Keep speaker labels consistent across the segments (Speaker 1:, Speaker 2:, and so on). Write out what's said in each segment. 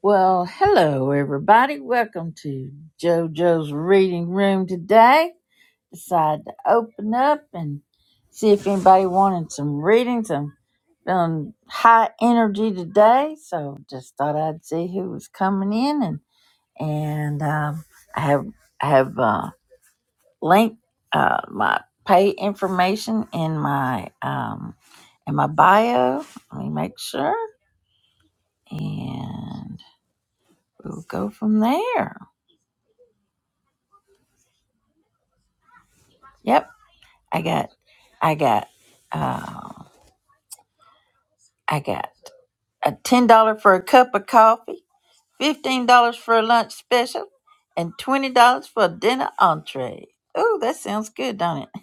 Speaker 1: Well, hello everybody. Welcome to JoJo's Reading Room today. Decided to open up and see if anybody wanted some readings. I'm feeling high energy today, so just thought I'd see who was coming in and and um, I have I have uh, linked uh, my pay information in my um, in my bio. Let me make sure and we'll go from there. Yep. I got, I got, uh, I got a ten dollar for a cup of coffee, fifteen dollars for a lunch special, and twenty dollars for a dinner entree. Ooh, that sounds good, don't it?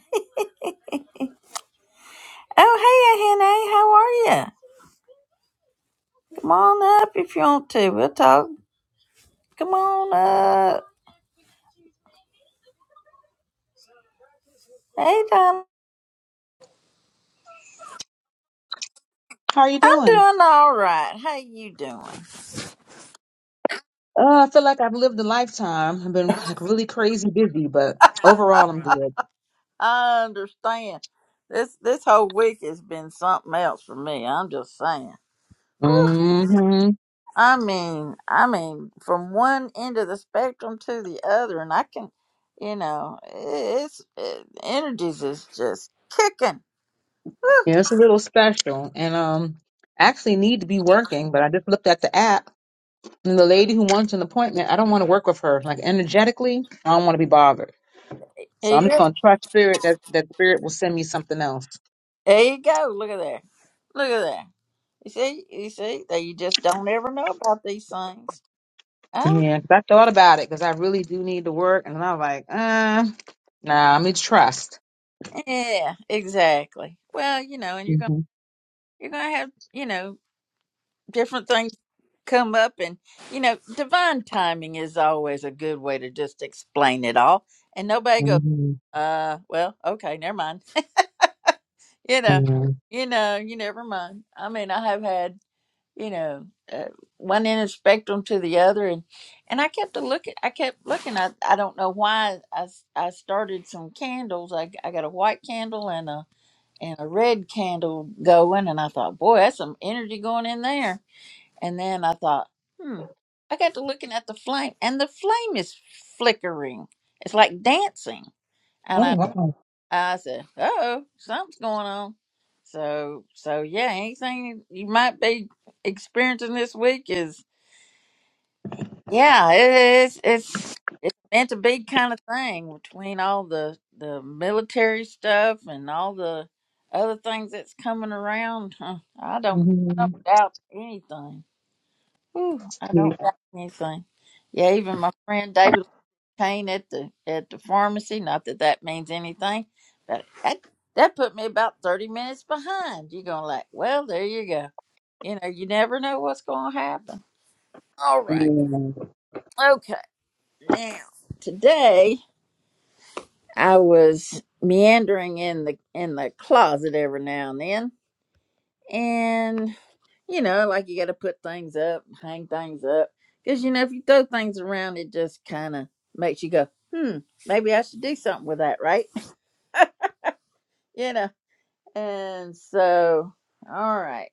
Speaker 1: Oh, hey, Henny, how are you? Come on up if you want to. We'll talk. Come on up. Hey, Don.
Speaker 2: How are you
Speaker 1: I'm
Speaker 2: doing?
Speaker 1: doing all right. How you doing?
Speaker 2: Uh, I feel like I've lived a lifetime. I've been like really crazy busy, but overall I'm good.
Speaker 1: I understand. This this whole week has been something else for me. I'm just saying.
Speaker 2: Mm-hmm.
Speaker 1: I mean, I mean, from one end of the spectrum to the other, and I can, you know, it's it, energies is just kicking.
Speaker 2: Yeah, it's a little special. And um I actually need to be working, but I just looked at the app and the lady who wants an appointment, I don't want to work with her. Like energetically, I don't want to be bothered. So
Speaker 1: There
Speaker 2: I'm
Speaker 1: you
Speaker 2: just
Speaker 1: go.
Speaker 2: gonna trust spirit that that spirit will send me something else.
Speaker 1: There you go. Look at there. Look at there. You see, you see, that you just don't ever know about these things. Oh,
Speaker 2: Yeah, 'cause I thought about it because I really do need to work, and I am like, uh, nah, I need to trust.
Speaker 1: yeah, exactly. Well, you know, and you're gonna
Speaker 2: hmm
Speaker 1: you're gonna have you know different things come up, and you know, divine timing is always a good way to just explain it all, and nobody goes.
Speaker 2: hmm
Speaker 1: Uh, well, okay, never mind. you know,
Speaker 2: Yeah.
Speaker 1: you know, you never mind. I mean, I have had, you know, uh, one end of the spectrum to the other, and and I kept a look at, I kept looking. I I don't know why I s- I started some candles. I I got a white candle and a and a red candle going, and I thought, boy, that's some energy going in there. And then I thought, hmm, I got to looking at the flame, and the flame is flickering. It's like dancing
Speaker 2: Oh
Speaker 1: I said, "Uh oh, something's going on." So, so yeah, anything you might be experiencing this week is, yeah, it is. It's it's meant to be kind of thing between all the the military stuff and all the other things that's coming around. Huh, I don't, I
Speaker 2: wow.
Speaker 1: don't doubt anything. Whew, I
Speaker 2: Yeah.
Speaker 1: don't doubt anything. Yeah, even my friend David pain at the at the pharmacy. Not that that means anything, but that that put me about thirty minutes behind. You're gonna like, well, there you go. You know, you never know what's gonna happen. All right,
Speaker 2: Yeah.
Speaker 1: okay. Now today I was meandering in the in the closet every now and then, and you know, like you got to put things up, hang things up, because you know if you throw things around, it just kind of makes you go, hmm, maybe I should do something with that, right? you know And so, all right,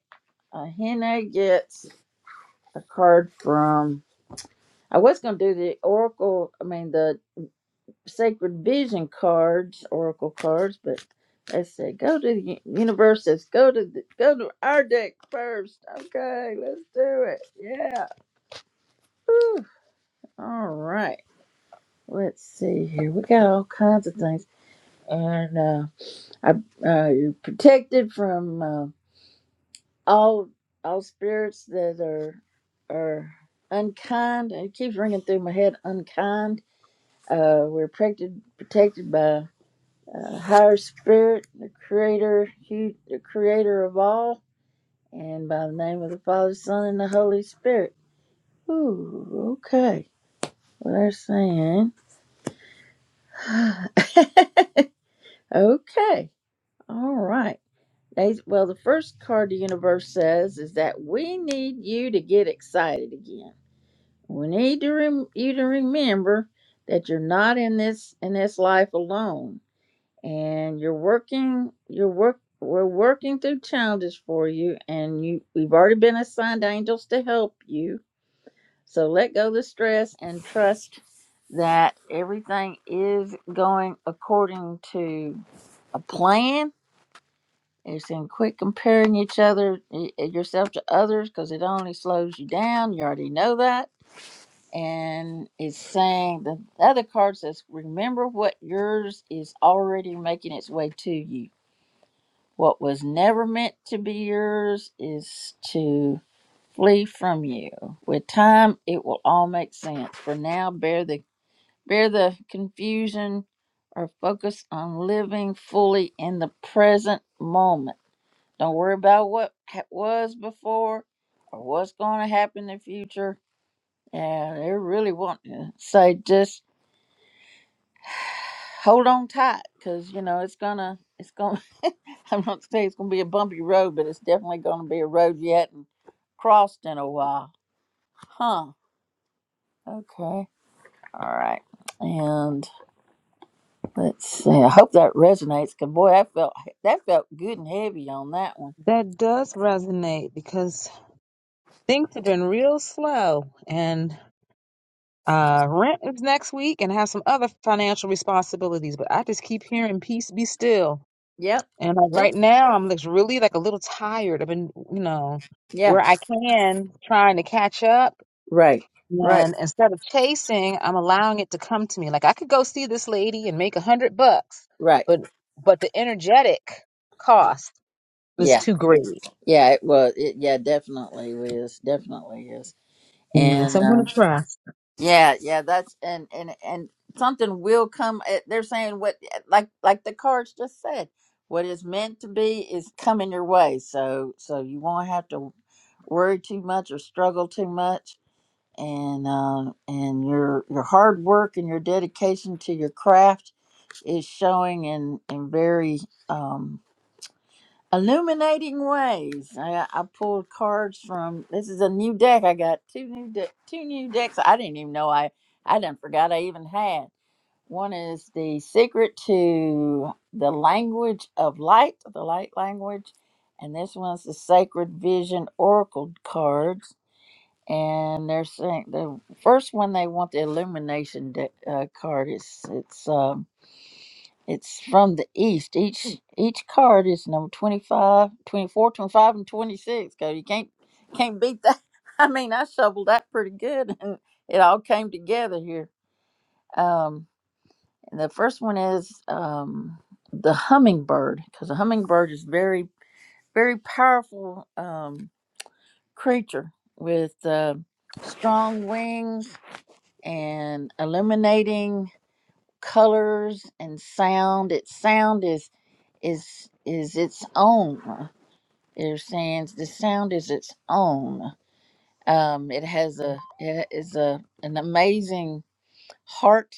Speaker 1: uh, Henna gets a card from. I was going to do the Oracle, I mean, the Sacred Vision cards, Oracle cards, but I said go to the u- universe. Says go to the, go to our deck first. Okay, let's do it. Yeah. Whew. All right. Let's see here. We got all kinds of things, and uh, I uh, you're protected from. uh, all all spirits that are are unkind. It keeps ringing through my head. Unkind. Uh, we're protected protected by uh, higher spirit, the creator, hu the creator of all, and by the name of the Father, Son, and the Holy Spirit. Ooh, okay. Well, they're saying, okay, all right. They, well, the first card the universe says is that we need you to get excited again. We need to rem- you to remember that you're not in this in this life alone, and you're working. You're work. We're working through challenges for you, and you we've already been assigned angels to help you. So let go of the stress and trust that everything is going according to a plan. It's in quit comparing each other y- yourself to others because it only slows you down. You already know that and it's saying the other card says, Remember what yours is already making its way to you. What was never meant to be yours is to flee from you. With time it will all make sense. For now bear the bear the confusion or focus on living fully in the present moment. Don't worry about what ha- was before or what's going to happen in the future. And they're really wanting to say just hold on tight because you know it's gonna it's gonna i'm not saying it's gonna be a bumpy road but it's definitely gonna be a road you hadn't crossed in a while huh okay all right and let's see i hope that resonates because boy that felt that felt good and heavy on that one
Speaker 2: That does resonate because things have been real slow and uh rent is next week and I have some other financial responsibilities, but I just keep hearing peace be still.
Speaker 1: yep
Speaker 2: And like
Speaker 1: yep
Speaker 2: right now I'm like really like a little tired. I've been, you know,
Speaker 1: yeah
Speaker 2: where I can trying to catch up
Speaker 1: right right
Speaker 2: and instead of chasing, I'm allowing it to come to me. Like I could go see this lady and make a hundred bucks,
Speaker 1: right
Speaker 2: but but the energetic cost was
Speaker 1: yeah
Speaker 2: too great.
Speaker 1: yeah it was it yeah definitely is definitely is
Speaker 2: Yes,
Speaker 1: and
Speaker 2: I'm gonna
Speaker 1: uh,
Speaker 2: try.
Speaker 1: Yeah, yeah, that's and and and something will come. eh, They're saying what, eh, like like the cards just said, what is meant to be is coming your way. So so you won't have to worry too much or struggle too much. And um and your your hard work and your dedication to your craft is showing in in very um Illuminating Ways. I, I pulled cards from. This is a new deck. I got two new de- two new decks. I didn't even know I I done forgot I even had. One is the secret to the language of light, the light language, and this one's the sacred vision oracle cards. And they're saying the first one they want the illumination de- uh, card. It's it's um it's from the east. Each each card is number 25, 24, 25, and 26. Cause you can't can't beat that. I mean, I shoveled that pretty good and it all came together here. Um, and the first one is um, the hummingbird because the hummingbird is very very powerful um, creature with uh, strong wings and illuminating colors and sound. Its sound is is is its own. They're saying the sound is its own. Um, it has a it is a an amazing heart,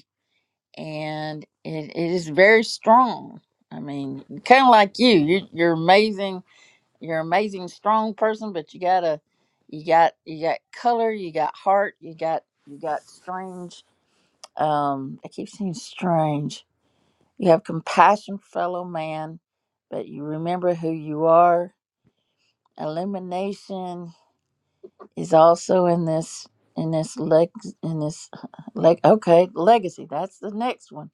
Speaker 1: and it, it is very strong. I mean, kind of like you. you. You're amazing. You're an amazing strong person, but you gotta you got you got color. You got heart. You got you got strange. Um, I keep saying strange. You have compassion, fellow man, but you remember who you are elimination is also in this in this leg in this leg okay legacy that's the next one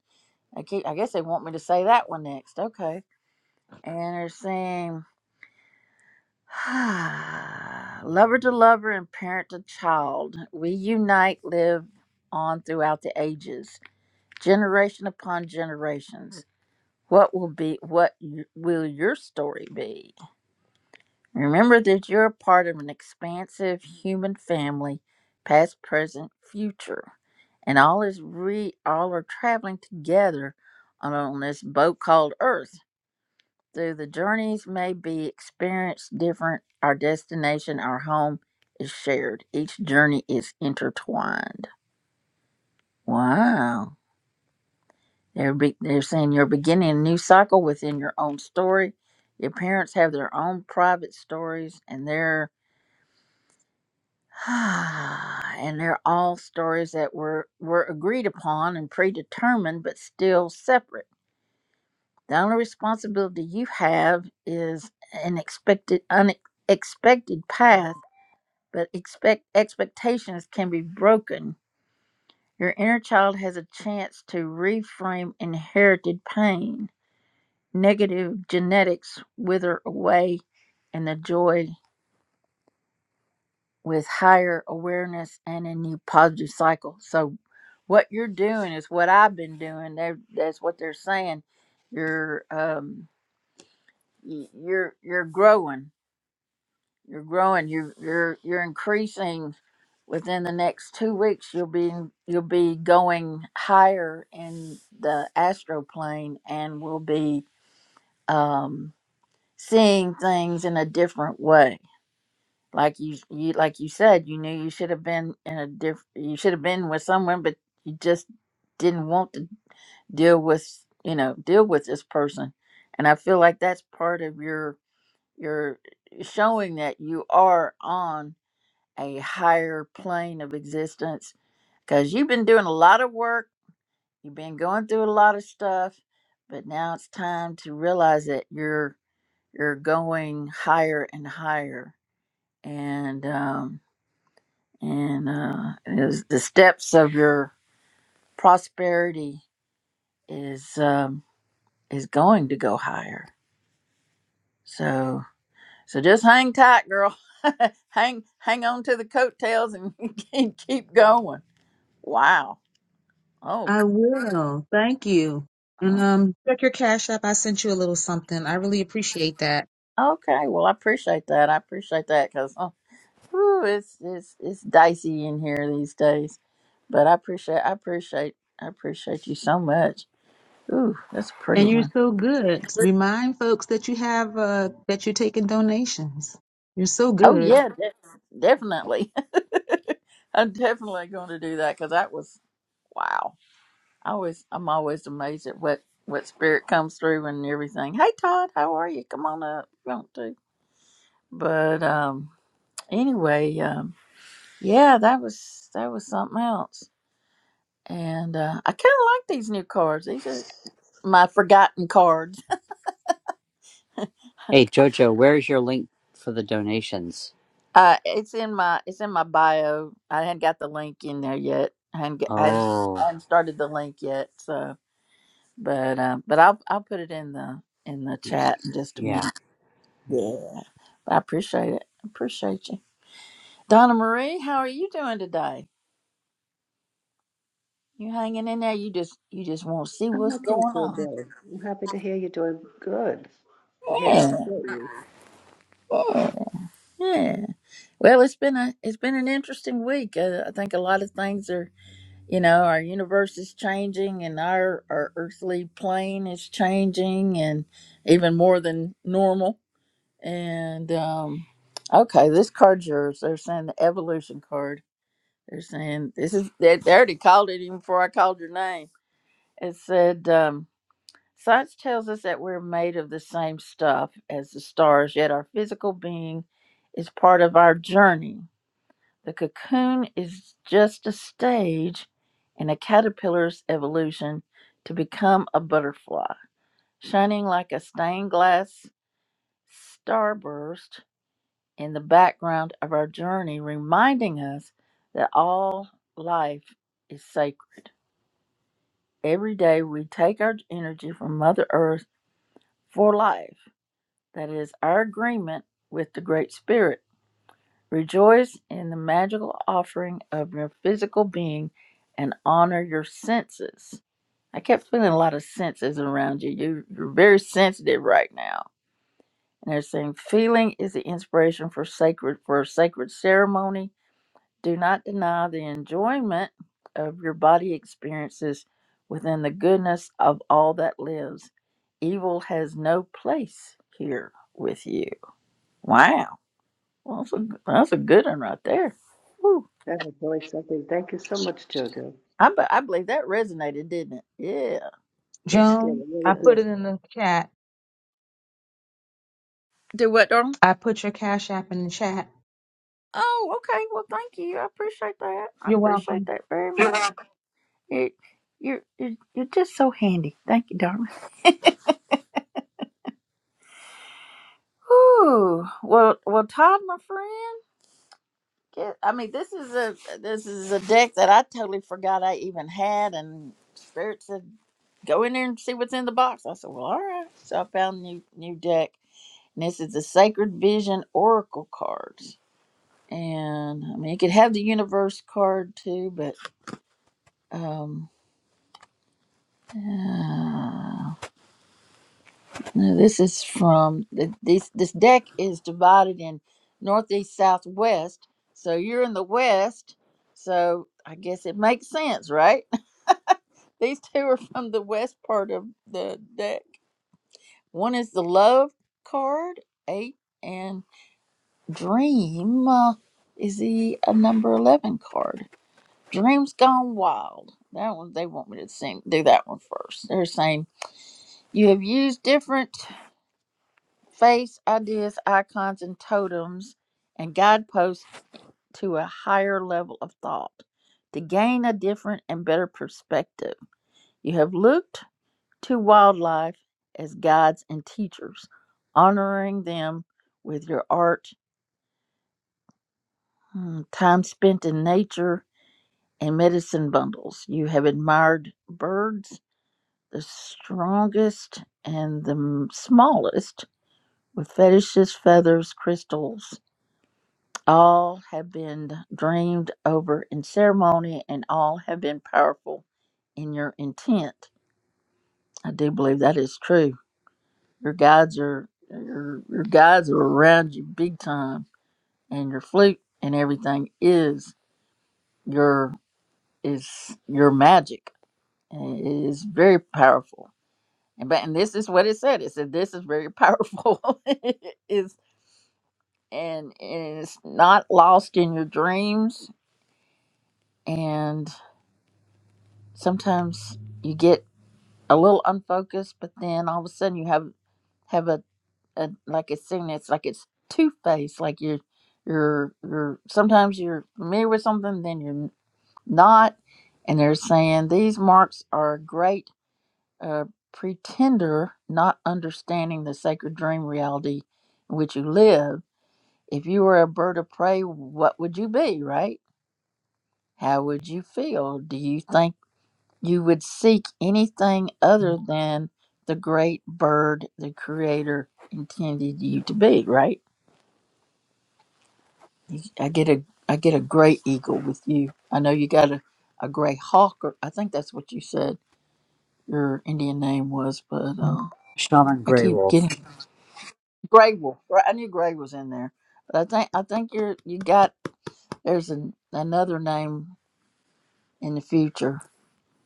Speaker 1: i keep i guess they want me to say that one next okay and they're saying lover to lover and parent to child we unite live on throughout the ages generation upon generations what will be what y- will your story be Remember that you're a part of an expansive human family, past, present, future, and all is re all are traveling together on, on this boat called Earth. Though the journeys may be experienced different, our destination, our home is shared. Each journey is intertwined. Wow. They're, be, they're saying you're beginning a new cycle within your own story. Your parents have their own private stories, and their and they're all stories that were, were agreed upon and predetermined, but still separate. The only responsibility you have is an expected, unexpected path, but expect expectations can be broken. Your inner child has a chance to reframe inherited pain. Negative genetics wither away, and the joy with higher awareness and a new positive cycle. So, what you're doing is what I've been doing. They're, that's what they're saying. You're um, y- you're you're growing. You're growing. You're you're you're increasing. Within the next two weeks, you'll be you'll be going higher in the astral plane, and will be um, seeing things in a different way Like you, you like you said, you knew you should have been in a diff. You should have been with someone, but you just didn't want to deal with you know deal with this person. And I feel like that's part of your your eh, showing that you are on a higher plane of existence because you've been doing a lot of work. You've been going through a lot of stuff, but now it's time to realize that you're you're going higher and higher and. um and uh, is the steps of your prosperity is um, is going to go higher. So so just hang tight, girl. hang hang on to the coattails and keep keep going. Wow. Oh.
Speaker 2: I will. Thank you. And
Speaker 1: oh,
Speaker 2: um, check your cash app. I sent you a little something. I really appreciate that.
Speaker 1: Okay. Well, I appreciate that. I appreciate that because oh, whew, it's it's it's dicey in here these days. But I appreciate I appreciate I appreciate you so much. Ooh, that's a pretty
Speaker 2: And you're
Speaker 1: one.
Speaker 2: so good. Remind folks that you have uh that you're taking donations. You're so
Speaker 1: Oh
Speaker 2: good,
Speaker 1: yeah, de- definitely. I'm definitely going to do that because that was wow. I always, I'm always amazed at what what spirit comes through and everything. Hey, Todd, how are you? Come on up, if you want to? But um, anyway, um, yeah, that was that was something else. And uh, I kind of like these new cards. These are my forgotten cards.
Speaker 3: Hey Jojo, where's your link for the donations?
Speaker 1: Uh, it's in my it's in my bio. I hadn't got the link in there yet. I hadn't, get, I hadn't, I
Speaker 3: Oh,
Speaker 1: hadn't started the link yet, so. But uh, but I'll I'll put it in the in the
Speaker 3: y-
Speaker 1: chat in just a
Speaker 3: yeah.
Speaker 1: minute. Yeah, but I appreciate it. I Appreciate you, Donna Marie. How are you doing today? You hanging in there? You just you just want to see
Speaker 4: I'm
Speaker 1: what's going
Speaker 4: okay,
Speaker 1: on.
Speaker 4: JJ. I'm happy to hear you're doing good. I'm here to
Speaker 1: Yeah,
Speaker 4: support you.
Speaker 1: yeah, yeah. Well, it's been a it's been an interesting week. Uh, I think a lot of things are you know our universe is changing and our our earthly plane is changing and even more than normal And um, okay, this card's yours. They're saying the evolution card. They're saying this is they, they already called it even before I called your name. It said um, science tells us that we're made of the same stuff as the stars, yet our physical being is part of our journey. The cocoon is just a stage in a caterpillar's evolution to become a butterfly, shining like a stained glass starburst in the background of our journey, reminding us that all life is sacred. Every day we take our energy from Mother Earth for life. That is our agreement with the Great Spirit. Rejoice in the magical offering of your physical being and honor your senses. I kept feeling a lot of senses around you. you you're very sensitive right now. And they're saying feeling is the inspiration for sacred for a sacred ceremony Do not deny the enjoyment of your body experiences within the goodness of all that lives. Evil has no place here with you. Wow. Well, that's, a, that's a good one right there. Whew.
Speaker 4: That was really something. Thank you so much, JoJo.
Speaker 1: I, be- I believe that resonated, didn't it? Yeah.
Speaker 4: Yes, it did.
Speaker 2: Joan.
Speaker 4: It really
Speaker 2: I put
Speaker 4: did.
Speaker 1: 'cause-
Speaker 2: it in the chat.
Speaker 1: Do what, darling?
Speaker 2: I put your cash app in the chat.
Speaker 1: Oh, okay. Well, thank you. I appreciate that. I
Speaker 2: You're welcome.
Speaker 1: appreciate that very You're much. welcome. You, you, you, you're just so handy. Thank you, darling. Ooh, well, well, Todd, my friend. get- I mean, this is a this is a deck that I totally forgot I even had, and Spirit said, "Go in there and see what's in the box." I said, "Well, all right." So I found new new deck, and this is the Sacred Vision Oracle cards. And I mean, you could have the Universe card too, but um, uh, no, this is from the, this this deck is divided in northeast, southwest. So you're in the west, so I guess it makes sense, right? These two are from the west part of the deck. One is the love card, eight, and dream uh, is the uh, number 11 card. Dreams Gone Wild. That one, they want me to sing, do that one first. They're saying, You have used different face, ideas, icons, and totems and guideposts to a higher level of thought to gain a different and better perspective. You have looked to wildlife as guides and teachers, honoring them with your art, mm, time spent in nature, and medicine bundles. You have admired birds, the strongest and the m- smallest, with fetishes, feathers, crystals. All have been dreamed over in ceremony, and all have been powerful in your intent. I do believe that is true Your guides are your your guides are around you big time, and your flute and everything is your is your magic. And It is very powerful, and but and this is what it said. It said this is very powerful. It is and and it's not lost in your dreams. And sometimes you get a little unfocused, but then all of a sudden you have have a uh, like it's seen it's like it's two faced like you're you're you're sometimes you're familiar with something then you're not and they're saying these marks are a great uh, pretender not understanding the sacred dream reality in which you live if you were a bird of prey what would you be right how would you feel do you think you would seek anything other than the great bird the creator intended you to be right You- I get a I get a gray eagle with you. I know you got a, a gray hawk, or I think that's what you said your Indian name was, but uh,
Speaker 3: Shaman
Speaker 1: I
Speaker 3: Grey
Speaker 1: keep getting
Speaker 3: Wolf.
Speaker 1: gray wolf. Right, I knew gray was in there, but I think I think you're you got there's an, another name in the future,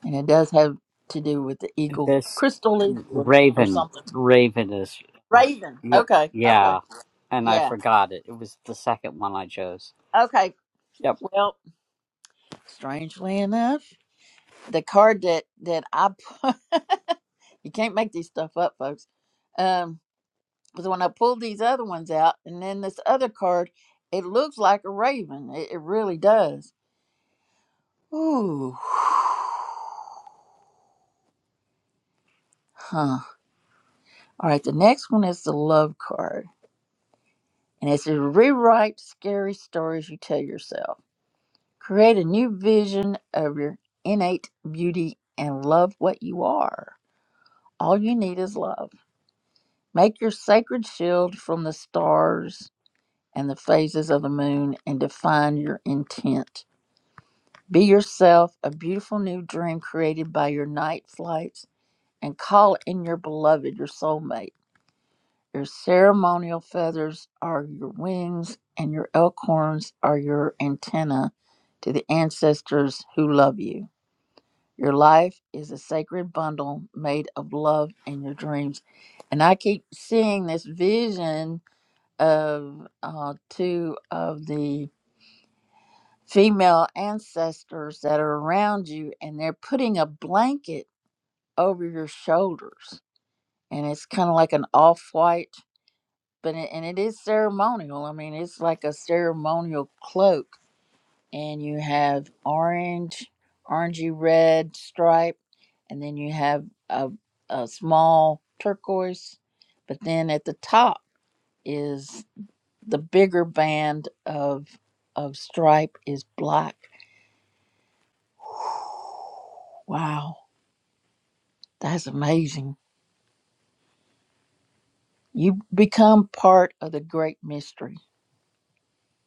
Speaker 1: and it does have to do with the eagle,
Speaker 3: This
Speaker 1: crystal eagle, or, or
Speaker 3: Raven.
Speaker 1: something.
Speaker 3: Raven is. Uh,
Speaker 1: Raven.
Speaker 3: y-
Speaker 1: Okay. Okay.
Speaker 3: yeah. And I
Speaker 1: Yeah.
Speaker 3: forgot it. It was the second one I chose.
Speaker 1: Okay.
Speaker 3: Yep.
Speaker 1: Well, strangely enough, the card that that I You can't make these stuff up, folks. Um, because when I pulled these other ones out, and then this other card, it looks like a raven. It, it really does. Ooh. Huh. All right. The next one is the love card, and it says rewrite scary stories you tell yourself. Create a new vision of your innate beauty and love what you are. All you need is love. Make your sacred shield from the stars and the phases of the moon and define your intent. Be yourself, a beautiful new dream created by your night flights, and call in your beloved, your soulmate. Your ceremonial feathers are your wings, and your elkhorns are your antenna to the ancestors who love you. Your life is a sacred bundle made of love and your dreams. And I keep seeing this vision of uh, two of the female ancestors that are around you and they're putting a blanket over your shoulders and it's kind of like an off-white but it, and it is ceremonial i mean it's like a ceremonial cloak and you have orange orangey red stripe and then you have a, a small turquoise but then at the top is the bigger band of of stripe is black Wow, that's amazing. You become part of the great mystery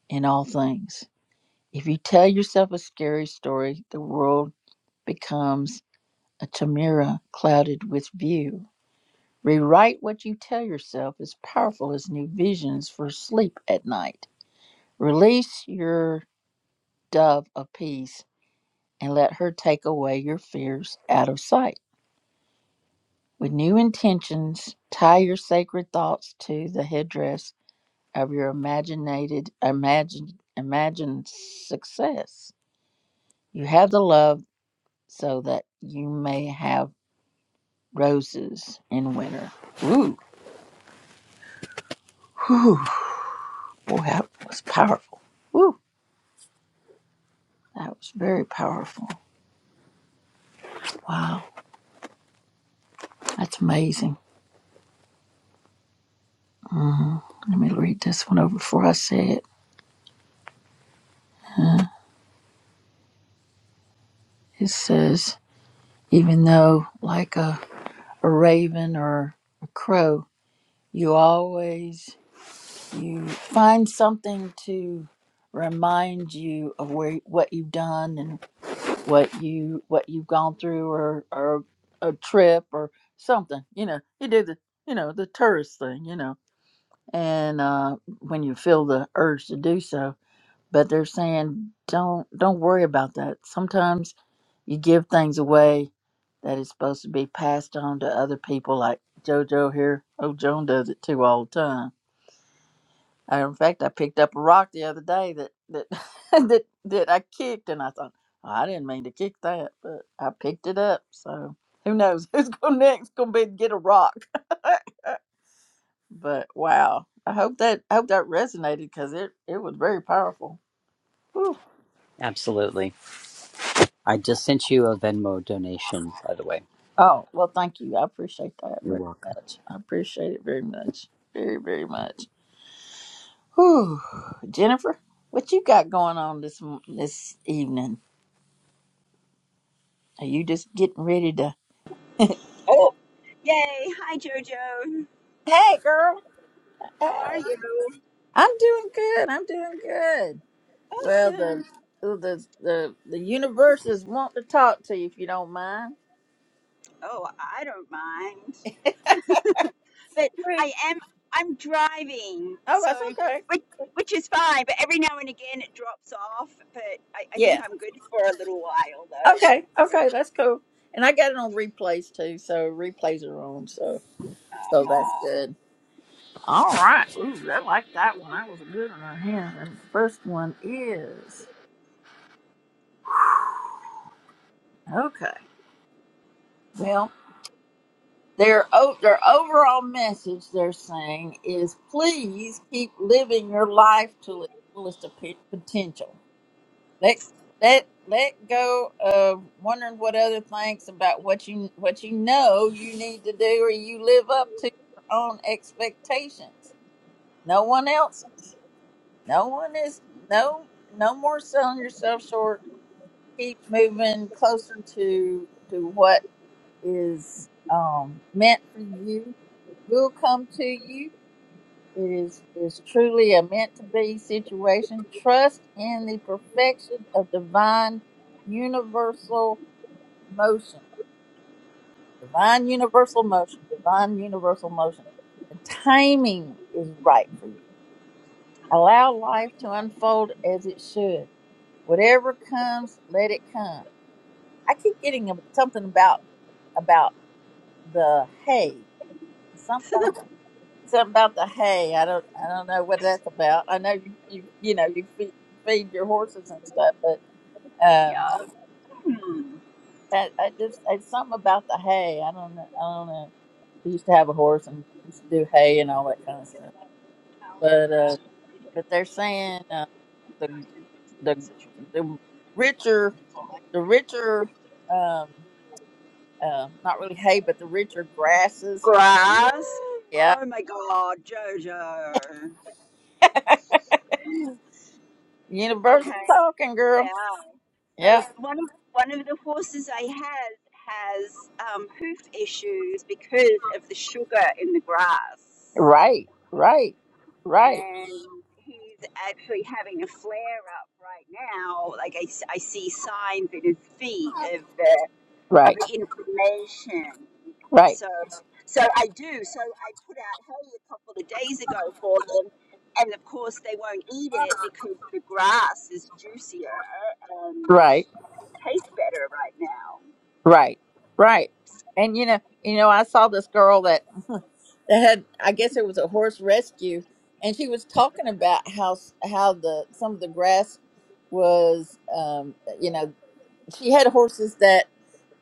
Speaker 1: in all things. If you tell yourself a scary story, the world becomes a chimera clouded with view. Rewrite what you tell yourself as powerful as new visions for sleep at night. Release your dove of peace and let her take away your fears out of sight. With new intentions, tie your sacred thoughts to the headdress of your imaginated imagined imagined success. You have the love so that you may have roses in winter. Ooh, whew, boy, that was powerful. Ooh, that was very powerful. Wow, that's amazing. hmm Let me read this one over before I say it. Uh, it says, even though like a, a raven or a crow, you always you find something to remind you of where what you've done and what you what you've gone through or or a trip or something you know you do the you know the tourist thing you know and uh when you feel the urge to do so but they're saying don't don't worry about that sometimes you give things away that is supposed to be passed on to other people like jojo here oh joan does it too all the time uh, In fact, I picked up a rock the other day that that that that I kicked, and I thought "Oh, I didn't mean to kick that, but I picked it up. So who knows who's going next? Going to be to get a rock. but wow, I hope that I hope that resonated because it it was very powerful. Whew.
Speaker 3: Absolutely. I just sent you a Venmo donation, by the way.
Speaker 1: Oh well, thank you. I appreciate that
Speaker 3: You're
Speaker 1: very
Speaker 3: welcome.
Speaker 1: much. I appreciate it very much, very very much. Whew. Jennifer, what you got going on this m- this evening? Are you just getting ready to?
Speaker 5: Oh, yay. Hi, Jojo.
Speaker 1: Hey, girl. Hey.
Speaker 5: How are you?
Speaker 1: I'm doing good. I'm doing good. Well, the
Speaker 5: Awesome.
Speaker 1: the the the universe is wanting to talk to you if you don't mind.
Speaker 5: Oh, I don't mind. But
Speaker 1: Great.
Speaker 5: I am, I'm driving.
Speaker 1: Oh,
Speaker 5: So,
Speaker 1: that's okay.
Speaker 5: which, which is fine. But every now and again it drops off. But I, I think
Speaker 1: Yeah.
Speaker 5: I'm good for a little while, though.
Speaker 1: Okay. Okay. That's cool. And I got it on replays too, so replays are on. So so that's
Speaker 5: Uh-huh.
Speaker 1: good. All right. Ooh, I like that one. That was a good one. right here. And the first one is okay. Well. Their o- their overall message they're saying is please keep living your life to its fullest of potential. Let let let go of wondering what other thinks about what you what you know you need to do or you live up to your own expectations. No one else's. No one is no no more selling yourself short. Keep moving closer to to what is um, meant for you will come to you. It is is truly a meant to be situation. Trust in the perfection of divine universal motion. Divine universal motion. Divine universal motion. The timing is right for you. Allow life to unfold as it should. Whatever comes, let it come. I keep getting a, something about about the hay. Something. something about the hay. I don't I don't know what that's about. I know you you you know you feed you feed your horses and stuff, but um,
Speaker 5: Yeah. Hmm.
Speaker 1: I, I just it's something about the hay. I don't know. I don't know. We used to have a horse and we used to do hay and all that kind of stuff. But uh, but they're saying uh, the the the richer the richer um uh not really hay but the richer grasses.
Speaker 5: Grass.
Speaker 1: Yeah,
Speaker 5: Oh, my God, Jojo.
Speaker 1: universal
Speaker 5: Okay.
Speaker 1: talking girl.
Speaker 5: Yeah.
Speaker 1: Yeah.
Speaker 5: So one of one of the horses I had has um, hoof issues because of the sugar in the grass,
Speaker 1: Right, right, right,
Speaker 5: and he's actually having a flare up right now. Like I, s- I see signs in his feet of the of
Speaker 1: right,
Speaker 5: the inflammation.
Speaker 1: right,
Speaker 5: So so I do. So I put out hay a couple of days ago for them. And of course, they won't eat it because the grass is juicier
Speaker 1: right,
Speaker 5: taste better right now.
Speaker 1: right, right. And you know, you know, I saw this girl that that had, I guess it was a horse rescue, and she was talking about how s- how the some of the grass was, um, you know, she had horses that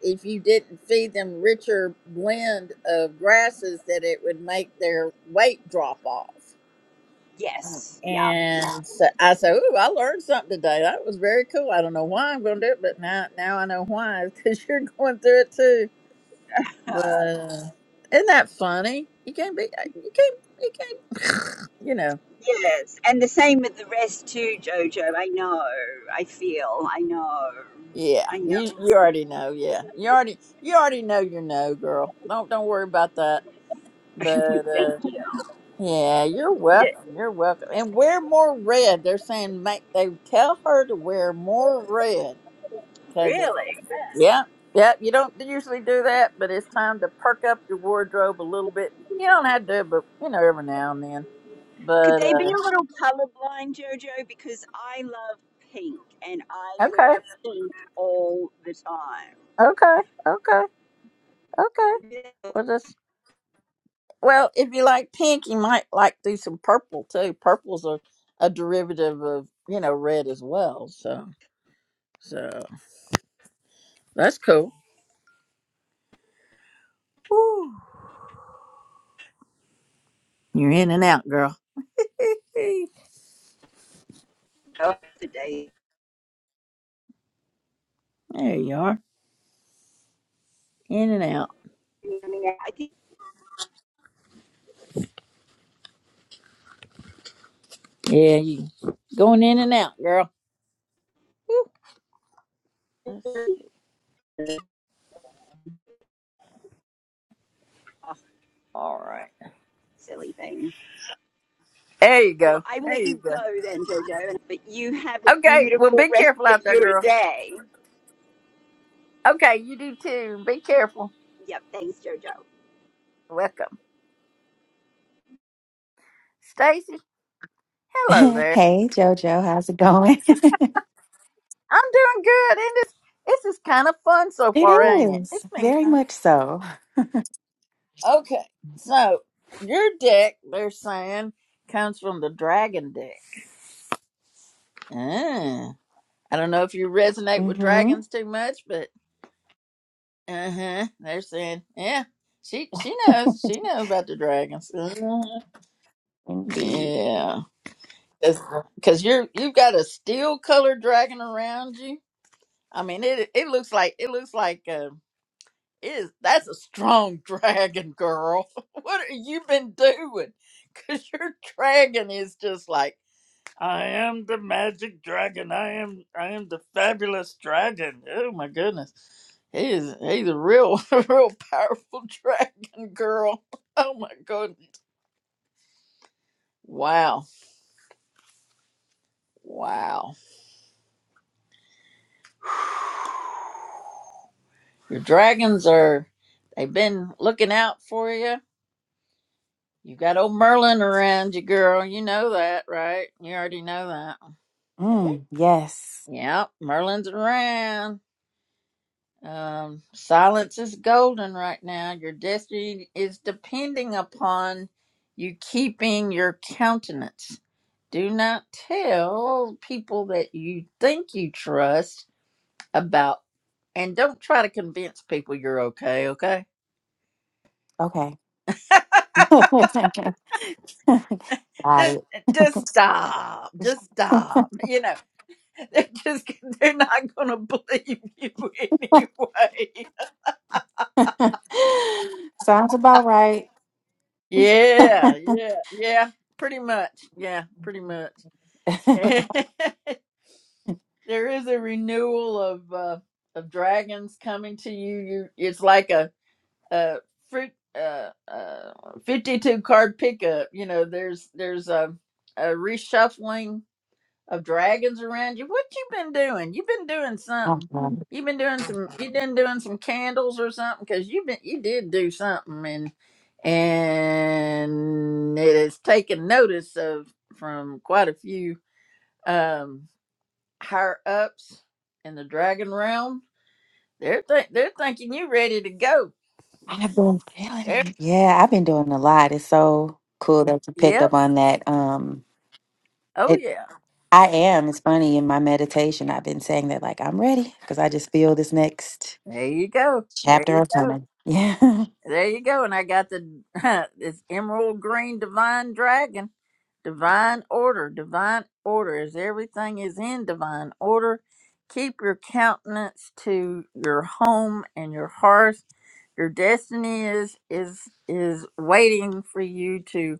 Speaker 1: if you didn't feed them richer blend of grasses, that it would make their weight drop off.
Speaker 5: Yes. Yeah.
Speaker 1: And so I said, "Ooh, I learned something today. That was very cool. I don't know why I'm going to do it, but now now I know why. Because you're going through it too. But uh, isn't that funny? You can't be. uh, You can't. You can't. You know.
Speaker 5: Yes. And the same with the rest too, Jojo. I know. I feel. I know.
Speaker 1: Yeah.
Speaker 5: I know.
Speaker 1: You you already know. Yeah. You already you already know your no, girl. Don't don't worry about that. But
Speaker 5: Thank
Speaker 1: uh,
Speaker 5: you.
Speaker 1: yeah, you're
Speaker 5: Yeah,
Speaker 1: welcome. You're welcome. And wear more red. They're saying make they tell her to wear more red. because.
Speaker 5: really?
Speaker 1: Yeah, yeah. You don't usually do that, but it's time to perk up your wardrobe a little bit. You don't have to, but you know, every now and then.
Speaker 5: Could
Speaker 1: But
Speaker 5: they be
Speaker 1: uh,
Speaker 5: a little colorblind, Jojo? Because I love pink and I
Speaker 1: okay,
Speaker 5: wear pink all the time.
Speaker 1: okay, okay, okay.
Speaker 5: Yeah,
Speaker 1: Well, just well, if you like pink, you might like do some purple too. Purple's a a derivative of you know red as well. So so that's cool. Whew. You're in and out, girl. there
Speaker 5: oh, Today,
Speaker 1: you are, in and out.
Speaker 5: I think,
Speaker 1: Yeah, you going in and out, girl.
Speaker 5: oh,
Speaker 1: All right.
Speaker 5: silly thing.
Speaker 1: There you
Speaker 5: Well,
Speaker 1: go.
Speaker 5: I
Speaker 1: There
Speaker 5: let
Speaker 1: you
Speaker 5: you
Speaker 1: go.
Speaker 5: go then, Jojo, but you have a
Speaker 1: Okay. Well,
Speaker 5: beautiful
Speaker 1: be
Speaker 5: rest
Speaker 1: careful
Speaker 5: of
Speaker 1: out there,
Speaker 5: your
Speaker 1: girl.
Speaker 5: day.
Speaker 1: Okay, you do too. Be careful.
Speaker 5: Yep. Thanks, Jojo.
Speaker 1: Welcome, Stacy. Hello there.
Speaker 6: Hey, Jojo, how's it going?
Speaker 1: I'm doing good, and this this is kind of fun so
Speaker 6: It
Speaker 1: far, ain't it?
Speaker 6: is
Speaker 1: It's been
Speaker 6: very
Speaker 1: kind
Speaker 6: much so.
Speaker 1: of okay. So your deck, they're saying, comes from the dragon deck. Ah, I don't know if you resonate with
Speaker 6: Mm-hmm.
Speaker 1: dragons too much, but uh huh. They're saying, yeah, she she knows she knows about the dragons. Uh-huh.
Speaker 6: Indeed.
Speaker 1: Yeah. because you're you've got a steel color dragon around you. I mean, it it looks like it looks like uh, it is that's a strong dragon, girl. what have you been doing? Because your dragon is just like I am the magic dragon. I am I am the fabulous dragon. Oh my goodness, he's he's a real a real powerful dragon, girl. Oh my goodness, wow, wow. Your dragons are, they've been looking out for you. You got old Merlin around you, girl. You know that, right? You already know that.
Speaker 6: Mm, yes.
Speaker 1: Yep, Merlin's around. Um, silence is golden right now. Your destiny is depending upon you keeping your countenance. Do not tell people that you think you trust about, and don't try to convince people you're okay, okay?
Speaker 6: Okay. Got
Speaker 1: just,
Speaker 6: it.
Speaker 1: just stop. Just stop. You know, they're just they're not gonna believe you anyway.
Speaker 6: Sounds about right. i
Speaker 1: Yeah, yeah, yeah. Pretty much. Yeah, pretty much. there is a renewal of uh, of dragons coming to you. You, it's like a a fruit uh, uh, fifty two card pickup. You know, there's there's a a reshuffling of dragons around you. What you been doing? You've been doing something. You've been doing some. You been doing some candles or something because you been you did do something and and it has taken notice of from quite a few um higher ups in the dragon realm. They're th- they're thinking you ready to go.
Speaker 6: I've been feeling
Speaker 1: There.
Speaker 6: it. Yeah, I've been doing a lot. It's so cool that you picked
Speaker 1: Yep.
Speaker 6: up on that. Um,
Speaker 1: Oh
Speaker 6: it,
Speaker 1: yeah.
Speaker 6: I am. It's funny in my meditation. I've been saying that like I'm ready because I just feel this next.
Speaker 1: There you go. There
Speaker 6: Chapter
Speaker 1: you
Speaker 6: of
Speaker 1: go.
Speaker 6: coming. Yeah.
Speaker 1: There you go. And I got the this emerald green divine dragon. divine order, divine order, as everything is in divine order. Keep your countenance to your home and your hearth. Your destiny is is is waiting for you to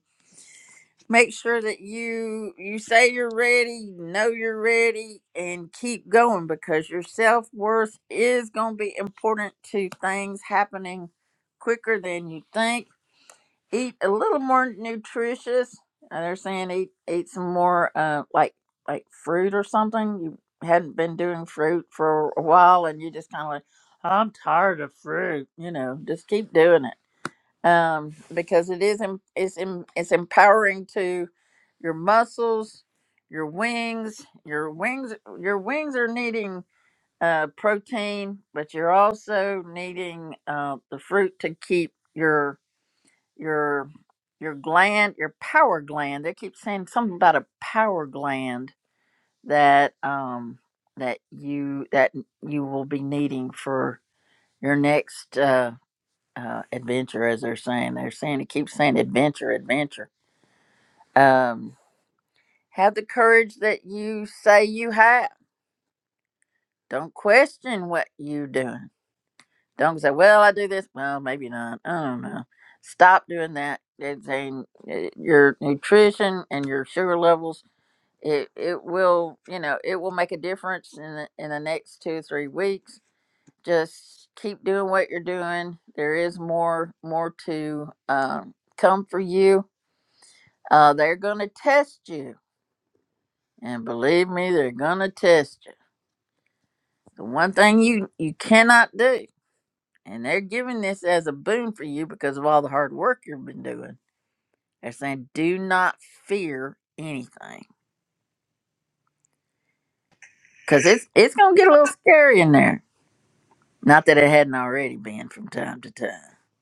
Speaker 1: make sure that you you say you're ready, you know you're ready, and keep going because your self worth is going to be important to things happening quicker than you think eat a little more nutritious. Uh, they're saying eat eat some more uh like like fruit or something. You hadn't been doing fruit for a while, and you just kind of like, I'm tired of fruit. You know, just keep doing it um because it is em- it's em- it's empowering to your muscles, your wings, your wings your wings are needing uh protein, but you're also needing uh the fruit to keep your your your gland, your power gland. They keep saying something about a power gland that um that you that you will be needing for your next uh, uh adventure, as they're saying. They're saying they keep saying adventure, adventure. Um, have the courage that you say you have. Don't question what you are doing. Don't say, "Well, I do this." Well, maybe not. I don't know stop doing that. It's a, your nutrition and your sugar levels it it will you know it will make a difference in the, in the next two three weeks just keep doing what you're doing there is more more to um, come for you uh, they're gonna test you and believe me they're gonna test you the one thing you you cannot do and they're giving this as a boon for you because of all the hard work you've been doing they're saying do not fear anything because it's it's gonna get a little scary in there Not that it hadn't already been from time to time.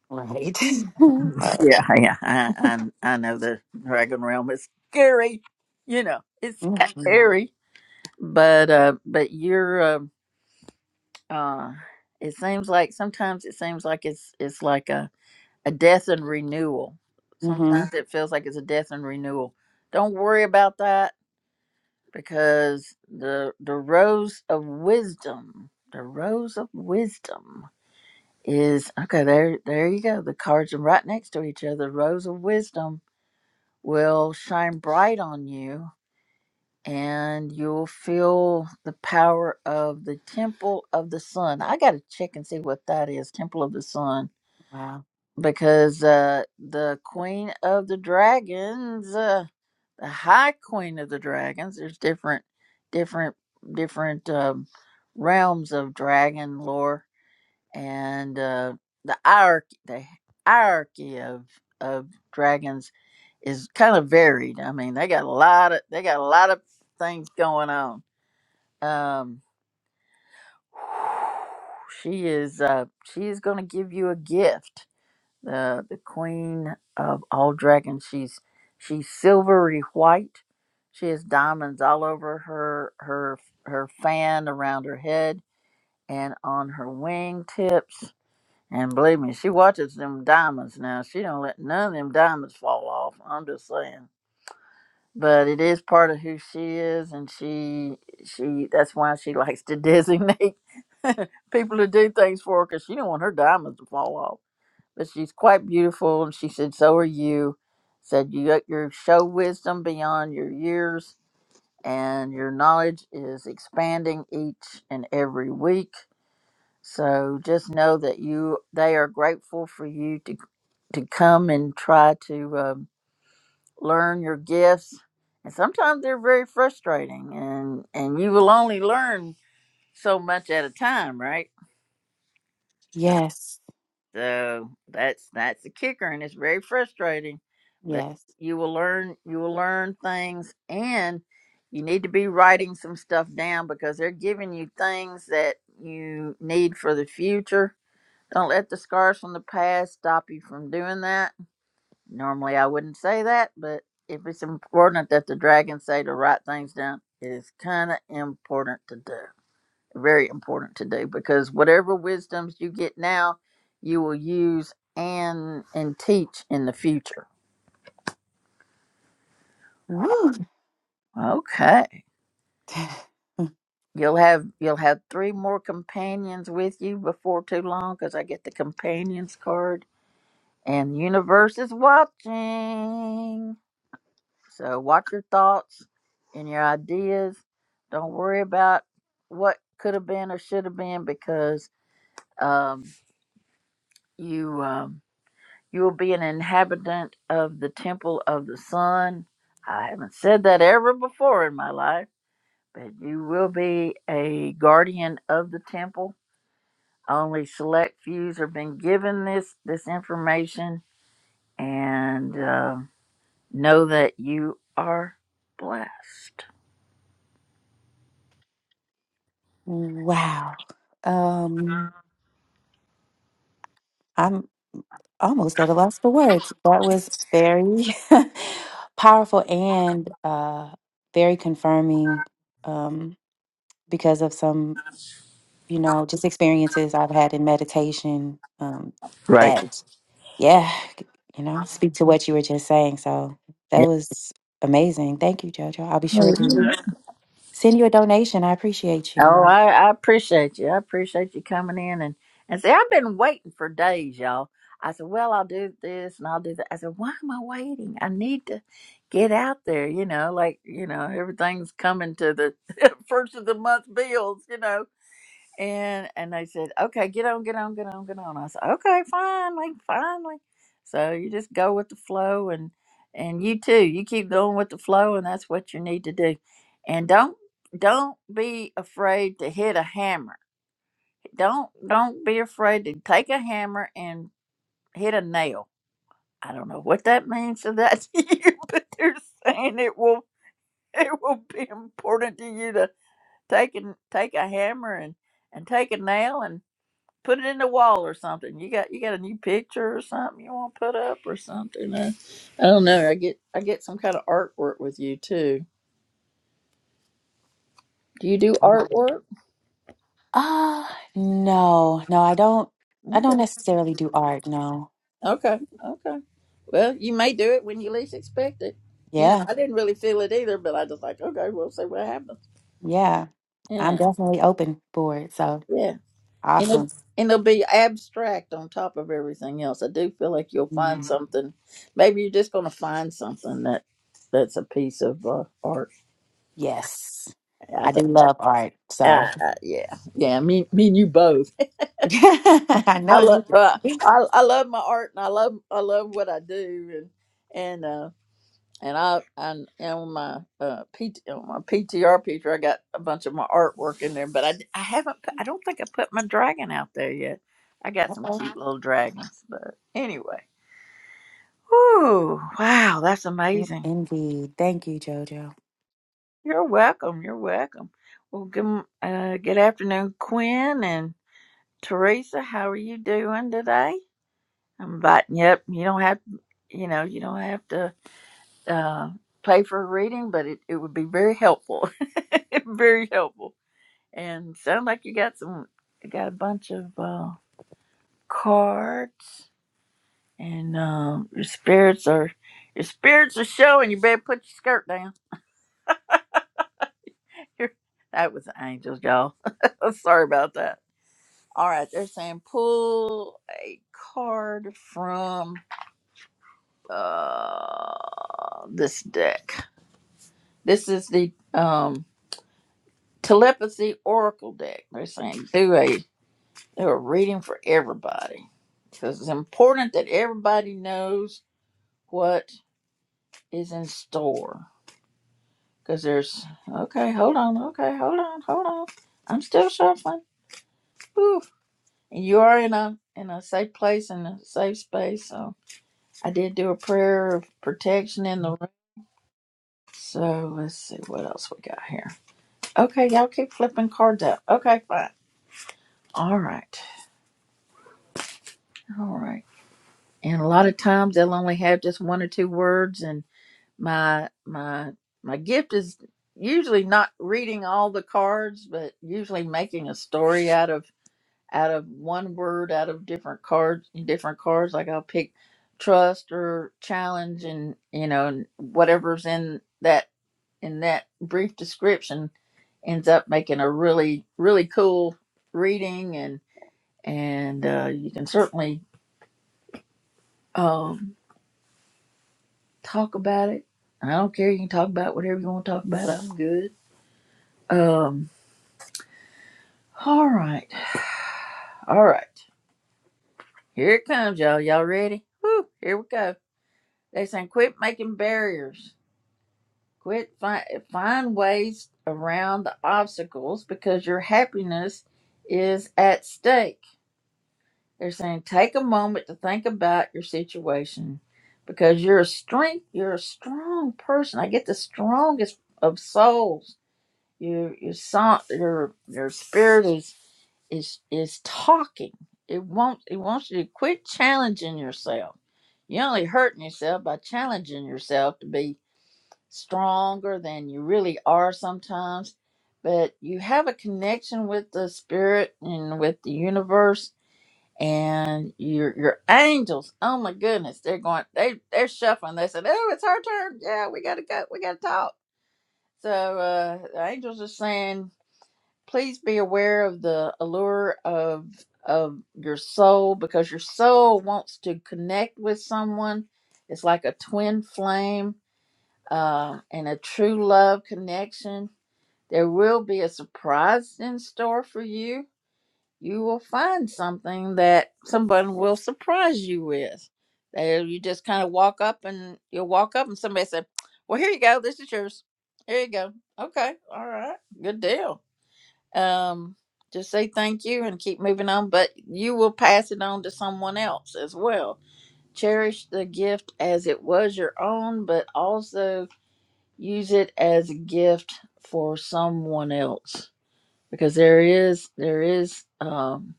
Speaker 6: Right. oh.
Speaker 1: Yeah, yeah. I I, I know the dragon realm is scary. You know, it's
Speaker 6: Mm-hmm.
Speaker 1: scary. But uh, but you're uh, uh, it seems like sometimes it seems like it's it's like a a death and renewal. Sometimes it feels like it's a death and renewal. Don't worry about that because the the rose of wisdom, the rose of wisdom is okay. There, there you go. The cards are right next to each other. Rose of Wisdom will shine bright on you, and you'll feel the power of the Temple of the Sun. I got to check and see what that is. Temple of the Sun,
Speaker 6: Wow.
Speaker 1: because uh, the Queen of the Dragons, uh, the High Queen of the Dragons. There's different, different, different um, realms of dragon lore and uh, the hierarchy the hierarchy of of dragons is kind of varied. I mean, they got a lot of they got a lot of things going on. Um, she is uh, she is going to give you a gift. The the queen of all dragons. She's she's silvery white. She has diamonds all over her her her fan around her head and on her wingtips And believe me, she watches them diamonds now. She don't let none of them diamonds fall off. I'm just saying. But it is part of who she is, and she she that's why she likes to designate people to do things for her, 'cause she don't want her diamonds to fall off. But she's quite beautiful, and she said, "So are you." Said you got your show wisdom beyond your years, and your knowledge is expanding each and every week so just know that you they are grateful for you to to come and try to um, learn your gifts. And sometimes they're very frustrating, and and you will only learn so much at a time, right?
Speaker 6: Yes.
Speaker 1: So that's that's the kicker, and it's very frustrating. But
Speaker 6: Yes.
Speaker 1: you will learn you will learn things, and you need to be writing some stuff down because they're giving you things that you need for the future Don't let the scars from the past stop you from doing that. Normally, I wouldn't say that, but if it's important that the dragons say to write things down, it is kind of important to do. Very important to do because whatever wisdoms you get now, you will use and and teach in the future.
Speaker 6: Woo.
Speaker 1: Okay, you'll have you'll have three more companions with you before too long because I get the companions card and the universe is watching. So watch your thoughts and your ideas. Don't worry about what could have been or should have been because um, you um, you will be an inhabitant of the temple of the sun. I haven't said that ever before in my life, but you will be a guardian of the temple. Only select fews have been given this this information, and uh, know that you are blessed.
Speaker 6: Wow. Um, I'm almost at a loss for words. That was very powerful and uh very confirming um because of some, you know, just experiences I've had in meditation um
Speaker 1: Right.
Speaker 6: that Yeah, you know, speak to what you were just saying. So that was amazing. Thank you, Jojo. I'll be sure to
Speaker 1: Mhm.
Speaker 6: send you a donation. I appreciate you.
Speaker 1: Oh, I, I appreciate you. I appreciate you coming in and and see. I've been waiting for days, y'all. I said, well, I'll do this and I'll do that. I said, why am I waiting? I need to get out there. You know, like you know, everything's coming to the first of the month bills. You know, and and they said, okay, get on, get on, get on, get on. I said, okay, finally, finally. So you just go with the flow, and and you too, you keep going with the flow, and that's what you need to do. And don't don't be afraid to hit a hammer. Don't don't be afraid to take a hammer and hit a nail. I don't know what that means to that to you, but they're saying it will it will be important to you to take and take a hammer and and take a nail and put it in the wall or something. You got you got a new picture or something you want to put up or something. Uh, I don't know. I get I get some kind of artwork with you too. Do you do artwork?
Speaker 6: Uh no, no, I don't I don't
Speaker 1: Okay,
Speaker 6: necessarily do art, no.
Speaker 1: okay, okay. Well, you may do it when you least expect it. You know,
Speaker 6: Yeah,
Speaker 1: I didn't really feel it either, but I just like okay, we'll see what happens.
Speaker 6: yeah. I'm
Speaker 1: Yeah,
Speaker 6: definitely open for it. So
Speaker 1: yeah, and it'll,
Speaker 6: awesome.
Speaker 1: and it'll be abstract on top of everything else. I do feel like you'll find
Speaker 6: Mm,
Speaker 1: something. Maybe you're just going to find something that that's a piece of uh, art.
Speaker 6: Yes.
Speaker 1: I
Speaker 6: I do
Speaker 1: think.
Speaker 6: love art,
Speaker 1: Uh,
Speaker 6: so
Speaker 1: uh, yeah, yeah. Me, me, and you both.
Speaker 6: I
Speaker 1: I
Speaker 6: know
Speaker 1: love,
Speaker 6: you do.
Speaker 1: uh, I, I love my art, and I love, I love what I do, and and uh, and I, and and on my uh, PT, on my PTR picture, I got a bunch of my artwork in there, but I, I haven't, put, I don't think I put my dragon out there yet. I got some
Speaker 6: Uh-oh.
Speaker 1: cute little dragons, but anyway. Whoo! Wow, that's amazing.
Speaker 6: Indeed. Thank you, Jojo.
Speaker 1: You're welcome. You're welcome. Well, good, m- uh, good afternoon, Quinn and Teresa. How are you doing today? Um, But yep, you don't have you know you don't have to uh, pay for a reading, but it, it would be very helpful, very helpful. And sound like you got some you got a bunch of uh, cards, and um, your spirits are your spirits are showing. You better put your skirt down. that was angels, y'all. Sorry about that. All right, they're saying pull a card from uh, this deck. This is the um, telepathy oracle deck. They're saying do a do a reading for everybody because it's important that everybody knows what is in store. Because there's okay, hold on, okay, hold on, hold on. I'm still shuffling. Oof. And you are in a in a safe place in a safe space. So I did do a prayer of protection in the room. So let's see what else we got here. Okay, y'all keep flipping cards out. Okay, fine. All right. All right. And a lot of times they'll only have just one or two words and my my my gift is usually not reading all the cards, but usually making a story out of out of one word out of different cards different cards. Like I'll pick trust or challenge and you know, and whatever's in that in that brief description ends up making a really, really cool reading and and uh, you can certainly um, Talk about it. I don't care. You can talk about whatever you want to talk about. I'm good. Um. All right. All right. Here it comes, y'all. Y'all ready? Woo! Here we go. They saying quit making barriers. Quit find find ways around the obstacles because your happiness is at stake. They're saying take a moment to think about your situation because you're a strength. You're a strong person. I get the strongest of souls Your your song your your spirit is is is talking. It won't it wants you to quit challenging yourself. You're only hurting yourself by challenging yourself to be stronger than you really are sometimes. But you have a connection with the spirit and with the universe and your your angels. Oh my goodness, they're going they they're shuffling. They said, Oh, it's our turn. Yeah, we gotta go, we gotta talk. So uh the angels are saying please be aware of the allure of of your soul because your soul wants to connect with someone it's like a twin flame uh, and a true love connection there will be a surprise in store for you you will find something that someone will surprise you with Uh, you just kind of walk up and you'll walk up and somebody said well here you go this is yours here you go okay all right good deal um just say thank you and keep moving on but you will pass it on to someone else as well cherish the gift as it was your own but also use it as a gift for someone else because there is there is um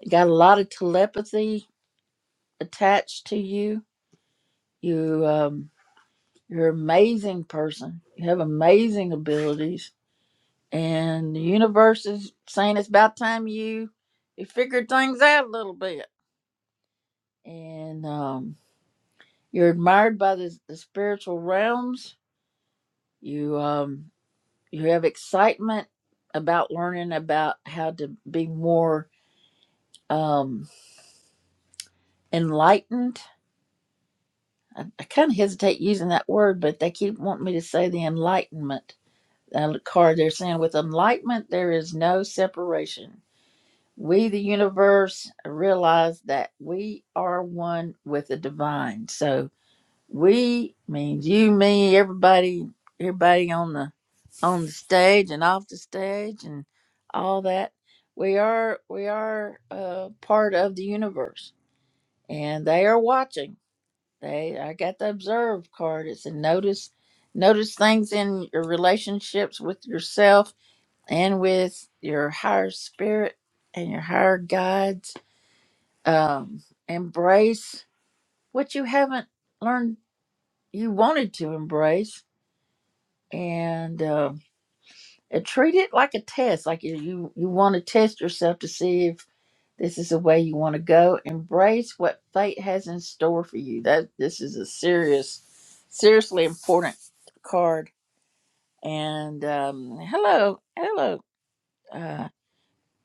Speaker 1: you got a lot of telepathy attached to you you um you're an amazing person you have amazing abilities and the universe is saying it's about time you you figured things out a little bit and um, you're admired by the, the spiritual realms you um, you have excitement about learning about how to be more um, enlightened i, I kind of hesitate using that word but they keep wanting me to say the enlightenment uh, card they're saying with enlightenment there is no separation We, the universe, realize that we are one with the divine. So we means you, me, everybody, everybody on the on the stage and off the stage and all that. We are we are uh, part of the universe, and they are watching. They I got the observe card. It's a notice notice things in your relationships with yourself and with your higher spirit and your higher guides um, embrace what you haven't learned you wanted to embrace and, um, and treat it like a test like you, you, you want to test yourself to see if this is the way you want to go embrace what fate has in store for you that this is a serious seriously important card and um, hello hello uh,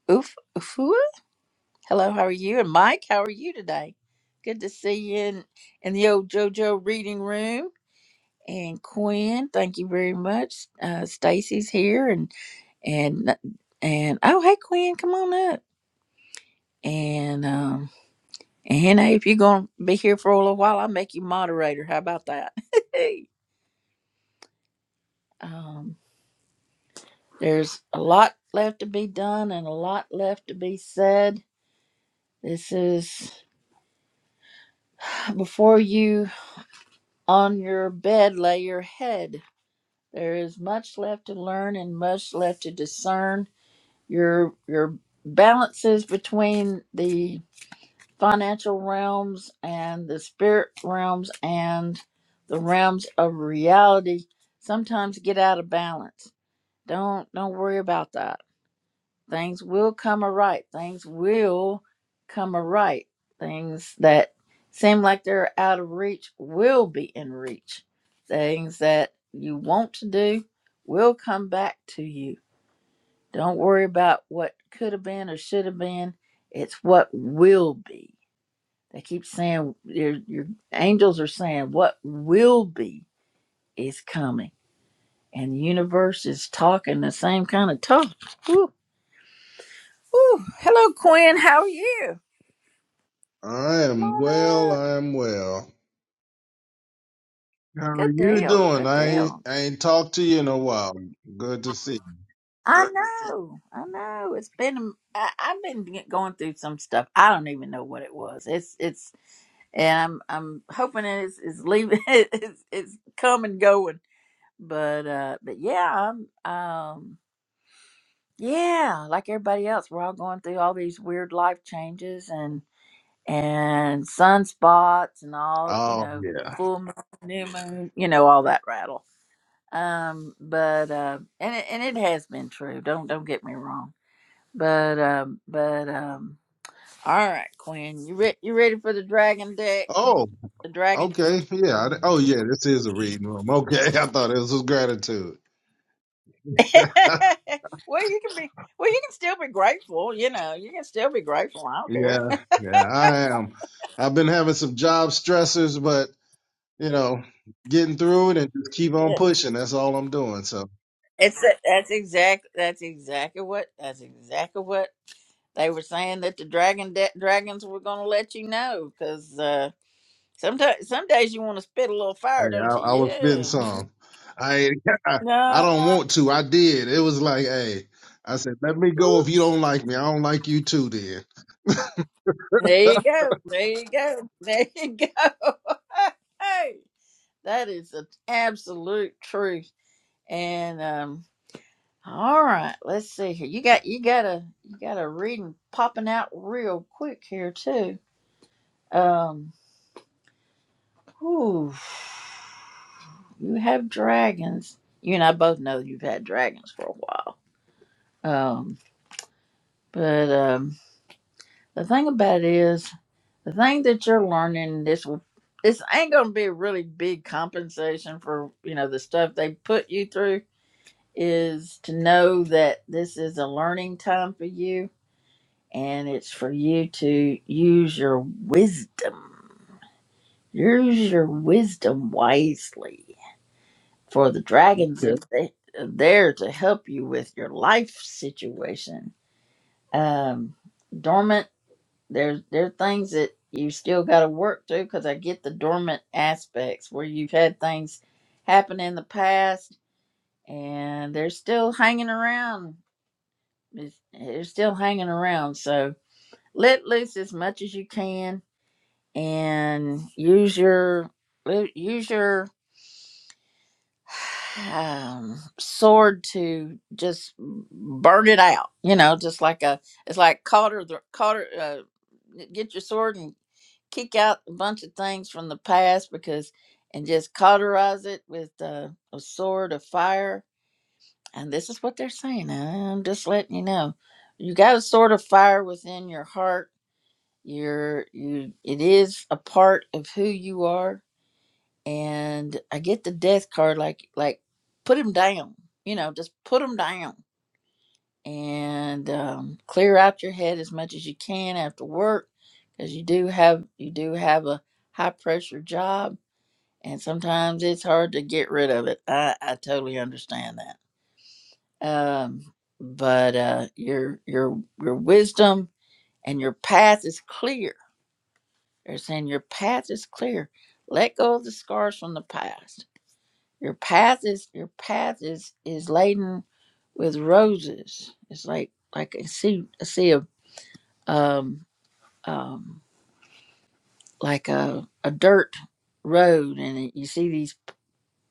Speaker 1: Uf, Ufua? hello how are you and mike how are you today good to see you in, in the old jojo reading room and Quinn. Thank you very much. Uh, Stacy's here, and and and oh hey Quinn, come on up. And um and Hannah, if you're gonna be here for a little while, I'll make you moderator. How about that? um, there's a lot left to be done and a lot left to be said. This is before you on your bed lay your head. There is much left to learn and much left to discern your your balances between the financial realms and the spirit realms and the realms of reality sometimes get out of balance don't don't worry about that things will come aright things will come aright things that seem like they're out of reach will be in reach things that you want to do will come back to you don't worry about what could have been or should have been. It's what will be. They keep saying your your angels are saying what will be is coming, and the universe is talking the same kind of talk. Woo, woo. Hello, Quinn. How are you?
Speaker 7: I
Speaker 1: Come
Speaker 7: am
Speaker 1: on
Speaker 7: well.
Speaker 1: up.
Speaker 7: I am well. How are
Speaker 1: Good
Speaker 7: you
Speaker 1: deal.
Speaker 7: doing?
Speaker 1: Good
Speaker 7: I ain't,
Speaker 1: deal.
Speaker 7: I ain't talked to you in a while. Good to see you.
Speaker 1: I know, I know. It's been I, I've been get- going through some stuff. I don't even know what it was. It's it's and I'm I'm hoping it's it's leaving it's it's come and going. But uh, but yeah, I'm um yeah, like everybody else, we're all going through all these weird life changes and and sunspots and all you
Speaker 7: Oh,
Speaker 1: know
Speaker 7: yeah.
Speaker 1: full moon, new moon, you know all that rattle. Um, but uh, and it, and it has been true. Don't don't get me wrong but um, but um, all right, Quinn, you re- you ready for the dragon deck?
Speaker 7: Oh,
Speaker 1: The dragon. deck.
Speaker 7: okay. Yeah. I- oh, yeah. This is a reading room. Okay. I thought this was gratitude.
Speaker 1: well, you can be. Well, you can still be grateful. You know, you can still be grateful. I don't care.
Speaker 7: yeah. Yeah. I am. I've been having some job stressors, but, you know, getting through it and just keep on
Speaker 1: Yeah.
Speaker 7: pushing. That's all I'm doing. So.
Speaker 1: It's that's exact. That's exactly what. That's exactly what they were saying that the dragon de- dragons were going to let you know because uh, sometimes some days you want to spit a little fire,
Speaker 7: Hey, I,
Speaker 1: don't you?
Speaker 7: I was spitting
Speaker 1: Yeah.
Speaker 7: some. I, I
Speaker 1: No.
Speaker 7: don't want to. I did. It was like, hey, I said, let me go if you
Speaker 1: Oops.
Speaker 7: don't like me. I don't like you too, then.
Speaker 1: There you go. There you go. There you go. hey, that is an absolute truth. And um, all right, let's see here. You got you got a you got a reading popping out real quick here too. Um, whew. you have dragons. You and I both know you've had dragons for a while. Um, but um, the thing about it is. the thing that you're learning this will this ain't gonna be a really big compensation for you know the stuff they put you through is to know that this is a learning time for you and it's for you to use your wisdom use your wisdom wisely for the dragons
Speaker 7: Okay.
Speaker 1: are th- are there to help you with your life situation um dormant there's there are things that you still got to work through because I get the dormant aspects where you've had things happen in the past and they're still hanging around. It's- They're still hanging around. So let loose as much as you can and use your use your um, sword to just burn it out. You know, just like a it's like Calder the Calder. Uh, get your sword and kick out a bunch of things from the past because and just cauterize it with uh, a sword of fire. And this is what they're saying. I'm just letting you know. You got a sword of fire within your heart. You're you it is a part of who you are. And I get the death card like like put him down. You know, just put him down and um, clear out your head as much as you can after work because you do have you do have a high pressure job and sometimes it's hard to get rid of it. I, I totally understand that. Um, but uh, your your your wisdom and your path is clear. They're saying your path is clear. Let go of the scars from the past. Your path is your path is is laden with roses. It's like like a sea a sea of um um like a a dirt road, and you see these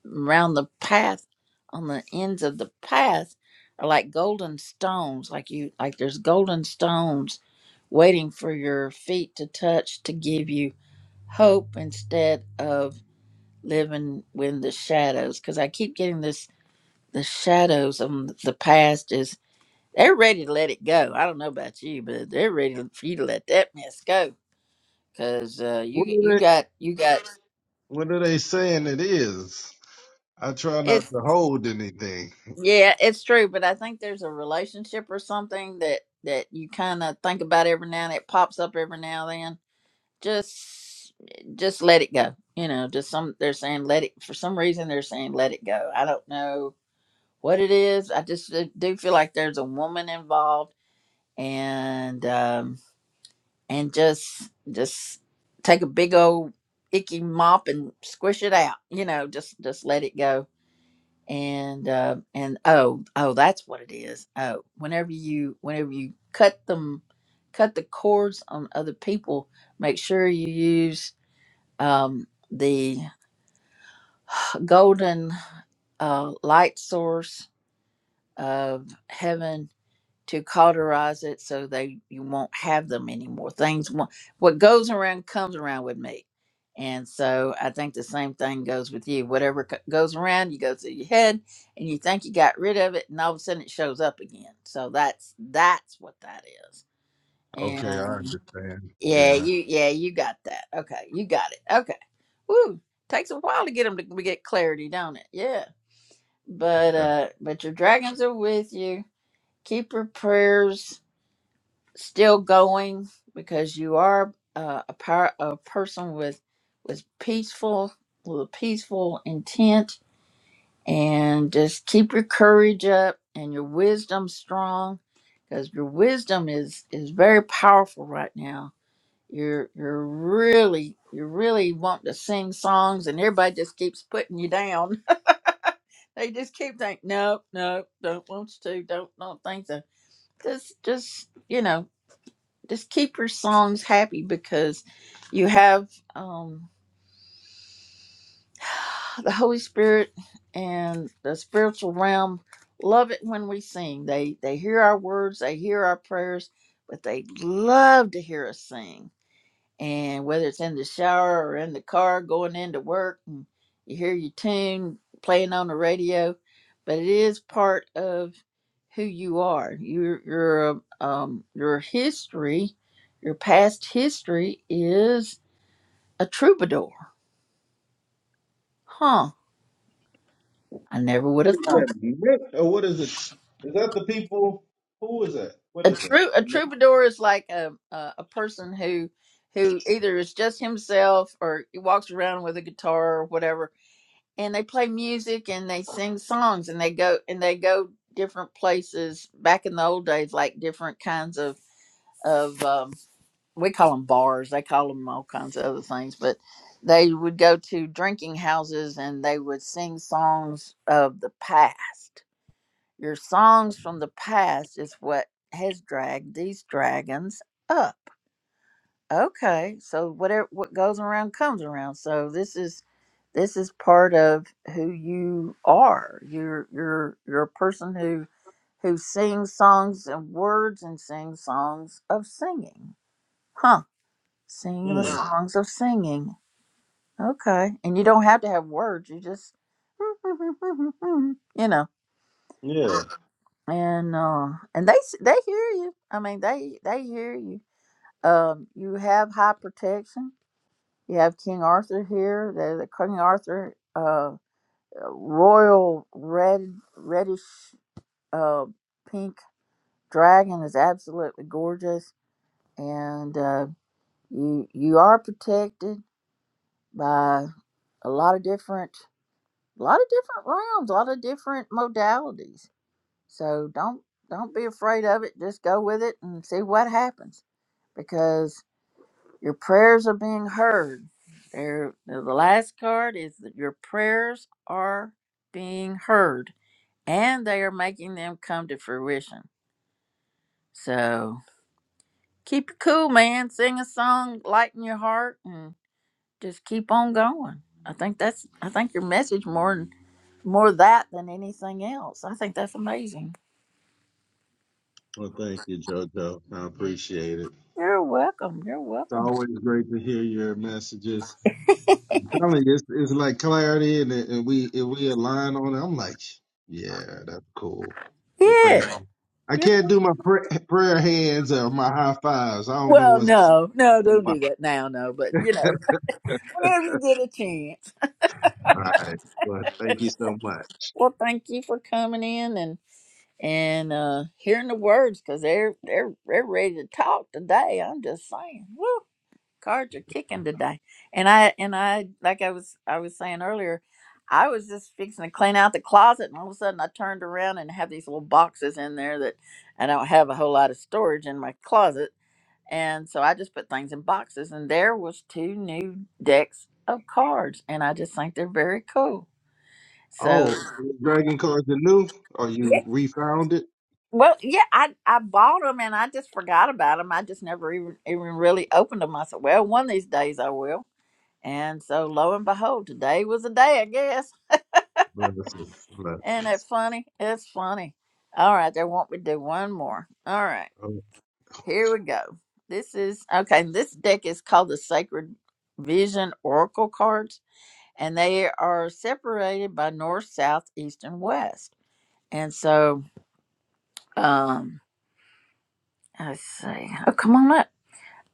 Speaker 1: around the path on the ends of the path are like golden stones like you like there's golden stones waiting for your feet to touch to give you hope instead of living with the shadows because i keep getting this the shadows of the past is they're ready to let it go i don't know about you but they're ready for you to let that mess go because uh,
Speaker 7: What
Speaker 1: you you
Speaker 7: are they?
Speaker 1: got you got
Speaker 7: What are they saying? It is. I try not
Speaker 1: it's
Speaker 7: to hold anything.
Speaker 1: Yeah, it's true, but I think there's a relationship or something that that you kind of think about every now and it pops up every now and then. Just just let it go. You know, just some they're saying let it for some reason they're saying let it go. I don't know what it is. I just do do feel like there's a woman involved and um and just just take a big old icky mop and squish it out. You know, just just let it go and uh, and oh oh that's what it is oh whenever you whenever you cut them cut the cords on other people make sure you use um, the golden uh, light source of heaven to cauterize it so they you won't have them anymore. Things won't- what goes around comes around with me, and so I think the same thing goes with you. Whatever co- goes around, you go through your head, and you think you got rid of it, and all of a sudden it shows up again. So that's that's what that is.
Speaker 7: Okay, I
Speaker 1: And
Speaker 7: understand.
Speaker 1: yeah,
Speaker 7: Yeah.
Speaker 1: you yeah you got that. Okay, you got it. Okay, woo. Takes a while to get them to get clarity, don't it? Yeah. But uh, but your dragons are with you. Keep your prayers still going because you are uh, a power, a person with with peaceful with a peaceful intent and just keep your courage up and your wisdom strong because your wisdom is is very powerful right now you're you're really you really want to sing songs and everybody just keeps putting you down they just keep thinking no no don't want you to don't don't think so just just you know just keep your songs happy because you have um, the Holy Spirit and the spiritual realm love it when we sing. They they hear our words, they hear our prayers, but they love to hear us sing and whether it's in the shower or in the car going into work and you hear your tune playing on the radio but it is part of who you are your your um your history your past history is a troubadour huh i never would
Speaker 7: What
Speaker 1: have
Speaker 7: is that?
Speaker 1: thought
Speaker 7: Mint or what is it? Is that the people? Who is that? What
Speaker 1: a
Speaker 7: is that?
Speaker 1: true a troubadour is like a a, a person who who either is just himself or he walks around with a guitar or whatever and they play music and they sing songs and they go and they go different places back in the old days like different kinds of of um, we call them bars they call them all kinds of other things but they would go to drinking houses and they would sing songs of the past your songs from the past is what has dragged these dragons up Okay, so whatever what goes around comes around. So this is this is part of who you are. You're you're you're a person who who sings songs and words and sings songs of singing. Huh. Singing the Yeah.
Speaker 7: Mm,
Speaker 1: songs of singing. Okay. And you don't have to have words. You just you know.
Speaker 7: yeah.
Speaker 1: And uh and they s- they hear you. I mean they they hear you. Um you have high protection You have King Arthur here. There's a King Arthur, uh, royal red, reddish, uh, pink dragon is absolutely gorgeous, and uh, you you are protected by a lot of different, a lot of different realms, a lot of different modalities. So don't don't be afraid of it. Just go with it and see what happens because. Your prayers are being heard. There, the last card is that your prayers are being heard, and they are making them come to fruition. So keep it cool, man. Sing a song, lighten your heart, and just keep on going. I think that's. I think your message more than more that than anything else. I think that's amazing.
Speaker 7: Well, thank you, JoJo. I appreciate it.
Speaker 1: You're welcome. You're
Speaker 7: It's
Speaker 1: welcome.
Speaker 7: always great to hear your messages. I'm telling you, it's, it's like clarity, and, and we if we align on it, I'm like, yeah, that's cool. But thank
Speaker 1: Yeah.
Speaker 7: you. I
Speaker 1: You're,
Speaker 7: can't do my pr- prayer hands or my high fives. I don't know
Speaker 1: well,
Speaker 7: what's
Speaker 1: no, no, don't do
Speaker 7: about
Speaker 1: that now, no. But you know, whenever you get a chance.
Speaker 7: right, but thank you so much.
Speaker 1: Well, thank you for coming in and and uh, hearing the words because they're they're they're ready to talk today. I'm just saying, woo, cards are kicking today. And I and I like I was I was saying earlier, I was just fixing to clean out the closet, and all of a sudden I turned around and have these little boxes in there that I don't have a whole lot of storage in my closet, and so I just put things in boxes, and there was two new decks of cards, and I just think they're very cool. So.
Speaker 7: Oh, so the Dragon cards are new, or you refound it?
Speaker 1: Well, yeah, I I bought them and I just forgot about them. I just never even even really opened them. I said, well, one of these days I will. And so lo and behold, today was the day, I guess.
Speaker 7: Blessings,
Speaker 1: Isn't it
Speaker 7: blessings.
Speaker 1: funny? It's funny. All right, they want me to do one more. All right,
Speaker 7: Oh,
Speaker 1: here we go. This is okay. This deck is called the Sacred Vision Oracle cards, and they are separated by north, south, east, and west. And so, um, let's see. Oh, come on up.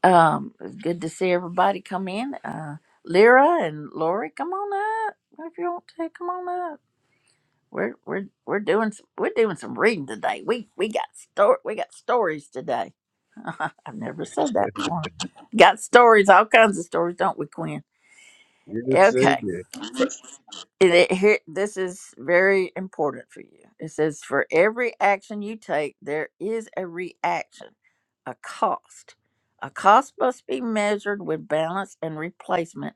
Speaker 1: Um, it's good to see everybody come in. Uh, Lyra and Lori, come on up. If you want to, come on up. We're we're we're doing some, we're doing some reading today. We we got story we got stories today. I've never said that before. Got stories, all kinds of stories, don't we, Quinn?
Speaker 7: yes,
Speaker 1: Okay.
Speaker 7: they did.
Speaker 1: And it, here, this is very important for you. It says, for every action you take, there is a reaction, a cost. A cost must be measured with balance and replacement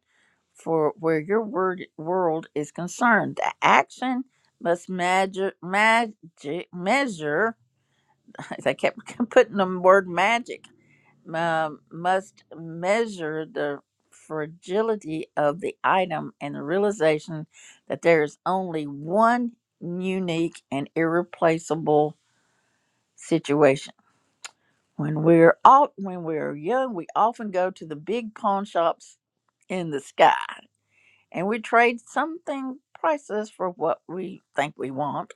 Speaker 1: for where your word, world is concerned. The action must magic, magic, measure. I kept putting the word magic um, must measure the fragility of the item and the realization that there is only one unique and irreplaceable situation. When we're all, when we're young, we often go to the big pawn shops in the sky and we trade something priceless for what we think we want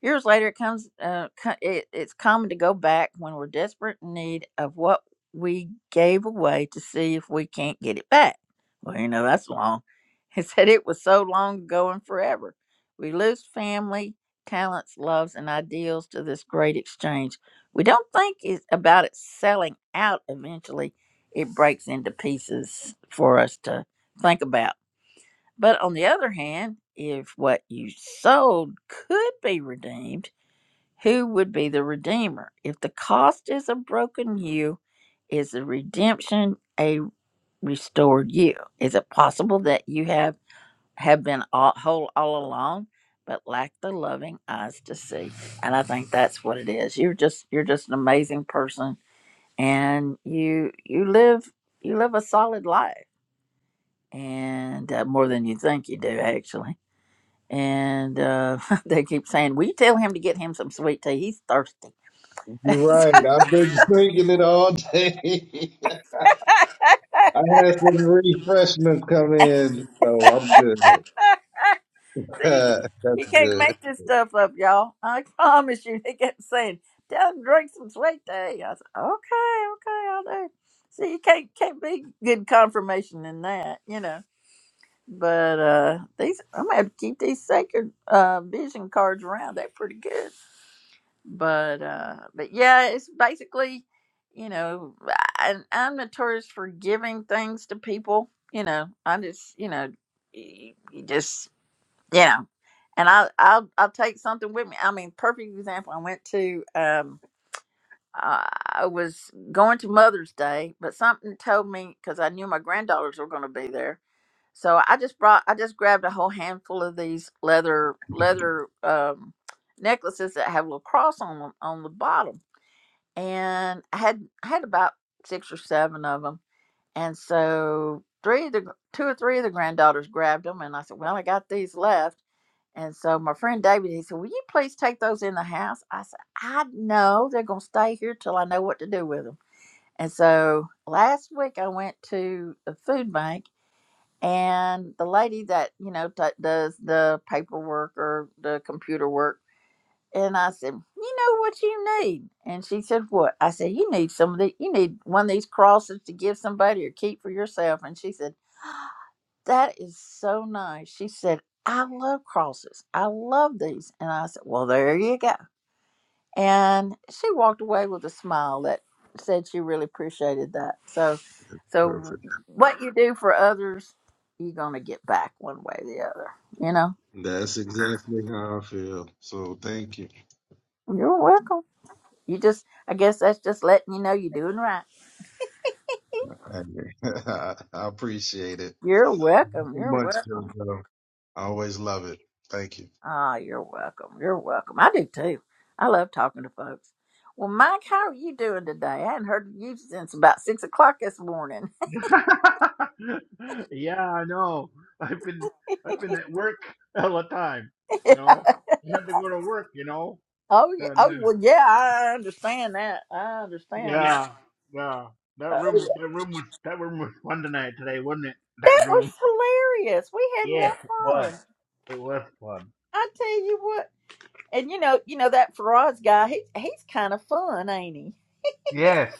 Speaker 1: Years later, it comes. Uh, co- it, it's common to go back when we're desperate in need of what we gave away to see if we can't get it back. Well, you know that's long. He said it was so long ago and forever. We lose family, talents, loves, and ideals to this great exchange. We don't think it's about it selling out. Eventually, it breaks into pieces for us to think about. But on the other hand, if what you sold could be redeemed who would be the Redeemer? If the cost is a broken you, is the redemption a restored you? Is it possible that you have have been all, whole all along, but lack the loving eyes to see? And I think that's what it is. You're just you're just an amazing person, and you you live you live a solid life, and uh, more than you think you do actually. And uh, they keep saying, "Will you tell him to get him some sweet tea? He's thirsty."
Speaker 7: You're right. I've been drinking it all day. I had some refreshments come in, so I'm good.
Speaker 1: See,
Speaker 7: That's
Speaker 1: you can't
Speaker 7: good.
Speaker 1: make this stuff up, y'all. I promise you. They kept saying, "Down and drink some sweet tea." I said, "Okay, okay, I'll do." See, you can't can't be good confirmation in that, you know. But uh these, I'm gonna have to keep these sacred uh vision cards around. They're pretty good. But uh but yeah, it's basically, you know, I, I'm notorious for giving things to people. You know, I just, you know, you, you just. you know and I I'll I'll take something with me. I mean, perfect example. I went to um I I was going to Mother's Day, but something told me because I knew my granddaughters were going to be there, so I just brought I just grabbed a whole handful of these leather leather um necklaces that have a little cross on them on the bottom, and I had I had about six or seven of them, and so three of the gr- two or three of the granddaughters grabbed them, and I said, well, I got these left. And so my friend David, he said, Will you please take those in the house? I said, I know they're going to stay here till I know what to do with them. And so last week I went to the food bank and the lady that, you know, t- does the paperwork or the computer work. And I said, you know what you need? And she said, what? I said, you need some of the, you need one of these crosses to give somebody or keep for yourself. And she said, that is so nice. She said, I love crosses. I love these. And I said, Well, there you go. And she walked away with a smile that said she really appreciated that. So, so
Speaker 7: Perfect.
Speaker 1: what you do for others, you're going to get back one way or the other. You know,
Speaker 7: That's exactly how I feel. So thank you.
Speaker 1: you're welcome. You just, I guess that's just letting you know you're doing right.
Speaker 7: I, appreciate it
Speaker 1: You're welcome.
Speaker 7: so
Speaker 1: You're
Speaker 7: much,
Speaker 1: welcome.
Speaker 7: JoJo. I always love it. Thank you.
Speaker 1: Ah, you're welcome. You're welcome. I do too. I love talking to folks. Well, Mike, how are you doing today? I hadn't heard of you since about six o'clock this morning.
Speaker 8: yeah, I know. I've been I've been at work all the time.
Speaker 1: oh
Speaker 8: You
Speaker 1: yeah.
Speaker 8: know, you have to go to work. You know, and
Speaker 1: Oh
Speaker 8: uh,
Speaker 1: well, yeah. I understand that. I understand. Yeah.
Speaker 8: yeah, yeah. That
Speaker 1: Oh, yeah.
Speaker 8: room, that room was that room was fun tonight today, wasn't it? That
Speaker 1: That
Speaker 8: room.
Speaker 1: was hilarious. We had
Speaker 8: Yes, it
Speaker 1: more
Speaker 8: was.
Speaker 1: fun.
Speaker 8: It was fun.
Speaker 1: I tell you what. And you know, you know that Faraz guy. He he's kind of fun, ain't he?
Speaker 8: Yes,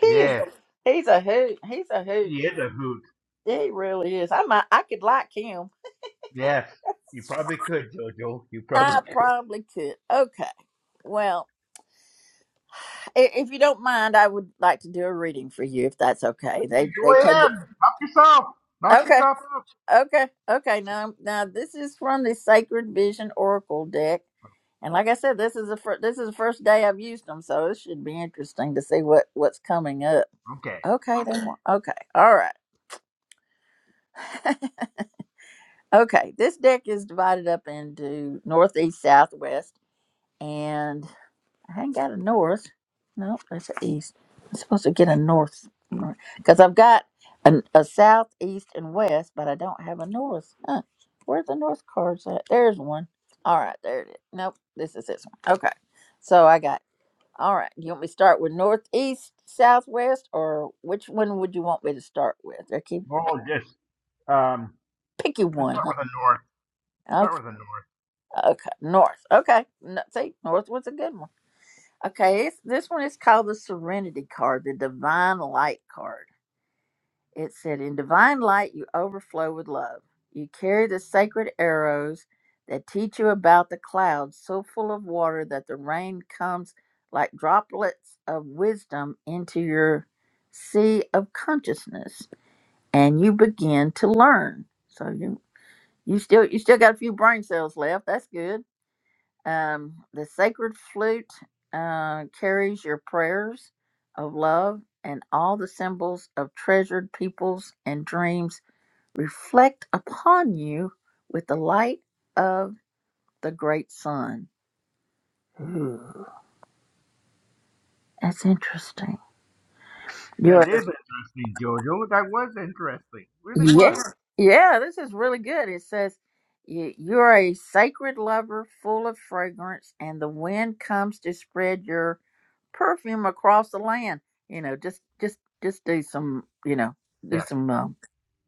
Speaker 1: He is.
Speaker 8: yes.
Speaker 1: He's a hoot. He's a hoot.
Speaker 8: You hit the hoot.
Speaker 1: He really is. I might. I could like him.
Speaker 8: Yes, you probably could, Jojo. You probably
Speaker 1: I
Speaker 8: could.
Speaker 1: probably could. Okay. Well, i- if you don't mind, I would like to do a reading for you, if that's okay. They
Speaker 8: You Go
Speaker 1: they tend
Speaker 8: ahead, knock yourself,
Speaker 1: to-
Speaker 8: knock
Speaker 1: okay,
Speaker 8: yourself up.
Speaker 1: okay, okay. Now now this is from the Sacred Vision Oracle deck, and like I said, this is the fir- this is the first day I've used them, so it should be interesting to see what what's coming up.
Speaker 8: Okay,
Speaker 1: Okay, they want okay, all right, okay. This deck is divided up into northeast, southwest, and. I ain't got a north. No, that's an east. I'm supposed to get a north because I've got an, a south, east, and west, but I don't have a north. Huh. Where's the north cards at? There's one. All right, there it is. Nope, this is this one. Okay, so I got. All right, you want me to start with northeast, southwest, or which one would you want me to start with? I keep
Speaker 8: well, just um,
Speaker 1: picky
Speaker 8: let's
Speaker 1: one.
Speaker 8: start with
Speaker 1: huh?
Speaker 8: the north. Start with
Speaker 1: Okay,
Speaker 8: the north.
Speaker 1: okay, north. Okay, no, see, north was a good one. Okay, it's, this one is called the Serenity card, the Divine Light card. It said, In divine light, you overflow with love. You carry the sacred arrows that teach you about the clouds, so full of water that the rain comes like droplets of wisdom into your sea of consciousness, and you begin to learn. So you you still you still got a few brain cells left. That's good. Um, the sacred flute uh, carries your prayers of love, and all the symbols of treasured peoples and dreams reflect upon you with the light of the great sun. Ooh, that's interesting. You're
Speaker 8: That is interesting, Jojo. That was interesting. Really was.
Speaker 1: yes, yeah. This is really good. It says. "You- You're a sacred lover full of fragrance, and the wind comes to spread your perfume across the land. You know, just just just do some, you know, do
Speaker 8: Yeah.
Speaker 1: some um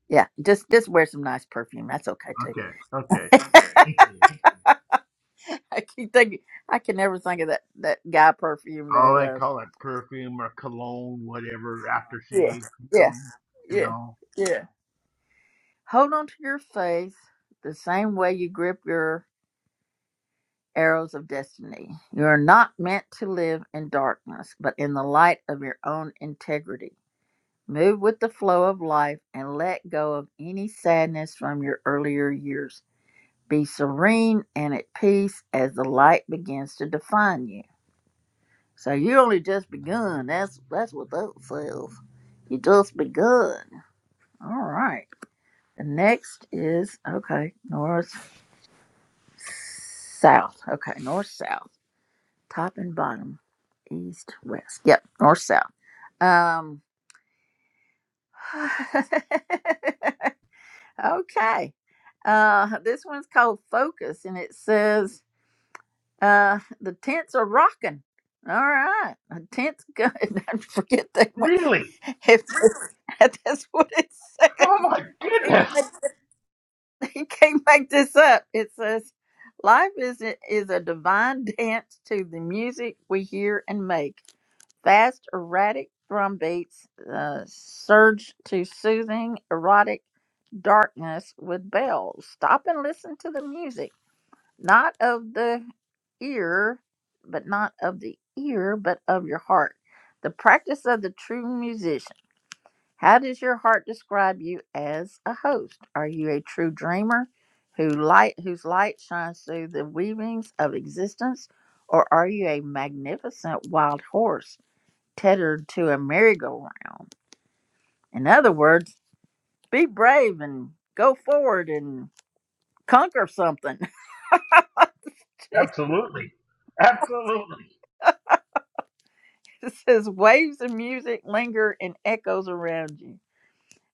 Speaker 1: yeah, just just wear some nice perfume. That's okay too.
Speaker 8: Okay. Okay. Thank you.
Speaker 1: I keep thinking I can never think of that that guy perfume
Speaker 8: Oh, they
Speaker 1: that
Speaker 8: call it perfume or cologne, whatever,
Speaker 1: uh Yeah.
Speaker 8: aftershave. You
Speaker 1: Yeah.
Speaker 8: know. You
Speaker 1: Yeah.
Speaker 8: know.
Speaker 1: Yeah. Hold on to your faith the same way you grip your arrows of destiny. You are not meant to live in darkness, but in the light of your own integrity. Move with the flow of life and let go of any sadness from your earlier years. Be serene and at peace as the light begins to define you. So you only just begun. That's that's what that says. You just begun. All right. The next is okay, north south. Okay, north south. Top and bottom. East, west. Yep, north south. Um Okay. Uh, this one's called Focus, and it says uh, the tents are rocking. All right, the tents good. I forget that one.
Speaker 8: Really?
Speaker 1: If that's what it says,
Speaker 8: Oh my
Speaker 1: I can't,
Speaker 8: goodness.
Speaker 1: make- I can't make this up. It says, "Life is a, is a divine dance to the music we hear and make. Fast, erratic drum beats uh, surge to soothing, erotic darkness with bells. Stop and listen to the music, not of the ear, but not of the ear, but of your heart. The practice of the true musician. How does your heart describe you as a host? Are you a true dreamer who light whose light shines through the weavings of existence? Or are you a magnificent wild horse tethered to a merry-go-round. In other words, be brave and go forward and conquer something.
Speaker 8: Absolutely. Absolutely.
Speaker 1: Jesus says, waves of music linger and echoes around you.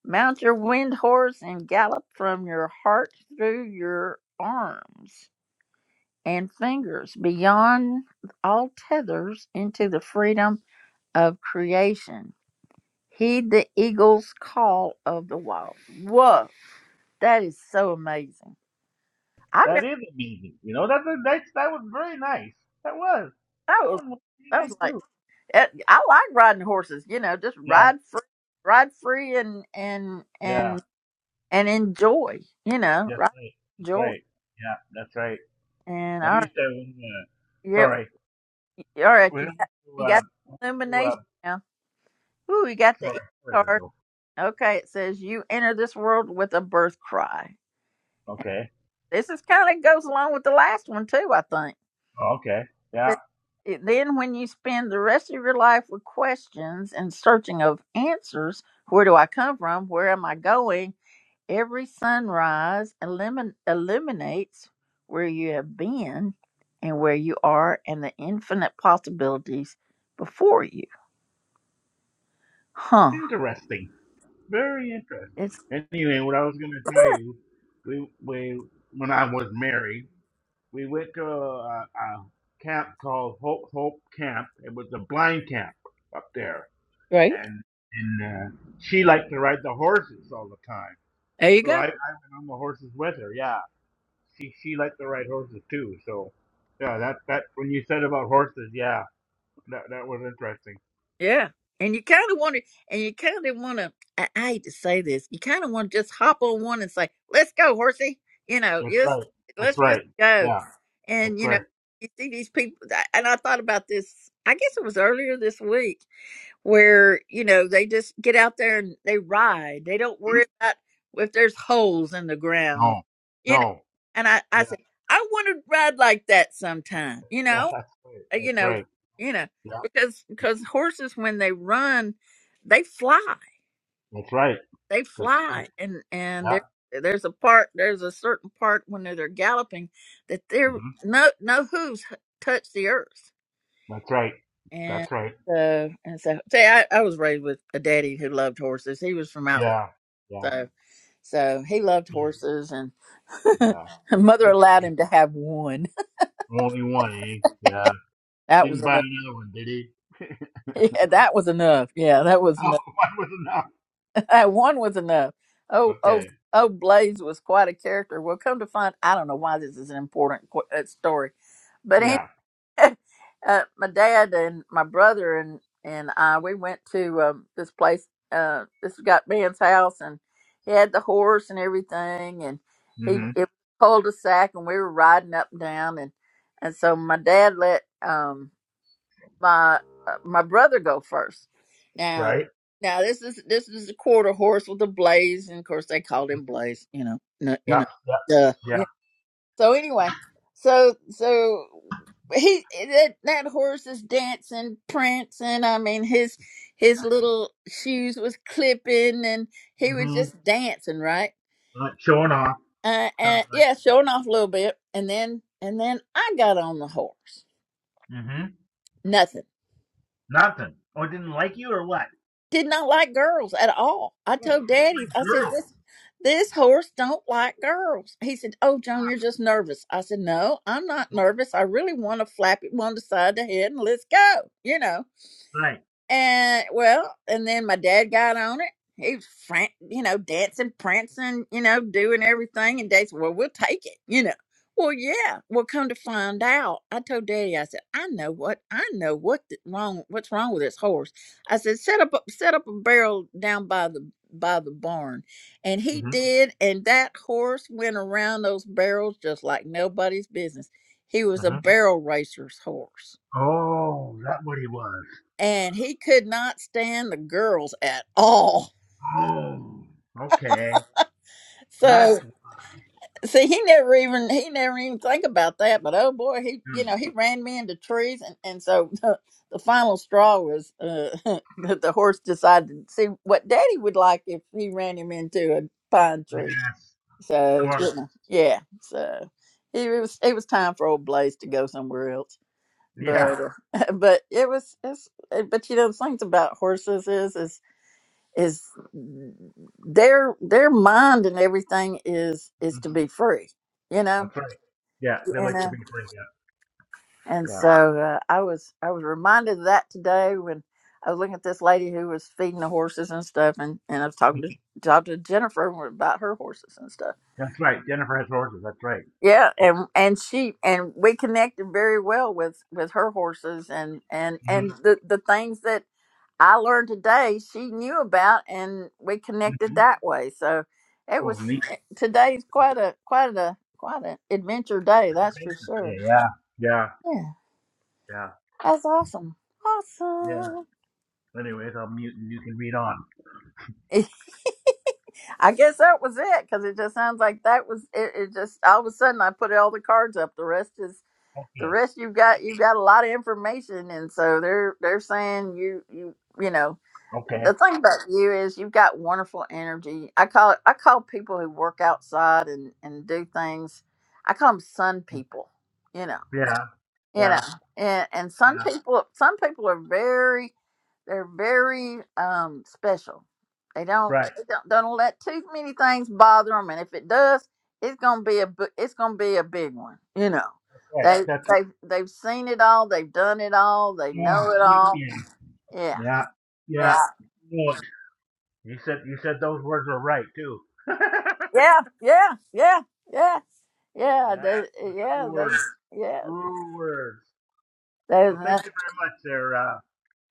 Speaker 1: Mount your wind horse and gallop from your heart through your arms and fingers beyond all tethers into the freedom of creation. Heed the eagle's call of the wild. Whoa, that is so amazing. I
Speaker 8: That
Speaker 1: never
Speaker 8: is amazing. You know, that's a, that's that was very nice. That was. That
Speaker 1: know.
Speaker 8: one was very
Speaker 1: I was
Speaker 8: nice
Speaker 1: like,
Speaker 8: too.
Speaker 1: eh, I like riding horses. You know, just
Speaker 8: Yeah.
Speaker 1: ride free, ride free, and and
Speaker 8: Yeah.
Speaker 1: and and enjoy. You know,
Speaker 8: That's
Speaker 1: ride
Speaker 8: right. That's
Speaker 1: enjoy.
Speaker 8: right. Yeah. That's right.
Speaker 1: And
Speaker 8: I
Speaker 1: all right,
Speaker 8: used to. Uh,
Speaker 1: yeah,
Speaker 8: sorry.
Speaker 1: all right?
Speaker 8: We don't
Speaker 1: You
Speaker 8: have
Speaker 1: got
Speaker 8: to,
Speaker 1: you got
Speaker 8: uh,
Speaker 1: the
Speaker 8: we don't
Speaker 1: illumination
Speaker 8: have
Speaker 1: now. Ooh, you got
Speaker 8: to, uh, sorry,
Speaker 1: the E
Speaker 8: sorry,
Speaker 1: card.
Speaker 8: Jojo.
Speaker 1: Okay, it says you enter this world with a birth cry.
Speaker 8: Okay,
Speaker 1: This is kind of goes along with the last one too. I think.
Speaker 8: okay,
Speaker 1: It
Speaker 8: yeah,
Speaker 1: says, "It- Then, when you spend the rest of your life with questions and searching of answers, where do I come from? Where am I going? Every sunrise illumin- illuminates where you have been and where you are and the infinite possibilities before you. Huh.
Speaker 8: interesting, very interesting.
Speaker 1: It's
Speaker 8: Anyway, what I was gonna tell you, we we when I was married, we went to a, a camp called Hope Hope Camp. It was a blind camp up there,
Speaker 1: Right?
Speaker 8: and and uh, she liked to ride the horses all the time.
Speaker 1: There you
Speaker 8: So
Speaker 1: go.
Speaker 8: I, I went on the horses with her. Yeah, she she liked to ride horses too. So yeah, that that when you said about horses, yeah. That that was interesting.
Speaker 1: yeah. And you kind of want to, and you kind of want to, I, I hate to say this, you kind of want to just hop on one and say, let's go, horsey. You know,
Speaker 8: That's
Speaker 1: just,
Speaker 8: right. That's
Speaker 1: let's just
Speaker 8: right.
Speaker 1: go.
Speaker 8: Yeah. That's
Speaker 1: And, you know,
Speaker 8: right.
Speaker 1: you see these people, and I thought about this, I guess it was earlier this week where you know they just get out there and they ride. They don't
Speaker 8: Hmm?
Speaker 1: worry about if there's holes in the ground,
Speaker 8: No.
Speaker 1: you know.
Speaker 8: No.
Speaker 1: And I, I
Speaker 8: Yeah.
Speaker 1: said, I want to ride like that sometime, you
Speaker 8: Yeah.
Speaker 1: know,
Speaker 8: That's right.
Speaker 1: Uh, you
Speaker 8: That's
Speaker 1: know,
Speaker 8: right.
Speaker 1: you know,
Speaker 8: Yeah.
Speaker 1: because because horses when they run, they fly,
Speaker 8: That's right.
Speaker 1: they
Speaker 8: That's right.
Speaker 1: fly, and and
Speaker 8: Yeah.
Speaker 1: there there's a part there's a certain part when they're, they're galloping that their
Speaker 8: hmm
Speaker 1: no no hooves touch the earth
Speaker 8: That's right.
Speaker 1: and
Speaker 8: That's right.
Speaker 1: so, and so, see, I, I was raised with a daddy who loved horses. He was from out,
Speaker 8: Yeah. Yeah.
Speaker 1: so, so he loved
Speaker 8: For you.
Speaker 1: horses, and
Speaker 8: Yeah.
Speaker 1: mother
Speaker 8: Good for
Speaker 1: allowed
Speaker 8: you.
Speaker 1: him to have one.
Speaker 8: Only one, eh? Yeah.
Speaker 1: That was
Speaker 8: Didn't buy
Speaker 1: enough.
Speaker 8: another one, did he? oh,
Speaker 1: Yeah, that was enough. Yeah, that was enough.
Speaker 8: one was enough.
Speaker 1: That one was enough. Oh, oh,
Speaker 8: Okay.
Speaker 1: oh, Blaze was quite a character. Well, come to find, I don't know why this is an important qu- uh, story, but
Speaker 8: Yeah.
Speaker 1: uh, my dad and my brother and and I we went to um, this place. Uh, this got man's house, and he had the horse and everything, and he
Speaker 8: hmm
Speaker 1: it pulled a sack, and we were riding up and down, and and so my dad let um my uh, my brother go first. Now,
Speaker 8: Right.
Speaker 1: now this is this is a quarter horse with a blaze, and of course they called him Blaze. You know, no, you
Speaker 8: Yeah.
Speaker 1: know,
Speaker 8: Yeah.
Speaker 1: duh,
Speaker 8: Yeah.
Speaker 1: so anyway, so so he that that horse is dancing, prancing. I mean his his little shoes was clipping, and he was
Speaker 8: hmm
Speaker 1: just dancing, right?
Speaker 8: Not showing off.
Speaker 1: Uh,
Speaker 8: Sounds
Speaker 1: and yeah, showing off a little bit, and then and then I got on the horse.
Speaker 8: like. hmm
Speaker 1: Nothing.
Speaker 8: Nothing. Oh, didn't like you or what?
Speaker 1: did not like girls at all. I
Speaker 8: Oh,
Speaker 1: told
Speaker 8: just
Speaker 1: Daddy, I
Speaker 8: like
Speaker 1: said,
Speaker 8: girls
Speaker 1: this this horse don't like girls. He said, Oh, Joan, you're just nervous. I said, No, I'm not
Speaker 8: don't
Speaker 1: nervous. I really want to flap it one to side to head and let's go. You know.
Speaker 8: say.
Speaker 1: And well, and then my dad got on it. He was fran- you know, dancing, prancing, you know, doing everything. And Dad said, Well, we'll take it, you know. Well, yeah. Well, come to find out, I told Daddy, I said, I know what I know what the, wrong what's wrong with this horse. I said, set up a, set up a barrel down by the by the barn, and he
Speaker 8: Mm-hmm.
Speaker 1: did. And that horse went around those barrels just like nobody's business. He was a
Speaker 8: hmm
Speaker 1: barrel racer's horse
Speaker 8: Oh, that what he was.
Speaker 1: and he could not stand the girls at all.
Speaker 8: Oh, okay. That's
Speaker 1: So
Speaker 8: why.
Speaker 1: see, he never even he never even think about that. But oh boy, he you
Speaker 8: Hmm.
Speaker 1: know he ran me into trees, and and so the, the final straw was uh, that the horse decided to see what Daddy would like if he ran him into a pine tree.
Speaker 8: Yes, of
Speaker 1: So
Speaker 8: course.
Speaker 1: you know, yeah, so. It was it was time for old Blaze to go somewhere else, but
Speaker 8: Yeah,
Speaker 1: uh, but it was it's but you know the things about horses is is is their their mind and everything is is
Speaker 8: Mhm.
Speaker 1: to be free you know
Speaker 8: that's right. Yeah,
Speaker 1: you
Speaker 8: they like to
Speaker 1: know
Speaker 8: be played up.
Speaker 1: and
Speaker 8: Yeah,
Speaker 1: so uh, i was i was reminded of that today when i was looking at this lady who was feeding the horses and stuff and and i was talking to talked to jennifer about her horses and stuff
Speaker 8: that's right. Jennifer has horses. That's right.
Speaker 1: yeah and and she and we connected very well with with her horses and and and
Speaker 8: Mm-hmm.
Speaker 1: the the things that I learned today she knew about, and we connected
Speaker 8: hmm
Speaker 1: that way. So it
Speaker 8: Oh,
Speaker 1: was
Speaker 8: neat.
Speaker 1: eh, today's quite a quite a quite an adventure day, that's for sure.
Speaker 8: Yeah, yeah,
Speaker 1: Yeah,
Speaker 8: yeah,
Speaker 1: that's awesome,
Speaker 8: yeah.
Speaker 1: awesome.
Speaker 8: Anyways, I'll mute and you can read on.
Speaker 1: I guess that was it because it just sounds like that was it. It just all of a sudden I put all the cards up. The rest is the
Speaker 8: Okay.
Speaker 1: rest you've got you've got a lot of information and so they're they're saying you you you know
Speaker 8: Okay.
Speaker 1: the thing about you is you've got wonderful energy. I call it, I call people who work outside and and do things. I call them sun people. You know
Speaker 8: Yeah,
Speaker 1: you know
Speaker 8: yeah,
Speaker 1: and, and some
Speaker 8: yeah.
Speaker 1: people some people are very they're very um special they don't
Speaker 8: Right,
Speaker 1: they don't, don't let too many things bother them and if it does it's gonna be a bu- it's gonna be a big one you know
Speaker 8: right.
Speaker 1: they
Speaker 8: That's.
Speaker 1: they they've seen it all they've done it all they
Speaker 8: Oh,
Speaker 1: know it
Speaker 8: wait,
Speaker 1: all
Speaker 8: yeah.
Speaker 1: yeah
Speaker 8: Yeah, yeah.
Speaker 1: yeah
Speaker 8: Good. You said you said those words were right too. yeah,
Speaker 1: yeah yeah yeah yeah yeah they
Speaker 8: those were true
Speaker 1: yeah they
Speaker 8: words.
Speaker 1: yeah
Speaker 8: True words.
Speaker 1: they
Speaker 8: Well,
Speaker 1: uh,
Speaker 8: thank you very much, there, uh,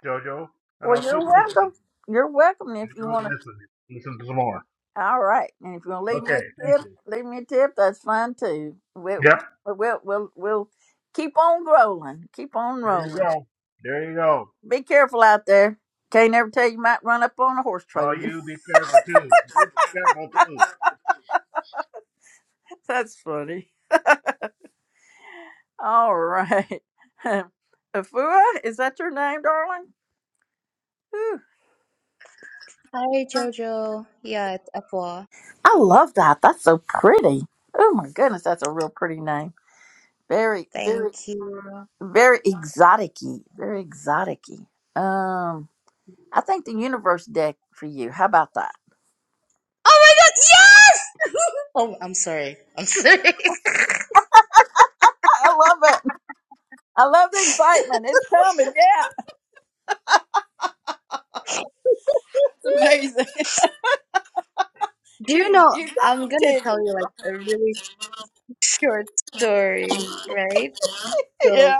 Speaker 8: Jojo, and I'll
Speaker 1: well
Speaker 8: keep
Speaker 1: you're
Speaker 8: listening.
Speaker 1: welcome you're welcome
Speaker 8: You
Speaker 1: if you
Speaker 8: know, I
Speaker 1: want
Speaker 8: can
Speaker 1: to
Speaker 8: listen, listen to some more.
Speaker 1: All right. And if you want to leave me a
Speaker 8: Okay, thank
Speaker 1: tip,
Speaker 8: you.
Speaker 1: leave me a tip. That's fine too. We'll
Speaker 8: Yep.
Speaker 1: we'll we'll, we'll keep on rolling. Keep on
Speaker 8: There you
Speaker 1: rolling.
Speaker 8: go. There you go.
Speaker 1: Be careful out there. Can't never tell you might run up on a horse trailer.
Speaker 8: Well,
Speaker 1: You know?
Speaker 8: you be careful too. You be careful too.
Speaker 1: That's funny. All right. Afua, is that your name, darling? Whew.
Speaker 9: Hi Jojo. Yeah, it's Afua.
Speaker 1: I love that. That's so pretty. Oh my goodness, that's a real pretty name. Very, very,
Speaker 9: Thank you. Oh
Speaker 1: very exotic-y. Very exotic-y. Um, I think the universe deck for you. How about that?
Speaker 9: my god, yes! Oh, I'm sorry. I'm sorry.
Speaker 1: I I love it. I love the excitement. It's coming. Yeah, it's amazing.
Speaker 9: Do you
Speaker 1: You
Speaker 9: know,
Speaker 1: you got
Speaker 9: I'm
Speaker 1: me
Speaker 9: gonna tell
Speaker 1: tickled,
Speaker 9: you
Speaker 1: girl.
Speaker 9: like a really short story, right? So
Speaker 1: Yeah.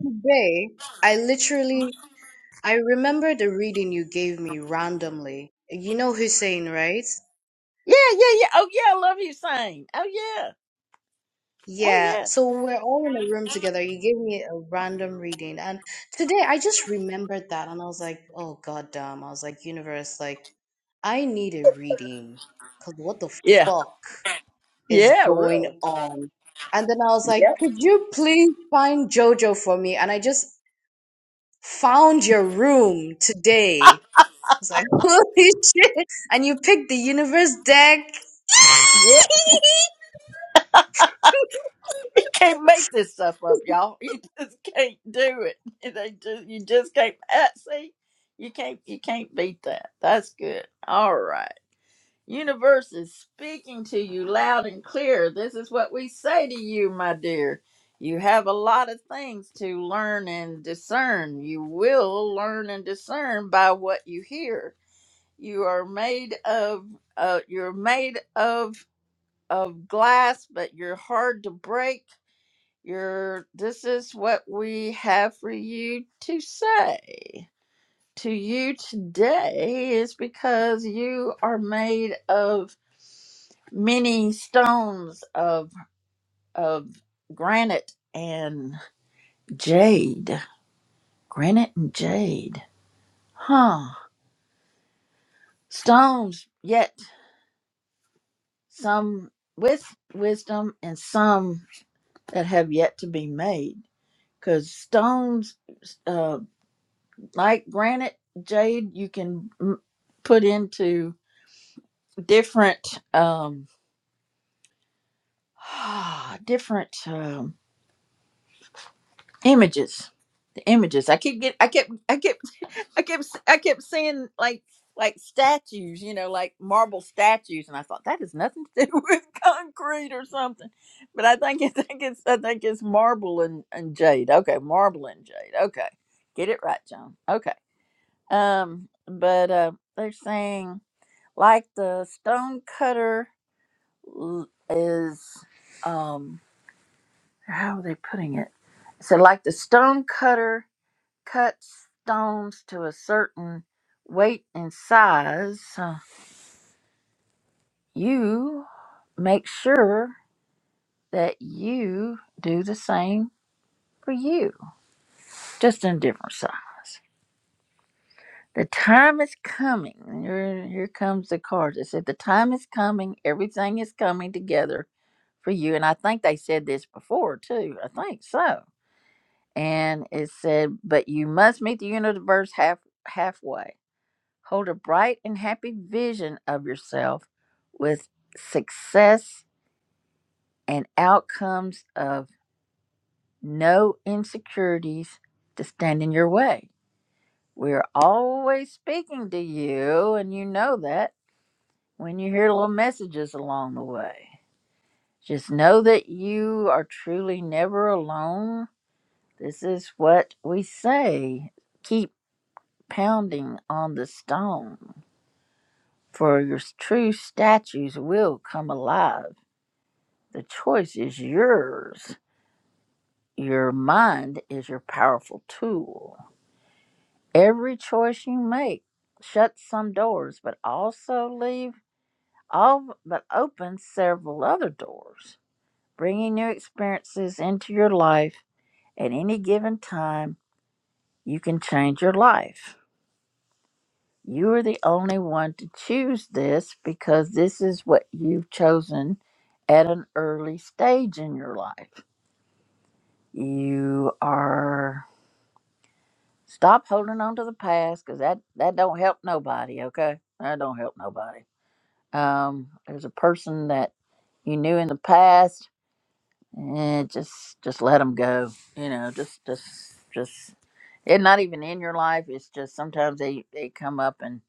Speaker 9: today, I literally, I remember the reading you gave me randomly. You know Hussein, right?
Speaker 1: Yeah, yeah, yeah. Oh yeah, I love you saying. Oh yeah. Oh
Speaker 9: Yeah,
Speaker 1: yeah.
Speaker 9: so we're all in a room together. You gave me a random reading, and today I just remembered that, and I was like, "Oh God damn!" I was like, "Universe, like, I need a reading, cause what the
Speaker 1: Yeah.
Speaker 9: fuck is
Speaker 1: Yeah,
Speaker 9: going
Speaker 1: really.
Speaker 9: on?" And then I was like,
Speaker 1: Yep.
Speaker 9: "Could you please find JoJo for me?" And I just found your room today. I was like, "Holy shit!" And you picked the universe deck.
Speaker 1: Yeah. Can't make this stuff up, y'all. You just can't do it. They just you just can't uh, see. You can't you can't beat that. That's good. All right. Universe is speaking to you loud and clear. This is what we say to you, my dear. You have a lot of things to learn and discern. You will learn and discern by what you hear. You are made of uh, you're made of of glass, but you're hard to break. You're this is what we have for you to say to you today is because you are made of many stones of of granite and jade. Granite and jade. Huh. Stones yet some with wisdom and some that have yet to be made. Cause stones, uh, like granite, jade, you can m- put into different, um, different um, images. The images. I keep get. I kept. I kept I kept I kept seeing like like statues, you know, like marble statues, and I thought that has nothing to do with concrete or something. But I think I think it's I think it's marble and, and jade. Okay, marble and jade. Okay, get it right, John. Okay. Um, but uh, they're saying like the stone cutter l- is um how are they putting it? So like the stone cutter cut stones to a certain weight and size, uh, you make sure that you do the same for you, just in different size. The time is coming. Here, here comes the card that said, The time is coming. Everything is coming together for you. And I think they said this before, too. I think so. And it said, But you must meet the universe half halfway Hold a bright and happy vision of yourself with success and outcomes of no insecurities to stand in your way. We're always speaking to you, and you know that when you hear little messages along the way. Just know that you are truly never alone. This is what we say. Keep pounding on the stone, for your true statues will come alive. The choice is yours. Your mind is your powerful tool. Every choice you make shuts some doors, but also leave all but opens several other doors. Bringing new experiences into your life at any given time, you can change your life. You are the only one to choose this because this is what you've chosen at an early stage in your life. You are Stop holding on to the past because that, that don't help nobody, okay? That don't help nobody. Um, there's a person that you knew in the past, eh, just just let them go. You know, just just just it not even in your life. It's just sometimes they they come up and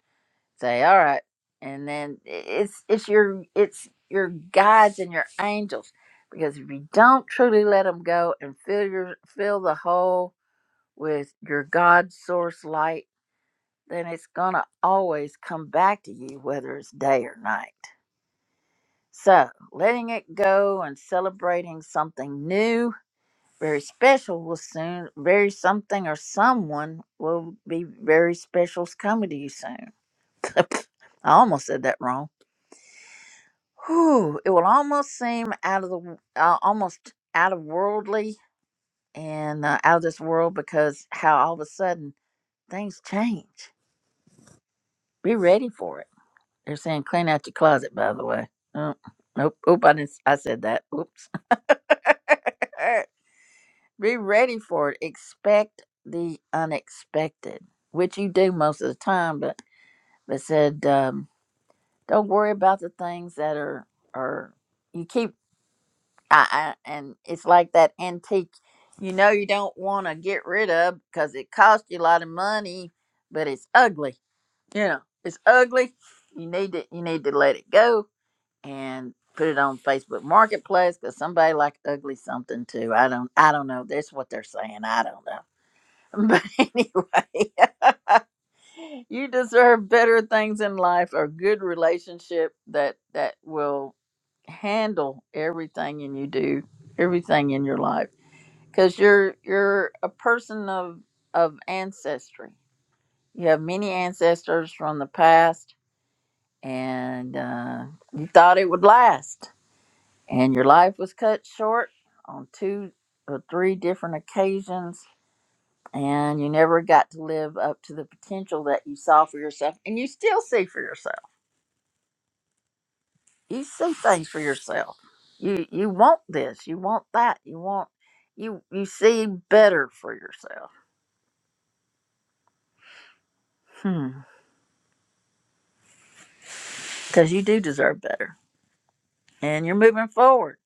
Speaker 1: say, "All right," and then i- it's it's your it's your guides and your angels because if you don't truly let them go and fill your fill the hole with your God source light then it's going to always come back to you, whether it's day or night. So, letting it go and celebrating something new, very special, will soon, very something or someone will be very special's coming to you soon. I almost said that wrong. Whew, it will almost seem out of the, uh, almost out of worldly and uh, out of this world because how all of a sudden things change. Be ready for it They're saying clean out your closet, by the way. Oh, nope. Oop, I, didn't, s- I said that. Oops. Be ready for it. Expect the unexpected, which you do most of the time, but but said um, don't worry about the things that are are you keep I, I and it's like that antique you know you don't want to get rid of because it costs you a lot of money, but it's ugly. You know, it's ugly. You need to you need to let it go and put it on Facebook Marketplace because somebody like ugly something too. I don't I don't know. That's what they're saying. I don't know. But anyway, you deserve better things in life, a good relationship that that will handle everything and you do, everything in your life. Because you're you're a person of of ancestry. You have many ancestors from the past, and uh, you thought it would last and your life was cut short on two or three different occasions and you never got to live up to the potential that you saw for yourself and you still see for yourself you see things for yourself you you want this you want that you want you you see better for yourself Hmm. because you do deserve better and you're moving forward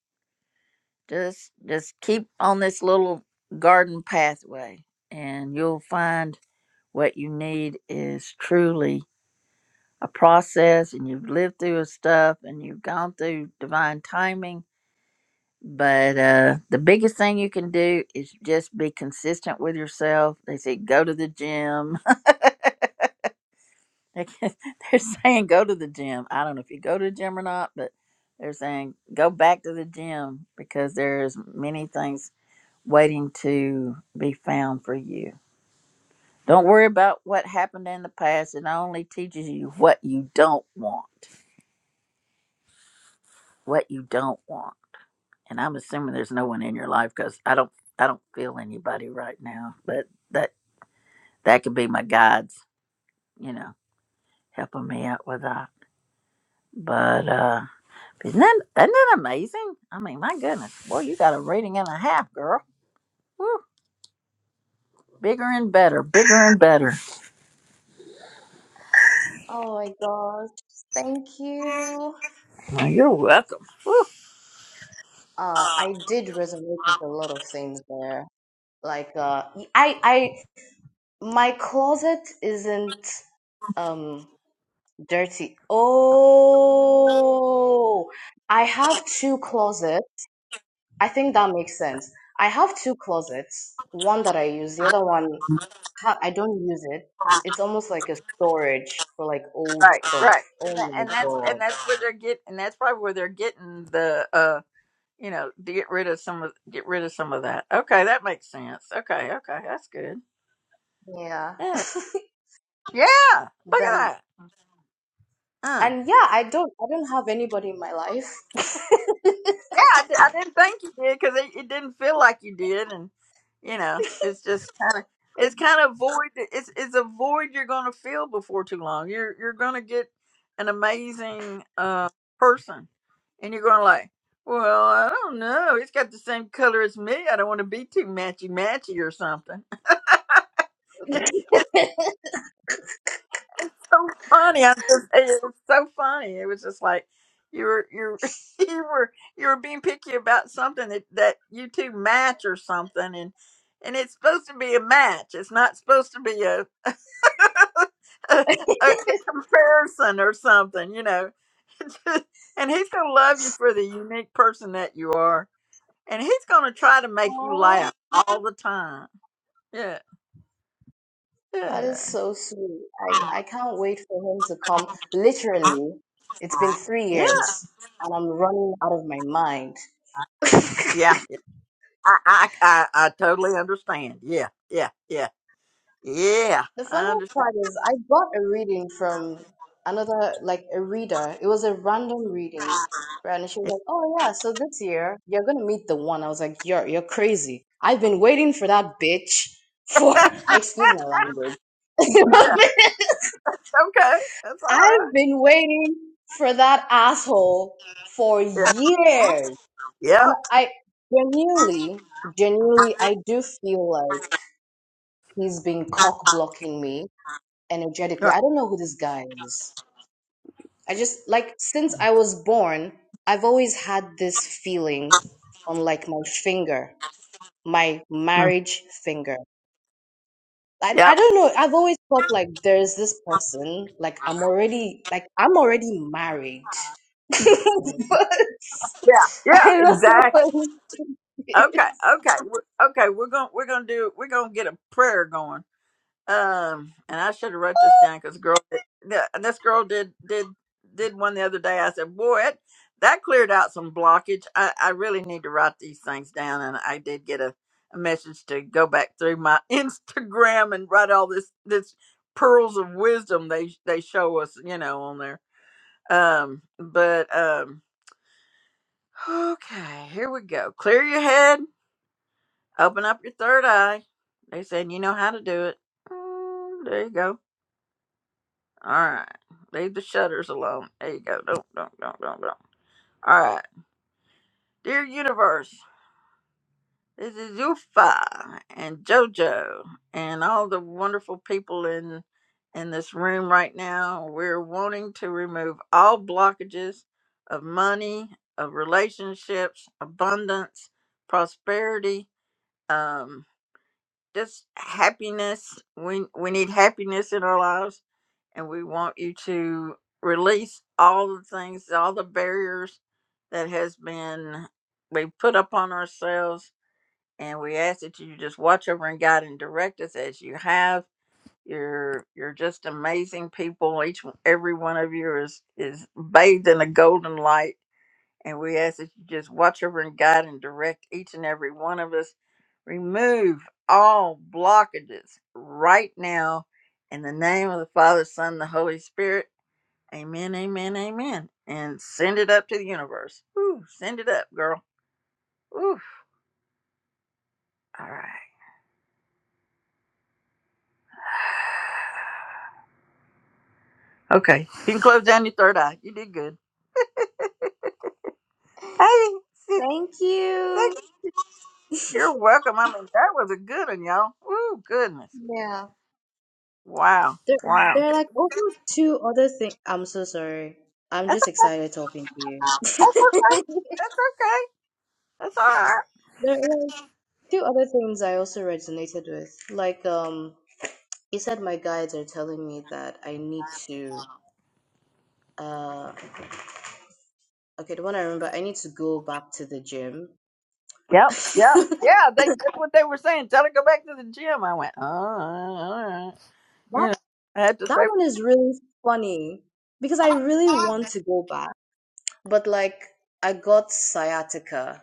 Speaker 1: just just keep on this little garden pathway and you'll find what you need is truly a process and you've lived through stuff and you've gone through divine timing. But uh, the biggest thing you can do is just be consistent with yourself. They say go to the gym. they're saying go to the gym. I don't know if you go to the gym or not, but they're saying go back to the gym because there's many things waiting to be found for you. Don't worry about what happened in the past. It only teaches you what you don't want. What you don't want and I'm assuming there's no one in your life because I don't I don't feel anybody right now. But that that could be my guides, you know, helping me out with that. But uh, isn't that isn't that amazing? I mean, my goodness, boy, you got a reading and a half, girl. Woo, bigger and better, bigger and better.
Speaker 9: Oh my gosh, thank you.
Speaker 1: Well, you're welcome. Woo.
Speaker 9: Uh, I did resonate with a lot of things there. Like, uh, I, I, my closet isn't, um, dirty. Oh, I have two closets. I think that makes sense. I have two closets. One that I use, the other one, ha- I don't use it. It's almost like a storage for like old
Speaker 1: Right,
Speaker 9: stuff.
Speaker 1: right, and,
Speaker 9: Oh
Speaker 1: that,
Speaker 9: my
Speaker 1: and that's and
Speaker 9: God.
Speaker 1: that's where they're get and that's probably where they're getting the uh you know to get rid of some of get rid of some of that. Okay, that makes sense. Okay, okay, that's good.
Speaker 9: Yeah.
Speaker 1: Yeah, Yeah, look
Speaker 9: Then.
Speaker 1: at that. Uh,
Speaker 9: And yeah, I don't I don't have anybody in my life.
Speaker 1: yeah, I, di- I didn't think you did because it, it didn't feel like you did, and you know, it's just kind of
Speaker 9: It,
Speaker 1: it's kind of void. It's it's a void you're going to feel before too long. You're you're going to get an amazing uh person, and you're going to like, well, I don't know. It's got the same color as me. I don't want to be too matchy matchy or something. so funny. i just, it was so funny. It was just like you were you were- you were you were being picky about something that, that you two match or something, and and it's supposed to be a match. It's not supposed to be a a, a, a comparison or something, you know. and he's gonna love you for the unique person that you are, and he's gonna try to make you
Speaker 9: aw,
Speaker 1: laugh all the time. Yeah,
Speaker 9: that
Speaker 1: yeah,
Speaker 9: is so sweet. I, I can't wait for him to come. Literally, it's been three
Speaker 1: yeah,
Speaker 9: years and I'm running out of my mind.
Speaker 1: yeah. I, I, I, I totally understand. Yeah, yeah, yeah, yeah.
Speaker 9: The
Speaker 1: I
Speaker 9: funniest
Speaker 1: understand.
Speaker 9: part is I got a reading from another, like a reader. It was a random reading, right? And she
Speaker 1: Yeah,
Speaker 9: was like, "Oh yeah, so this year you're gonna meet the one." I was like, "You're you're crazy. I've been waiting for that bitch for excuse my language.
Speaker 1: yeah, okay, that's
Speaker 9: I've
Speaker 1: all
Speaker 9: been waiting for that asshole for
Speaker 1: right.
Speaker 9: years,
Speaker 1: Yeah, Yep.
Speaker 9: and I genuinely, genuinely, I do feel like he's been cock blocking me energetically.
Speaker 1: right.
Speaker 9: I don't know who this guy is." I just like since I was born, I've always had this feeling on like my finger, my
Speaker 1: Mm,
Speaker 9: marriage finger. I, I
Speaker 1: yep,
Speaker 9: don't know. I've always felt like there's this person, like I'm already like I'm already married. but
Speaker 1: yeah,
Speaker 9: I
Speaker 1: yeah,
Speaker 9: don't know
Speaker 1: exactly.
Speaker 9: what it
Speaker 1: Okay,
Speaker 9: is.
Speaker 1: okay, we're, okay. We're gonna, we're gonna do, we're gonna get a prayer going Um, and I should have wrote this down because girl, th- this girl did did did one the other day. I said, "Boy, it, that cleared out some blockage." I, I really need to write these things down, and I did get a, a message to go back through my Instagram and write all this this pearls of wisdom they they show us, you know, on there. Um, but um, okay, here we go. Clear your head, open up your third eye. They said you know how to do it. Mm, there you go All right. Leave the shutters alone. There you go. Don't, don't, don't, don't, don't. All right. Dear Universe, this is Ufa and JoJo and all the wonderful people in in this room right now. We're wanting to remove all blockages of money, of relationships, abundance, prosperity. Um, just happiness. We we need happiness in our lives, and we want you to release all the things, all the barriers that has been we put upon ourselves, and we ask that you just watch over and guide and direct us as you have. You're you're just amazing people. Each one- every one of you is is bathed in a golden light and we ask that you just watch over and guide and direct each and every one of us. Remove all blockages right now in the name of the Father, Son, the Holy Spirit. Amen, amen, amen. And send it up to the universe. Ooh, send it up, girl. Ooh, all right. Okay, you can close down your third eye. You did good. Hey, sis,
Speaker 9: Thank
Speaker 1: thank
Speaker 9: you.
Speaker 1: you. You're welcome. I mean, that was a good one, y'all. Ooh, goodness.
Speaker 9: Yeah.
Speaker 1: Wow,
Speaker 9: There
Speaker 1: wow.
Speaker 9: there are like also two other things. I'm so sorry. I'm
Speaker 1: That's
Speaker 9: just
Speaker 1: okay.
Speaker 9: excited talking to you.
Speaker 1: That's okay. That's okay. That's all right.
Speaker 9: There are few other things I also resonated with, like um, you said, my guides are telling me that I need to. Uh, okay, the one I remember, I need to go back to the gym.
Speaker 1: Yep, yep,
Speaker 9: that
Speaker 1: yeah. They that's what they were saying. Tell her to go back to the gym. I went, oh, all right. all right. You know, I had to
Speaker 9: that
Speaker 1: say,
Speaker 9: one is really funny because I really want to go back, but like I got sciatica,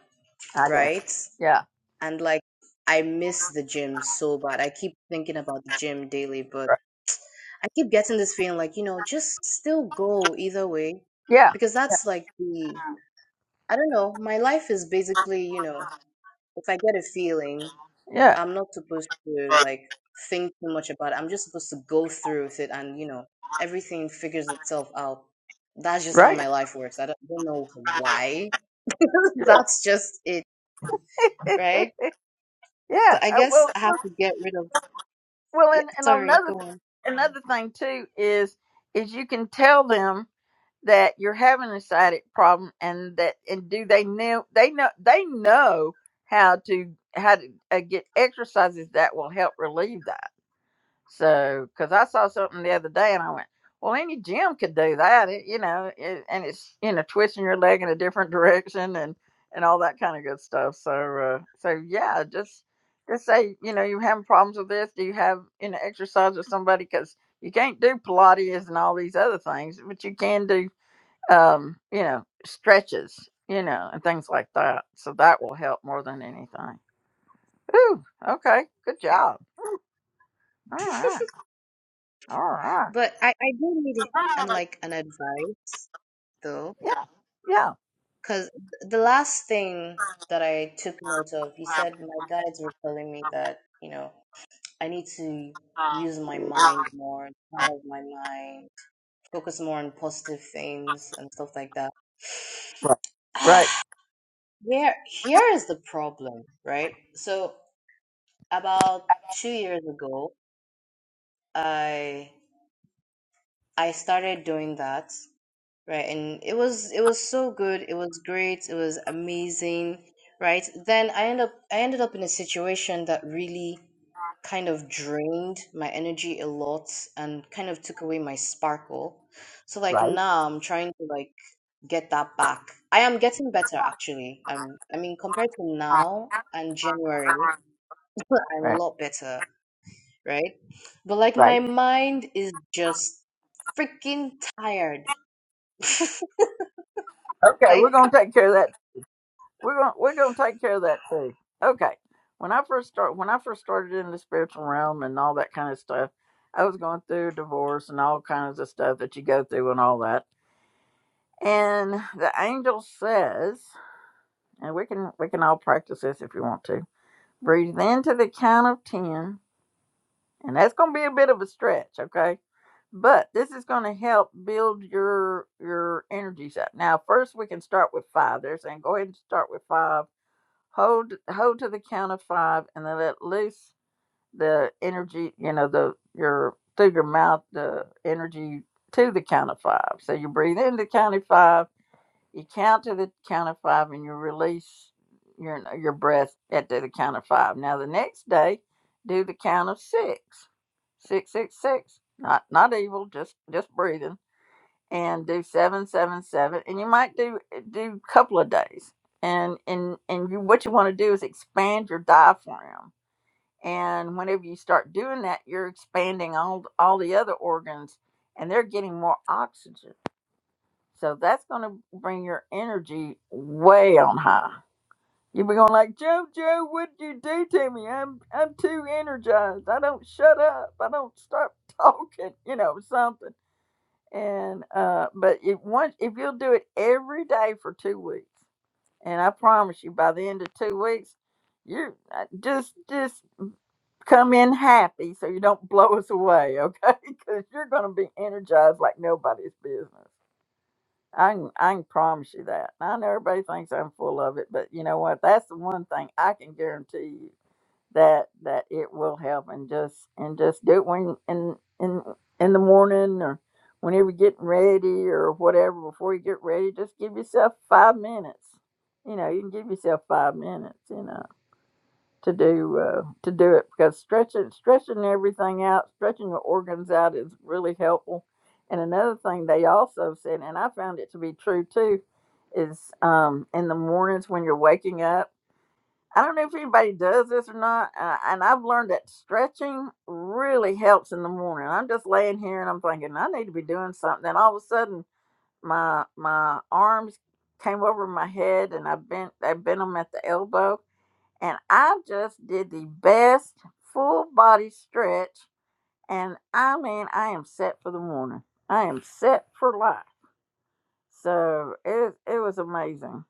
Speaker 1: I guess.
Speaker 9: right?
Speaker 1: Yeah,
Speaker 9: And like I miss the gym so bad. I keep thinking about the gym daily, but.
Speaker 1: right.
Speaker 9: I keep getting this feeling like, you know, just still go either way.
Speaker 1: Yeah,
Speaker 9: Because that's like the, I don't know, my life is basically, you know, if I get a feeling,
Speaker 1: yeah,
Speaker 9: I'm not supposed to like think too much about it. I'm just supposed to go through with it and, you know, everything figures itself out. That's just how
Speaker 1: right.
Speaker 9: my life works. I don't, don't know why.
Speaker 1: You're
Speaker 9: That's just it,
Speaker 1: right.
Speaker 9: right? So
Speaker 1: yeah.
Speaker 9: I
Speaker 1: Uh,
Speaker 9: guess
Speaker 1: well,
Speaker 9: I have
Speaker 1: well,
Speaker 9: to get rid of,
Speaker 1: well,
Speaker 9: yeah,
Speaker 1: and, and
Speaker 9: sorry,
Speaker 1: another
Speaker 9: go
Speaker 1: thing,
Speaker 9: on.
Speaker 1: another thing too is is you can tell them that you're having a sciatic problem, and that and do they know they know they know how to how to uh, get exercises that will help relieve that So, because I saw something the other day and I went, well, any gym could do that, it, you know, it, and it's, you know, twisting your leg in a different direction and, and all that kind of good stuff. So, uh, so yeah, just, just say, you know, you having problems with this. Do you have, you know, exercise with somebody? Because you can't do Pilates and all these other things, but you can do, um, you know, stretches, you know, and things like that. So that will help more than anything. Ooh, okay. Good
Speaker 9: Okay.
Speaker 1: job. All right. All right.
Speaker 9: But I, I do need it and like an advice. though,
Speaker 1: Yeah. Yeah.
Speaker 9: because the last thing that I took note of, you said my guides were telling me that, you know, I need to use my mind more, power of my mind, focus more on positive things and stuff like that.
Speaker 1: Right. Right.
Speaker 9: Ah, Here, here is the problem, right? So about two years ago, I I started doing that Right, and it was it was so good. It was great. It was amazing. Right. Then I end up I ended up in a situation that really kind of drained my energy a lot and kind of took away my sparkle. So like
Speaker 1: Right.
Speaker 9: now I'm trying to like get that back. I am getting better actually. I'm I mean compared to now and January, I'm a
Speaker 1: Right.
Speaker 9: lot better, right? But like
Speaker 1: Right.
Speaker 9: my mind is just freaking tired.
Speaker 1: Okay, we're
Speaker 9: like
Speaker 1: gonna take care of that. We're gonna we're gonna take care of that too. Okay. When I first start when I first started in the spiritual realm and all that kind of stuff, I was going through divorce and all kinds of stuff that you go through and all that. And the angel says, and we can we can all practice this if you want to. Breathe into the count of ten, and that's gonna be a bit of a stretch, okay? but this is going to help build your your energies up now first we can start with five they're saying go ahead and start with five hold hold to the count of five and then let loose the energy you know the your through your mouth the energy to the count of five so you breathe in the count of five you count to the count of five and you release your your breath at the count of five. Now the next day, do the count of six. Six six six. Not not evil, just just breathing. And do seven seven seven. And you might do do a couple of days. And and and you what you want to do is expand your diaphragm. And whenever you start doing that, you're expanding all all the other organs and they're getting more oxygen so that's going to bring your energy way on high. You'll be going like, Joe, Joe, what'd you do to me? I'm I'm too energized. I don't shut up. I don't stop talking. You know something. And uh, but if once if you'll do it every day for two weeks, and I promise you, by the end of two weeks, you uh, just just come in happy so you don't blow us away, okay? Because you're going to be energized like nobody's business. I can, I can promise you that. And I know everybody thinks I'm full of it, but you know what? That's the one thing I can guarantee you that that it will help, and just and just do it when in in in the morning or whenever you're getting ready or whatever. Before you get ready, just give yourself five minutes. You know, you can give yourself five minutes. You know to do uh, to do it because stretching stretching everything out, stretching your organs out is really helpful. And another thing they also said, and I found it to be true too, is um, in the mornings when you're waking up. I don't know if anybody does this or not, uh, and I've learned that stretching really helps in the morning. I'm just laying here and I'm thinking I need to be doing something, and all of a sudden my my arms came over my head and I bent I bent them at the elbow and I just did the best full body stretch. And I mean, I am set for the morning. I am set for life. So it it was amazing.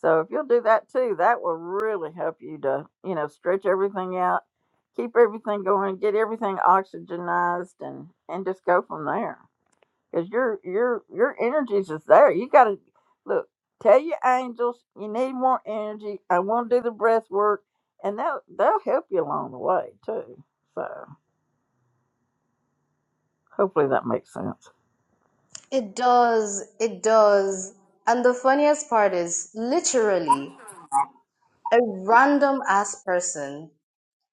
Speaker 1: So if you'll do that too, that will really help you to you know stretch everything out, keep everything going, get everything oxygenized, and and just go from there because your your your energies is there. You gotta look. Tell your angels you need more energy. I want to do the breath work, and they'll they'll help you along the way too. So hopefully that makes sense.
Speaker 9: It does. It does. And the funniest part is literally a random ass person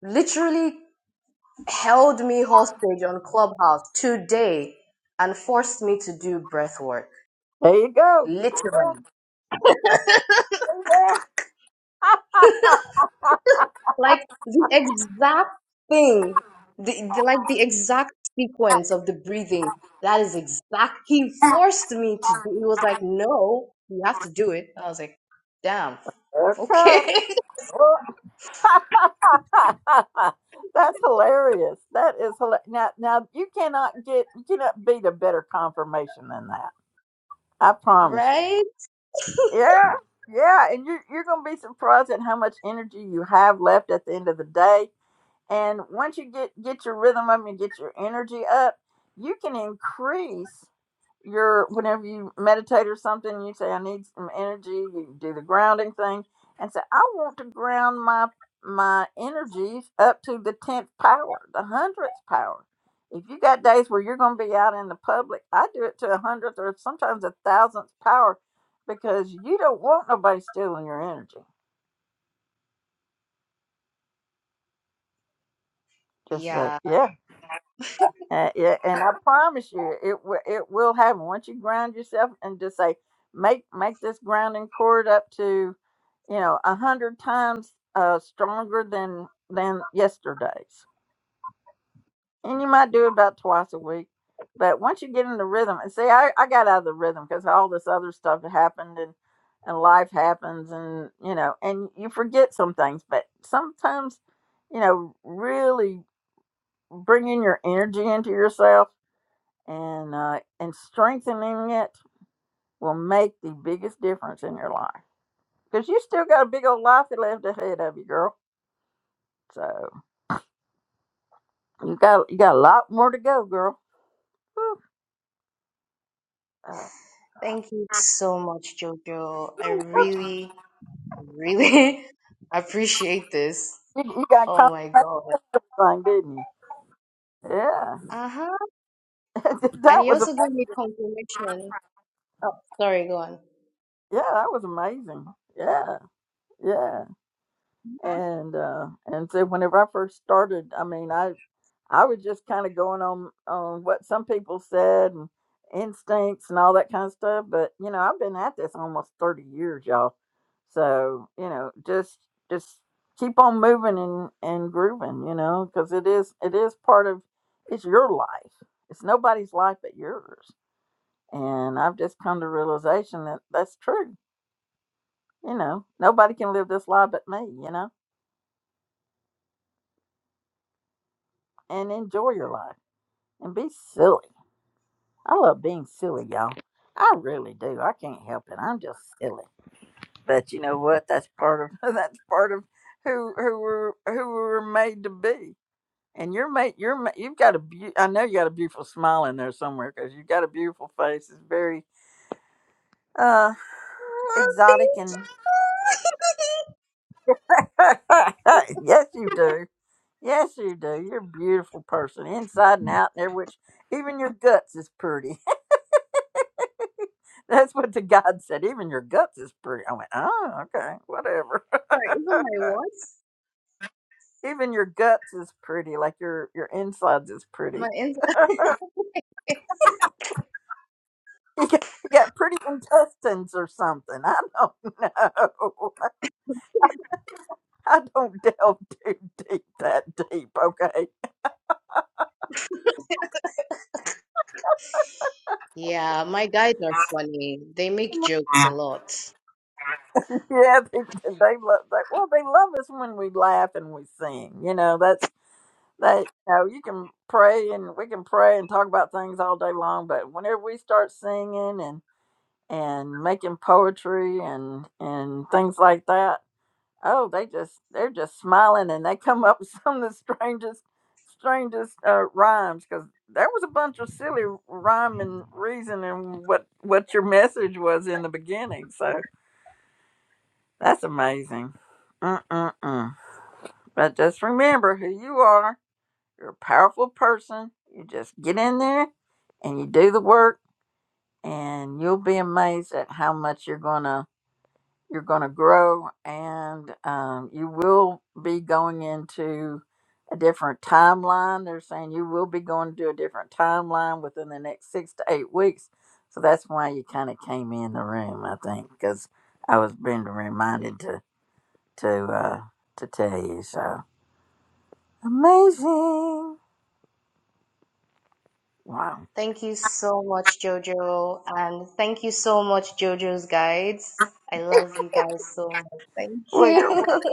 Speaker 9: literally held me hostage on Clubhouse today and forced me to do breath work.
Speaker 1: There you go.
Speaker 9: Literally. Like the exact thing, the, the, like the exact sequence of the breathing. That is exact. He forced me to do. He was like, "No, you have to do it." I was like, "Damn, okay,
Speaker 1: okay. Well, That's hilarious. That is hilarious. Now, now you cannot get you cannot beat a better confirmation than that. I promise you.
Speaker 9: right?"
Speaker 1: Yeah, yeah, and you're you're gonna be surprised at how much energy you have left at the end of the day. And once you get get your rhythm up and get your energy up, you can increase your whenever you meditate or something. You say, "I need some energy." You do the grounding thing, and say, "I want to ground my my energies up to the tenth power, the hundredth power." If you got days where you're going to be out in the public, I do it to a hundredth or sometimes a thousandth power, because you don't want nobody stealing your energy. Just say,
Speaker 9: Yeah,
Speaker 1: "Yeah." Uh, yeah, and I promise you, it wi- it will happen once you ground yourself and just say, make make this grounding cord up to, you know, a hundred times uh, stronger than than yesterday's. And you might do about twice a week, but once you get in the rhythm, and see, I, I got out of the rhythm because all this other stuff happened and and life happens, and you know, and you forget some things. But sometimes, you know, really bringing your energy into yourself and uh, and strengthening it will make the biggest difference in your life because you still got a big old life left ahead of you, girl. So you got you got a lot more to go, girl. Whew. Uh,
Speaker 9: thank you so much, Jojo. I really, really appreciate this.
Speaker 1: you, you got
Speaker 9: Oh
Speaker 1: confirmation,
Speaker 9: my God.
Speaker 1: thing, didn't you? Yeah,
Speaker 9: Uh-huh.
Speaker 1: that
Speaker 9: And you
Speaker 1: was a
Speaker 9: also gave me confirmation. Oh, sorry, go on.
Speaker 1: yeah, that was amazing. Yeah, yeah, and uh, and so whenever I first started, I mean, I I was just kind of going on on what some people said and instincts and all that kind of stuff. But you know, I've been at this almost thirty years, y'all. So you know, just just keep on moving and and grooving, you know, because it is it is part of it's your life. It's nobody's life but yours. And I've just come to realization that that's true. You know, nobody can live this life but me. You know, and enjoy your life and be silly I love being silly, y'all. I really do. I can't help it. I'm just silly. But you know what? That's part of that's part of who who we're who we're made to be. And you're made you're ma- you've got a beau- I know you got a beautiful smile in there somewhere because you've got a beautiful face. It's very uh
Speaker 9: Oh,
Speaker 1: exotic and
Speaker 9: thank you.
Speaker 1: yes you do. Yes you do. You're a beautiful person inside and out and every which even your guts is pretty. That's what the God said. Even your guts is pretty. I went, oh, okay, whatever.
Speaker 9: Sorry, even my words,
Speaker 1: Even your guts is pretty, like your your insides is pretty.
Speaker 9: my ins-
Speaker 1: You got, you got pretty intestines or something. I don't know. I don't delve too deep that deep. Okay.
Speaker 9: Yeah, my guys are funny. They make jokes a lot.
Speaker 1: Yeah, they, they love. They, well, they love us when we laugh and we sing. You know, that's they. You know, you can pray and we can pray and talk about things all day long, but whenever we start singing and and making poetry and and things like that. Oh, they just they're just smiling and they come up with some of the strangest strangest uh, rhymes because there was a bunch of silly rhyme and reason and what what your message was in the beginning. So that's amazing. Mm-mm-mm. But just remember who you are. You're a powerful person. You just get in there and you do the work, and you'll be amazed at how much you're gonna You're going to grow and um, you will be going into a different timeline. They're saying you will be going to a different timeline within the next six to eight weeks. So that's why you kind of came in the room, I think, because I was being reminded to to uh, to tell you. So amazing! Wow.
Speaker 9: Thank you so much, Jojo, and thank you so much, Jojo's guides. I love you guys so much. Thank
Speaker 1: Well, you're
Speaker 9: you.
Speaker 1: welcome.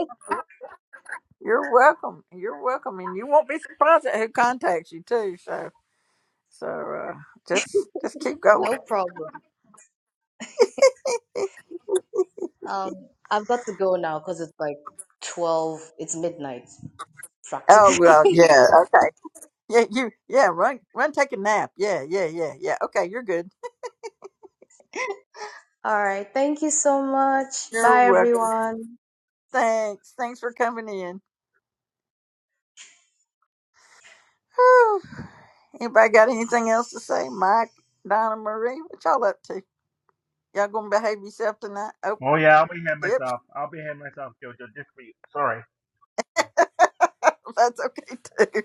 Speaker 1: You're welcome. You're welcome, and you won't be surprised at who contacts you too. So, so uh, just just keep going.
Speaker 9: No problem. Um, I've got to go now because it's like 12, it's midnight
Speaker 1: Oh
Speaker 9: practically.
Speaker 1: well, yeah, okay, yeah, you, yeah, run, run, take a nap, yeah, yeah, yeah, yeah. Okay, you're good.
Speaker 9: All right. Thank you so much.
Speaker 1: You're
Speaker 9: Bye,
Speaker 1: welcome.
Speaker 9: everyone.
Speaker 1: Thanks, thanks for coming in. Whew. Anybody got anything else to say? Mike, Donna Marie, what y'all up to? Y'all gonna behave yourself tonight? Oh,
Speaker 8: Oh yeah, I'll behave
Speaker 1: yep,
Speaker 8: myself. I'll behave myself, Jojo, just for you. Sorry.
Speaker 1: that's okay too.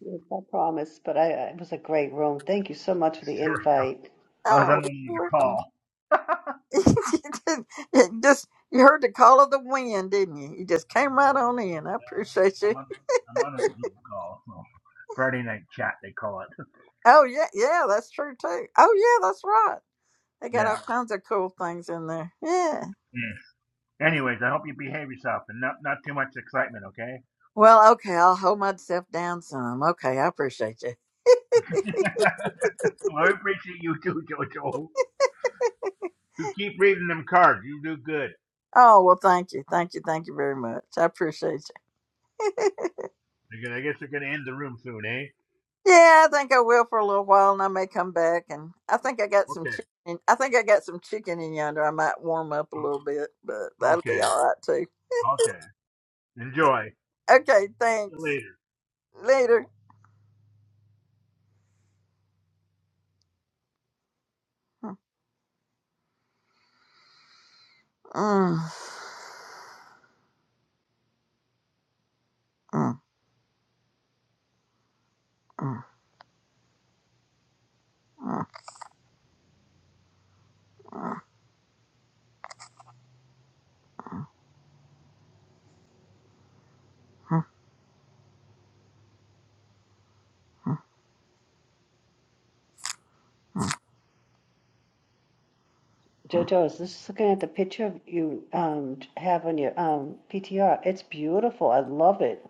Speaker 4: Yes, I promise. But I, I- it was a great room. Thank you so much for the
Speaker 8: Sorry.
Speaker 4: invite.
Speaker 8: I was on
Speaker 1: Oh,
Speaker 8: another
Speaker 1: welcome.
Speaker 8: call.
Speaker 1: You just you heard the call of the wind, didn't you? You just came right on in. I appreciate
Speaker 8: Yeah, I'm
Speaker 1: you.
Speaker 8: on I'm on a Zoom call, so Friday night chat they call it.
Speaker 1: Oh yeah, yeah, that's true too. Oh yeah, that's right. They got all
Speaker 8: Yeah.
Speaker 1: kinds of cool things in there. Yeah.
Speaker 8: Yes. Anyways, I hope you behave yourself and not not too much excitement, okay?
Speaker 1: Well, okay, I'll hold myself down some. Okay, I appreciate you.
Speaker 8: well, I appreciate you too, Jojo. You keep reading them cards. You do good.
Speaker 1: Oh, well, thank you. Thank you. Thank you very much. I appreciate
Speaker 8: They're gonna- I guess they're gonna end the room soon, eh?
Speaker 1: you. Yeah, I think I will for a little while and I may come back and I think I got some
Speaker 8: Okay.
Speaker 1: chicken. I think I got some chicken in yonder. I might warm up a little bit, but that'll be
Speaker 8: Okay.
Speaker 1: all right too.
Speaker 8: Okay. Enjoy.
Speaker 1: Okay,
Speaker 8: See you
Speaker 1: thanks.
Speaker 8: later.
Speaker 1: Later. Mm. Mm, mm, mm, mm, mm, mm.
Speaker 4: JoJo, I was just looking at the picture of you um, have on your um, PTR. It's beautiful. I love it.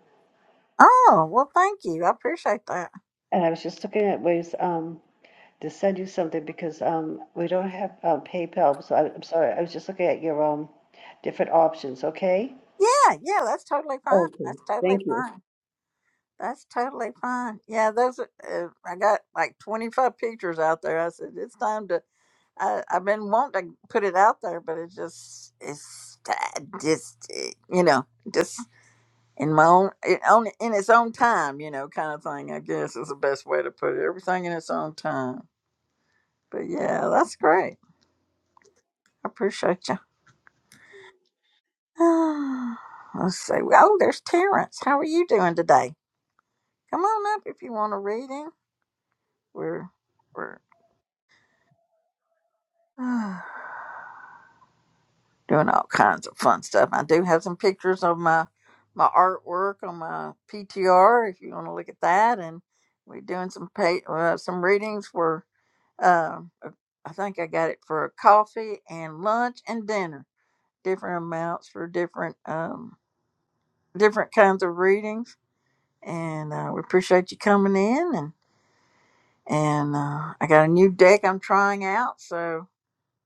Speaker 1: Oh, well, thank you. I appreciate that.
Speaker 4: And I was just looking at ways um, to send you something because um, we don't have uh, PayPal. So I, I'm sorry. I was just looking at your um, different options. Okay.
Speaker 1: Yeah, yeah, that's totally fine.
Speaker 4: Okay,
Speaker 1: That's totally
Speaker 4: thank you.
Speaker 1: fine. That's totally fine. Yeah, those. are- Uh, I got like twenty five pictures out there. I said it's time to. I, I've been wanting to put it out there, but it just it's I just eh, you know just in my own it, on in its own time, you know, kind of thing. I guess is the best way to put it. Everything in its own time. But yeah, that's great. I appreciate you. Let's see. Oh, there's Terrence. How are you doing today? Come on up if you want a reading. We're we're doing all kinds of fun stuff. I do have some pictures of my my artwork on my PTR if you want to look at that. And we're doing some pay, uh, some readings for um I think I got it for coffee and lunch and dinner. Different amounts for different um different kinds of readings. And uh, we appreciate you coming in and and uh, I got a new deck I'm trying out so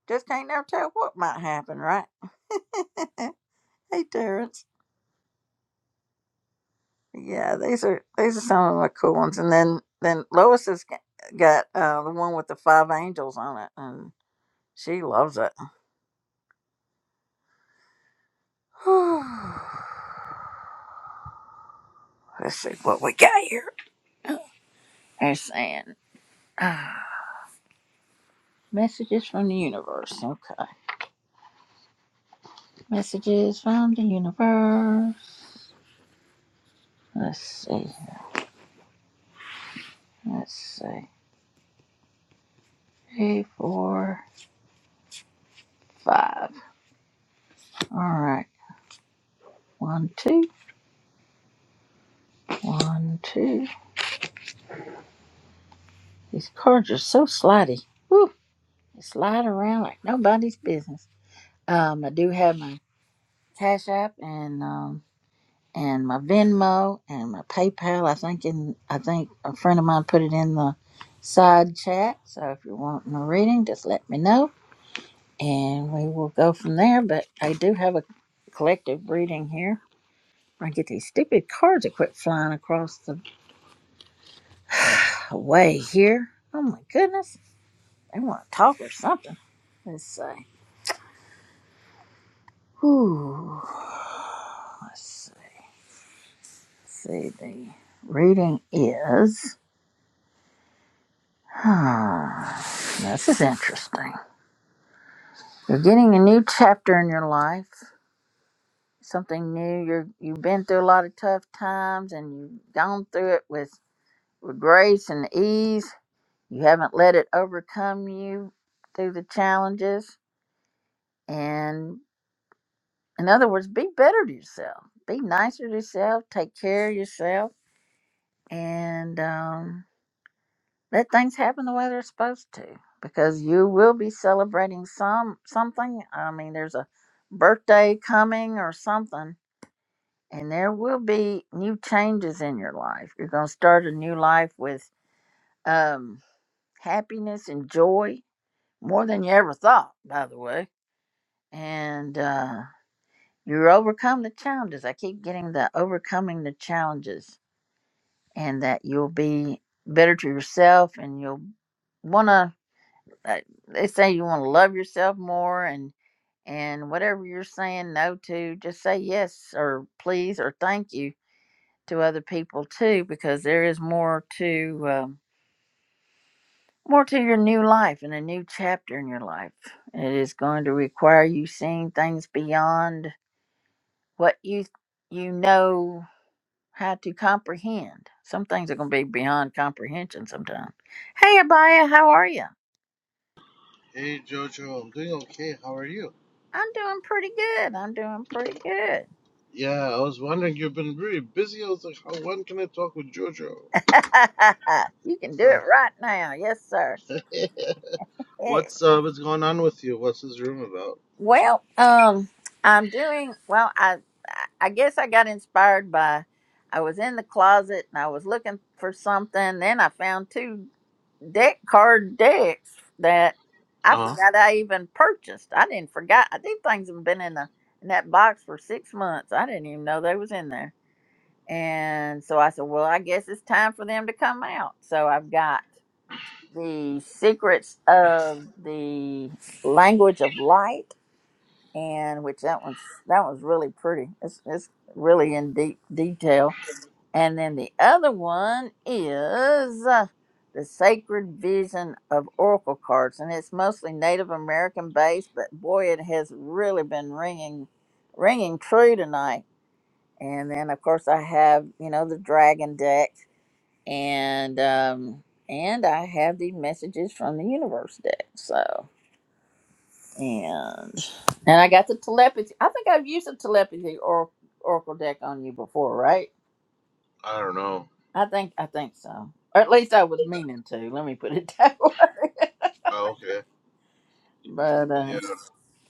Speaker 1: Just can't never tell what might happen, right? hey, Terrence. Yeah, these are these are some of my cool ones. And then then Lois has g- got uh, the one with the five angels on it, and she loves it. Let's see what we got here. They're saying messages from the universe. Okay, messages from the universe. Let's see. Let's see. Three, four, five. All right. One, two. One, two. These cards are so slidey. Woo! They slide around like nobody's business. Um, I do have my Cash App and um and my Venmo and my PayPal. I think in I think a friend of mine put it in the side chat. So if you're wanting a reading, just let me know and we will go from there. But I do have a collective reading here. I get these stupid cards that quit flying across the way here. Oh my goodness. They want to talk or something. Let's see. Ooh. Let's, see. The reading is. Ah, this is interesting. You're getting a new chapter in your life, something new. You're you've been through a lot of tough times, and you've gone through it with, with grace and ease. You haven't let it overcome you through the challenges. And in other words, be better to yourself. Be nicer to yourself. Take care of yourself. And um, let things happen the way they're supposed to because you will be celebrating some something i mean there's a birthday coming or something and there will be new changes in your life you're going to start a new life with um, happiness and joy more than you ever thought by the way and uh, you overcome the challenges i keep getting the overcoming the challenges and that you'll be better to yourself and you'll want to that- they say you want to love yourself more and and whatever you're saying no to just say yes or please or thank you to other people too because there is more to um, more to your new life and a new chapter in your life it is going to require you seeing things beyond what you you know how to comprehend some things are going to be beyond comprehension sometimes hey abaya how are you
Speaker 10: Hey Jojo, I'm doing okay. How are you?
Speaker 1: i'm doing pretty good i'm doing pretty good
Speaker 10: Yeah, I was wondering. You've been very busy. I was like, how, when can I talk with Jojo?
Speaker 1: you can do
Speaker 10: Uh,
Speaker 1: it right now. Yes, sir. Yeah.
Speaker 10: what's uh, what's going on with you? What's this room about?
Speaker 1: Well, um, I'm doing well. I I guess I got inspired by I was in the closet and I was looking for something. Then I found two deck card decks that I
Speaker 10: Uh huh.
Speaker 1: forgot I even purchased. I didn't forget. I think things have been in the in that box for six months. I didn't even know they was in there. And so I said, well, I guess it's time for them to come out. So I've got the secrets of the language of light and which that one's that one's really pretty it's, it's really in deep detail and then the other one is uh, the sacred vision of oracle cards and it's mostly native american based but boy it has really been ringing ringing true tonight and then of course i have you know the dragon deck and um and I have the messages from the universe deck. So and and I got the telepathy. I think I've used the telepathy or oracle deck on you before, right?
Speaker 10: I don't know.
Speaker 1: I think I think so. Or at least I was meaning to. Let me put it that way.
Speaker 10: Oh, okay.
Speaker 1: but uh
Speaker 10: Yeah.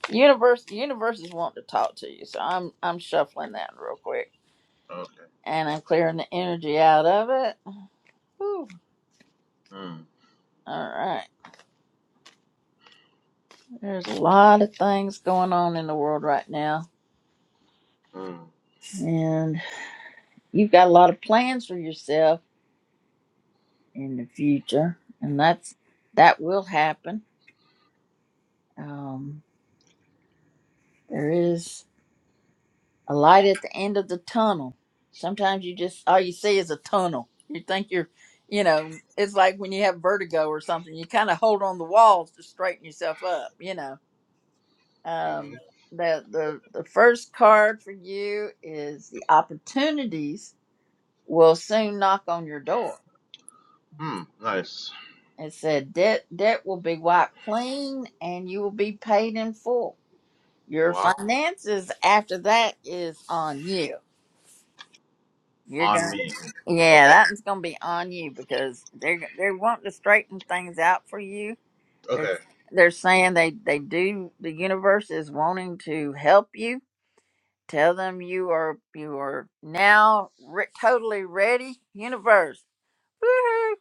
Speaker 1: universe the universe is wanting to talk to you, so I'm I'm shuffling that real quick.
Speaker 10: Okay.
Speaker 1: And I'm clearing the energy out of it. Whew.
Speaker 10: Hmm.
Speaker 1: All right. There's a lot of things going on in the world right now.
Speaker 10: Hmm.
Speaker 1: and you've got a lot of plans for yourself in the future, and that's that will happen. Um, there is a light at the end of the tunnel. Sometimes you just all you see is a tunnel. You think you're, you know, it's like when you have vertigo or something. You kind of hold on the walls to straighten yourself up. You know,
Speaker 10: Mm-hmm.
Speaker 1: um, the the the first card for you is the opportunities will soon knock on your door
Speaker 10: Hmm. Nice.
Speaker 1: and said, Debt debt will be wiped clean and you will be paid in full. Your
Speaker 10: Wow.
Speaker 1: finances after that is on you. You're
Speaker 10: On
Speaker 1: gonna
Speaker 10: me.
Speaker 1: Yeah, that one's gonna be on you because they're they're wanting to straighten things out for you.
Speaker 10: Okay.
Speaker 1: They're
Speaker 10: Okay.
Speaker 1: they're saying they, they do the universe is wanting to help you. Tell them you are you are now re- totally ready. Universe. Woohoo!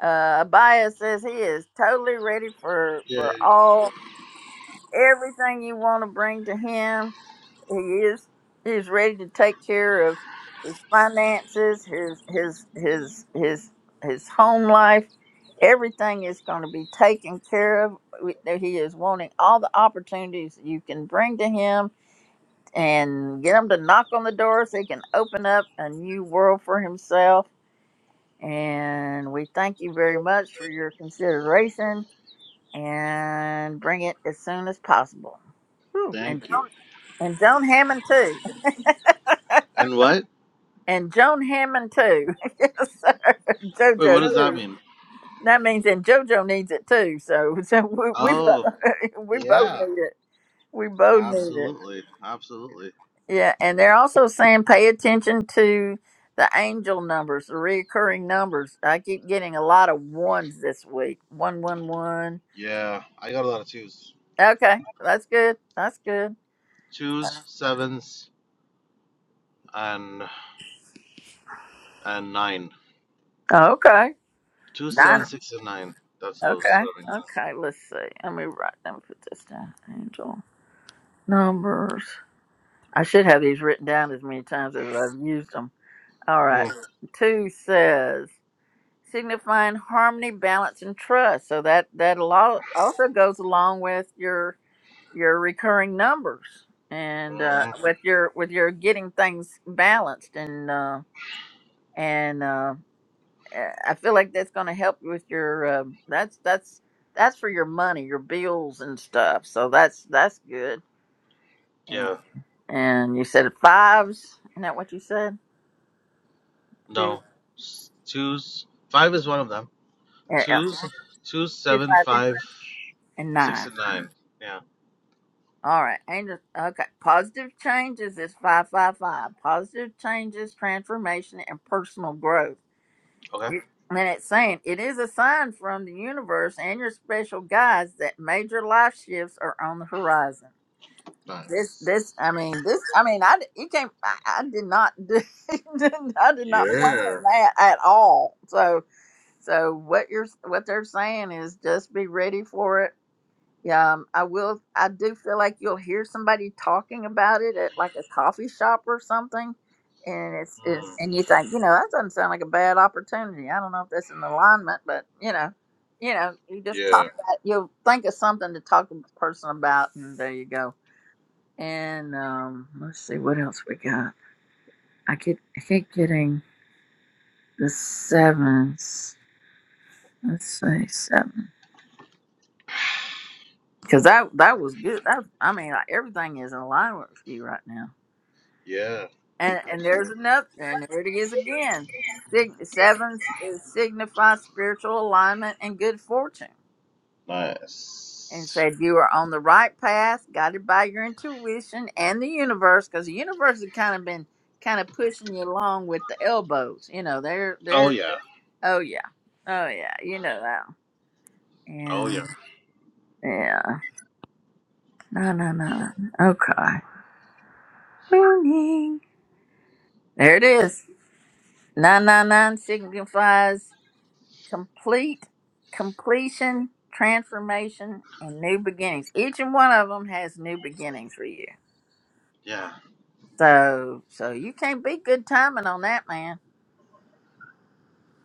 Speaker 1: Uh, Abaya says he is totally ready for
Speaker 10: Yeah.
Speaker 1: for all everything you want to bring to him. He is he's ready to take care of his finances, his his his his his home life. Everything is going to be taken care of. We- He is wanting all the opportunities you can bring to him and get him to knock on the door so he can open up a new world for himself. And we thank you very much for your consideration and bring it as soon as possible. Whew. And
Speaker 10: Thank
Speaker 1: Jonah.
Speaker 10: you.
Speaker 1: And Joan Hammond too.
Speaker 10: And what?
Speaker 1: And Joan Hammond too. yes, sir.
Speaker 10: Wait. What
Speaker 1: JoJo
Speaker 10: does that
Speaker 1: too.
Speaker 10: mean?
Speaker 1: That means and JoJo needs it too. So so we we
Speaker 10: Oh.
Speaker 1: both, we both
Speaker 10: Yeah.
Speaker 1: need it. We both need it.
Speaker 10: Absolutely. Absolutely.
Speaker 1: Yeah, and they're also saying pay attention to the angel numbers, the reoccurring numbers. I keep getting a lot of ones this week. One one one.
Speaker 10: Yeah. I got a lot of twos.
Speaker 1: Okay, that's good. That's good.
Speaker 10: Twos, sevens, and and nine.
Speaker 1: Okay.
Speaker 10: Two,
Speaker 1: Nine.
Speaker 10: seven, six, and nine. That's all
Speaker 1: Okay.
Speaker 10: serving.
Speaker 1: Okay. Let's see. Let me write. Let me put this down. Angel. Numbers. I should have these written down as many times as I've used them. All right.
Speaker 10: Mm.
Speaker 1: Two says signifying harmony, balance, and trust. So that that al- also goes along with your your recurring numbers
Speaker 10: hmm
Speaker 1: and uh,
Speaker 10: Mm-hmm.
Speaker 1: with your with your getting things balanced and uh, and uh, eh, I feel like that's going to help you with your uh, that's that's that's for your money, your bills and stuff. So that's that's good.
Speaker 10: Yeah.
Speaker 1: And you said fives. Isn't that what you said? Two.
Speaker 10: No. S- Twos. Five is one of them.
Speaker 1: Yeah, yeah.
Speaker 10: Twos, two,
Speaker 1: Two,
Speaker 10: seven,
Speaker 1: five,
Speaker 10: five,
Speaker 1: and
Speaker 10: six,
Speaker 1: nine.
Speaker 10: and nine. Yeah.
Speaker 1: All right. Angel. Okay. Positive changes is 555. Positive changes, transformation, and personal growth.
Speaker 10: Okay.
Speaker 1: You- And then it's saying it is a sign from the universe and your special guides that major life shifts are on the horizon. This, this,
Speaker 10: Nice.
Speaker 1: I mean, this, I mean, I, d- you can't, I, I did not do, I did not
Speaker 10: Yeah.
Speaker 1: plan that at all. So, So what you're what they're saying is just be ready for it. Yeah, um, I will. I do feel like you'll hear somebody talking about it at like a coffee shop or something, and it's,
Speaker 10: Mm.
Speaker 1: it's and you think you know that doesn't sound like a bad opportunity. I don't know if that's in alignment, but you know, you know, you just talk
Speaker 10: Yeah.
Speaker 1: about you'll think of something to talk to the person about, and there you go. And um, let's see what else we got. I keep I keep getting the sevens. Let's say seven. because that that was good. That, I mean, like, everything is in line with you right now.
Speaker 10: Yeah.
Speaker 1: And and there's
Speaker 10: Absolutely.
Speaker 1: another, and there it is again. Sig- seven s- signifies spiritual alignment and good fortune, and
Speaker 10: Nice.
Speaker 1: said you are on the right path, guided by your intuition and the universe, because the universe has kind of been kind of pushing you along with the elbows. You know, they're
Speaker 10: Oh
Speaker 1: they're
Speaker 10: yeah.
Speaker 1: oh yeah, oh yeah, you know that.
Speaker 10: Oh yeah.
Speaker 1: Yeah, yeah. No, no, no. Okay. Morning. There it is. 999 signifies complete, completion, transformation, and new beginnings. Each and one of them has new beginnings for you.
Speaker 10: Yeah.
Speaker 1: So, so you can't be good timing on that, man.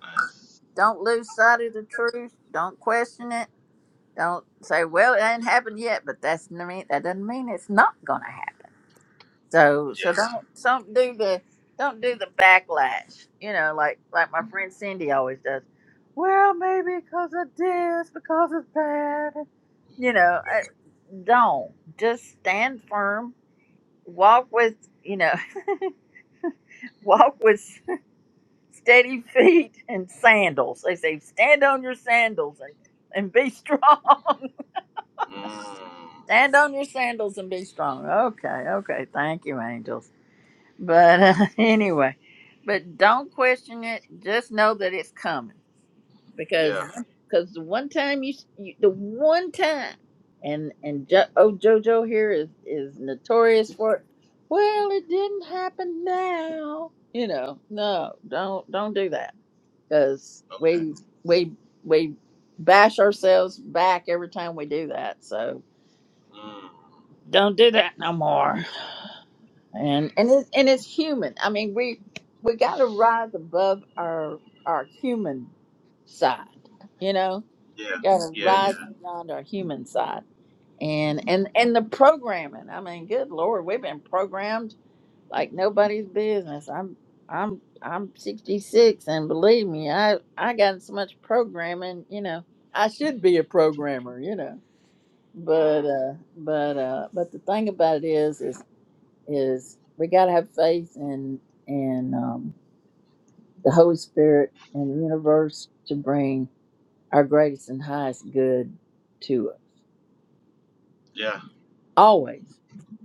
Speaker 10: Nice.
Speaker 1: Don't lose sight of the truth. Don't question it. Don't say, "Well, it ain't happened yet," but that's n- mean that doesn't mean it's not gonna happen. So so
Speaker 10: Yeah.
Speaker 1: don't some do the don't do the backlash. You know, like like my friend Cindy always does. Well, maybe because of this, because of that. You know, I, don't just stand firm. Walk with you know, walk with steady feet and sandals. They say stand on your sandals and and be strong.
Speaker 10: Mm.
Speaker 1: stand on your sandals and be strong. Okay, okay. Thank you, angels. But uh, anyway, but don't question it. Just know that it's coming because
Speaker 10: Yeah.
Speaker 1: because the one time you, s- you the one time and and jo, oh JoJo here is is notorious for it. Well, it didn't happen now. You know, no, don't don't do that because
Speaker 10: Okay.
Speaker 1: we we we bash ourselves back every time we do that. So
Speaker 10: Mm.
Speaker 1: don't do that no more. and and it's and it's human. I mean, we we got to rise above our our human side. You know,
Speaker 10: Yeah.
Speaker 1: got to
Speaker 10: Yeah. Yeah.
Speaker 1: rise beyond our human side. And and and the programming. I mean, good lord, we've been programmed like nobody's business. I'm I'm I'm 66, and believe me, I I got so much programming. You know, I should be a programmer. You know, but
Speaker 10: Mm,
Speaker 1: uh, but uh, but the thing about it is, is is is we got to have faith in in um, the Holy Spirit and the universe to bring our greatest and highest good to us.
Speaker 10: yeah,
Speaker 1: Always,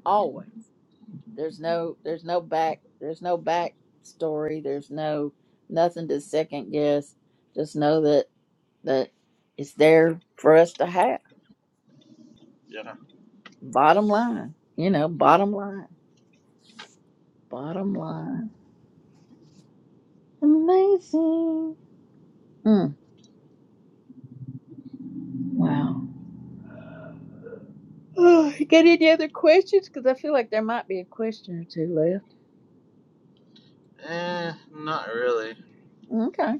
Speaker 1: always. There's no there's no back there's no back story. There's no nothing to second guess. Just know that that it's there for us to have.
Speaker 10: yeah.
Speaker 1: Bottom line, you know, bottom line, bottom line. Amazing. Mm, wow. Oh, you Got any other questions? Because I feel like there might be a question or two left.
Speaker 10: Eh, not really.
Speaker 1: Okay,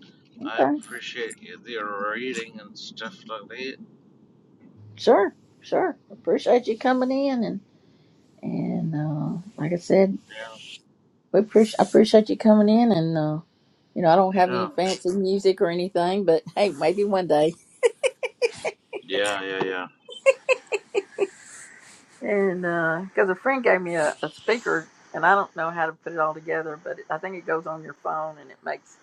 Speaker 10: I
Speaker 1: okay,
Speaker 10: appreciate you the reading and stuff like that.
Speaker 1: sure, sure. Appreciate you coming in, and and uh, like I said,
Speaker 10: Yeah.
Speaker 1: we appreciate I appreciate you coming in, and uh, you know I don't have
Speaker 10: Yeah.
Speaker 1: any fancy music or anything, but hey, maybe one day.
Speaker 10: Yeah, yeah, yeah.
Speaker 1: And because a friend gave me a, a speaker, and I don't know how to put it all together, but I think it goes on your phone, and it makes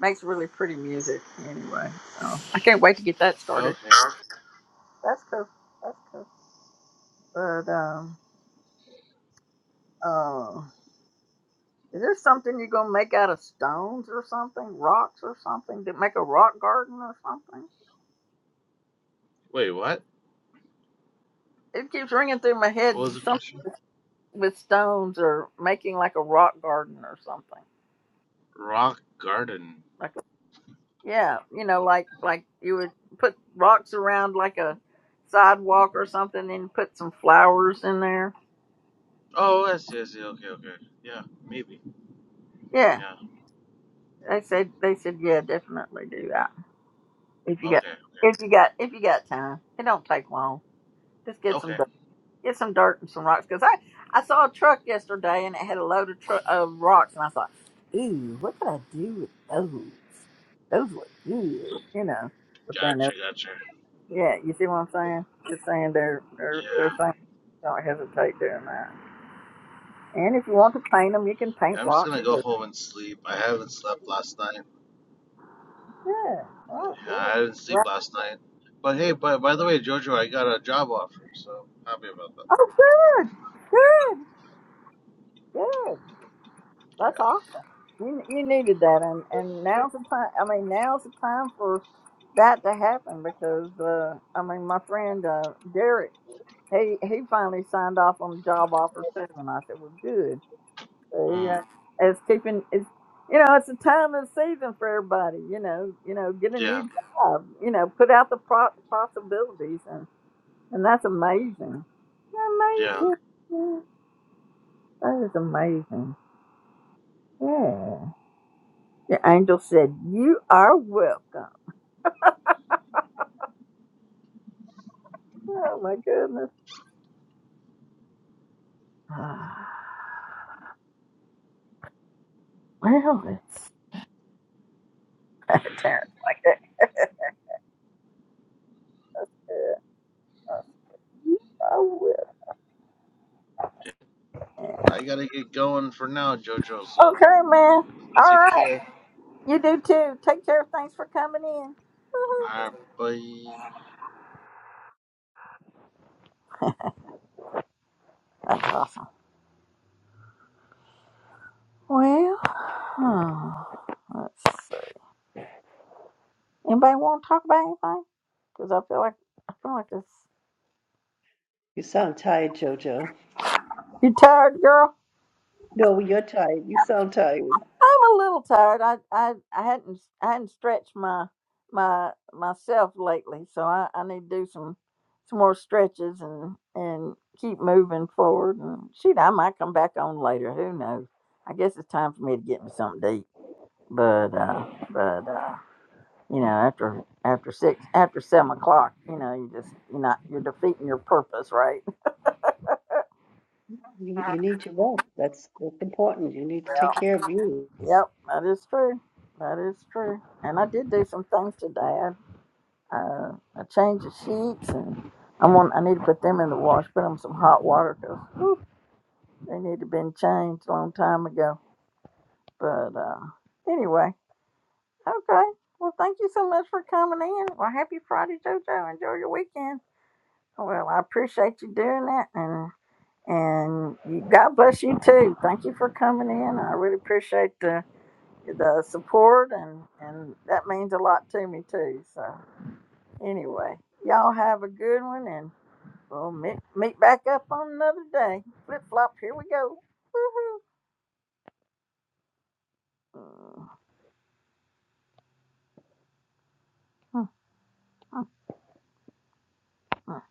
Speaker 1: makes really pretty music. Anyway, so I can't wait to get that started.
Speaker 10: Okay.
Speaker 1: That's cool. That's cool. But um, uh, is there something you're gonna make out of stones or something, rocks or something? That make a rock garden or something?
Speaker 10: Wait, what?
Speaker 1: It keeps ringing through my
Speaker 10: What
Speaker 1: head.
Speaker 10: was the
Speaker 1: Something
Speaker 10: question?
Speaker 1: with stones or making like a rock garden or something.
Speaker 10: Rock garden.
Speaker 1: Like a, yeah, you know, like like you would put rocks around like a sidewalk or something, and put some flowers in there.
Speaker 10: Oh, I see, I see. Okay, okay. Yeah, maybe.
Speaker 1: Yeah,
Speaker 10: Yeah.
Speaker 1: they said they said yeah, definitely do that if you got
Speaker 10: Okay, okay.
Speaker 1: if you got if you got time. It don't take long. Just get some
Speaker 10: Okay.
Speaker 1: get some dirt and some rocks because I I saw a truck yesterday and it had a load of, tru of rocks and I thought, ooh, what could I do with those? Those look good, you know. But then,
Speaker 10: Gotcha,
Speaker 1: they're-
Speaker 10: gotcha.
Speaker 1: yeah, you see what I'm saying? Just saying they're
Speaker 10: Yeah.
Speaker 1: they're they're saying don't hesitate doing that. And if you want to paint them, you can
Speaker 10: Yeah,
Speaker 1: paint
Speaker 10: I'm just
Speaker 1: rocks.
Speaker 10: gonna go
Speaker 1: Too.
Speaker 10: home and sleep. I haven't slept last night.
Speaker 1: Yeah, all right,
Speaker 10: Yeah,
Speaker 1: good.
Speaker 10: I didn't sleep
Speaker 1: Right.
Speaker 10: last night. But hey, by, by the way, Jojo, I got a job offer, so happy about that.
Speaker 1: Oh, good, good, good. That's
Speaker 10: Yeah.
Speaker 1: awesome. You you needed that, and and now's the time. I mean, now's the time for that to happen because uh, I mean, my friend uh, Derek, he he finally signed off on a job offer too, and I said, "Well, good." So,
Speaker 10: Mm,
Speaker 1: yeah, it's keeping it's you know it's the time of the season for everybody. You know, you know, get a new
Speaker 10: yeah,
Speaker 1: job. You know, put out the pro- possibilities, and and that's amazing.
Speaker 10: yeah,
Speaker 1: Amazing. That is amazing. Yeah. The angel said, You are welcome. Oh my goodness. Well, it's terrible. Like that. Uh, Oh, well.
Speaker 10: yeah. I gotta get going for now, Jojo, so
Speaker 1: Okay, man. All
Speaker 10: take
Speaker 1: right.
Speaker 10: care.
Speaker 1: You do too. Take care. Thanks for coming in. Mhm.
Speaker 10: Alright, bye.
Speaker 1: That's awesome. Well, hmm. let's see. Anybody want to talk about anything? Because I feel like I feel like this.
Speaker 4: You sound tired, Jojo.
Speaker 1: You tired, girl?
Speaker 4: No, you're tired. You sound tired.
Speaker 1: I'm a little tired. I I I hadn't I hadn't stretched my my myself lately, so I, I need to do some some more stretches and and keep moving forward. And shoot, I might come back on later. Who knows? I guess it's time for me to get me something to eat. But uh, but uh, you know, after after six after seven o'clock, you know, you just you're not you're defeating your purpose, right?
Speaker 4: You, you need your rest. That's that's important. You need to take
Speaker 1: Yeah.
Speaker 4: care of you.
Speaker 1: Yep, that is true. That is true. And I did do some things today. uh, a change the sheets, and I'm on. I need to put them in the wash. Put them some hot water because they need to been changed a long time ago. But uh, anyway, okay. Well, thank you so much for coming in. Well, happy Friday, JoJo. Enjoy your weekend. Well, I appreciate you doing that, and and you, God bless you too. Thank you for coming in. I really appreciate the the support, and and that means a lot to me too. So anyway, y'all have a good one, and. We'll meet, meet back up on another day. Flip flop, here we go. Woohoo. Uh, uh, uh, uh.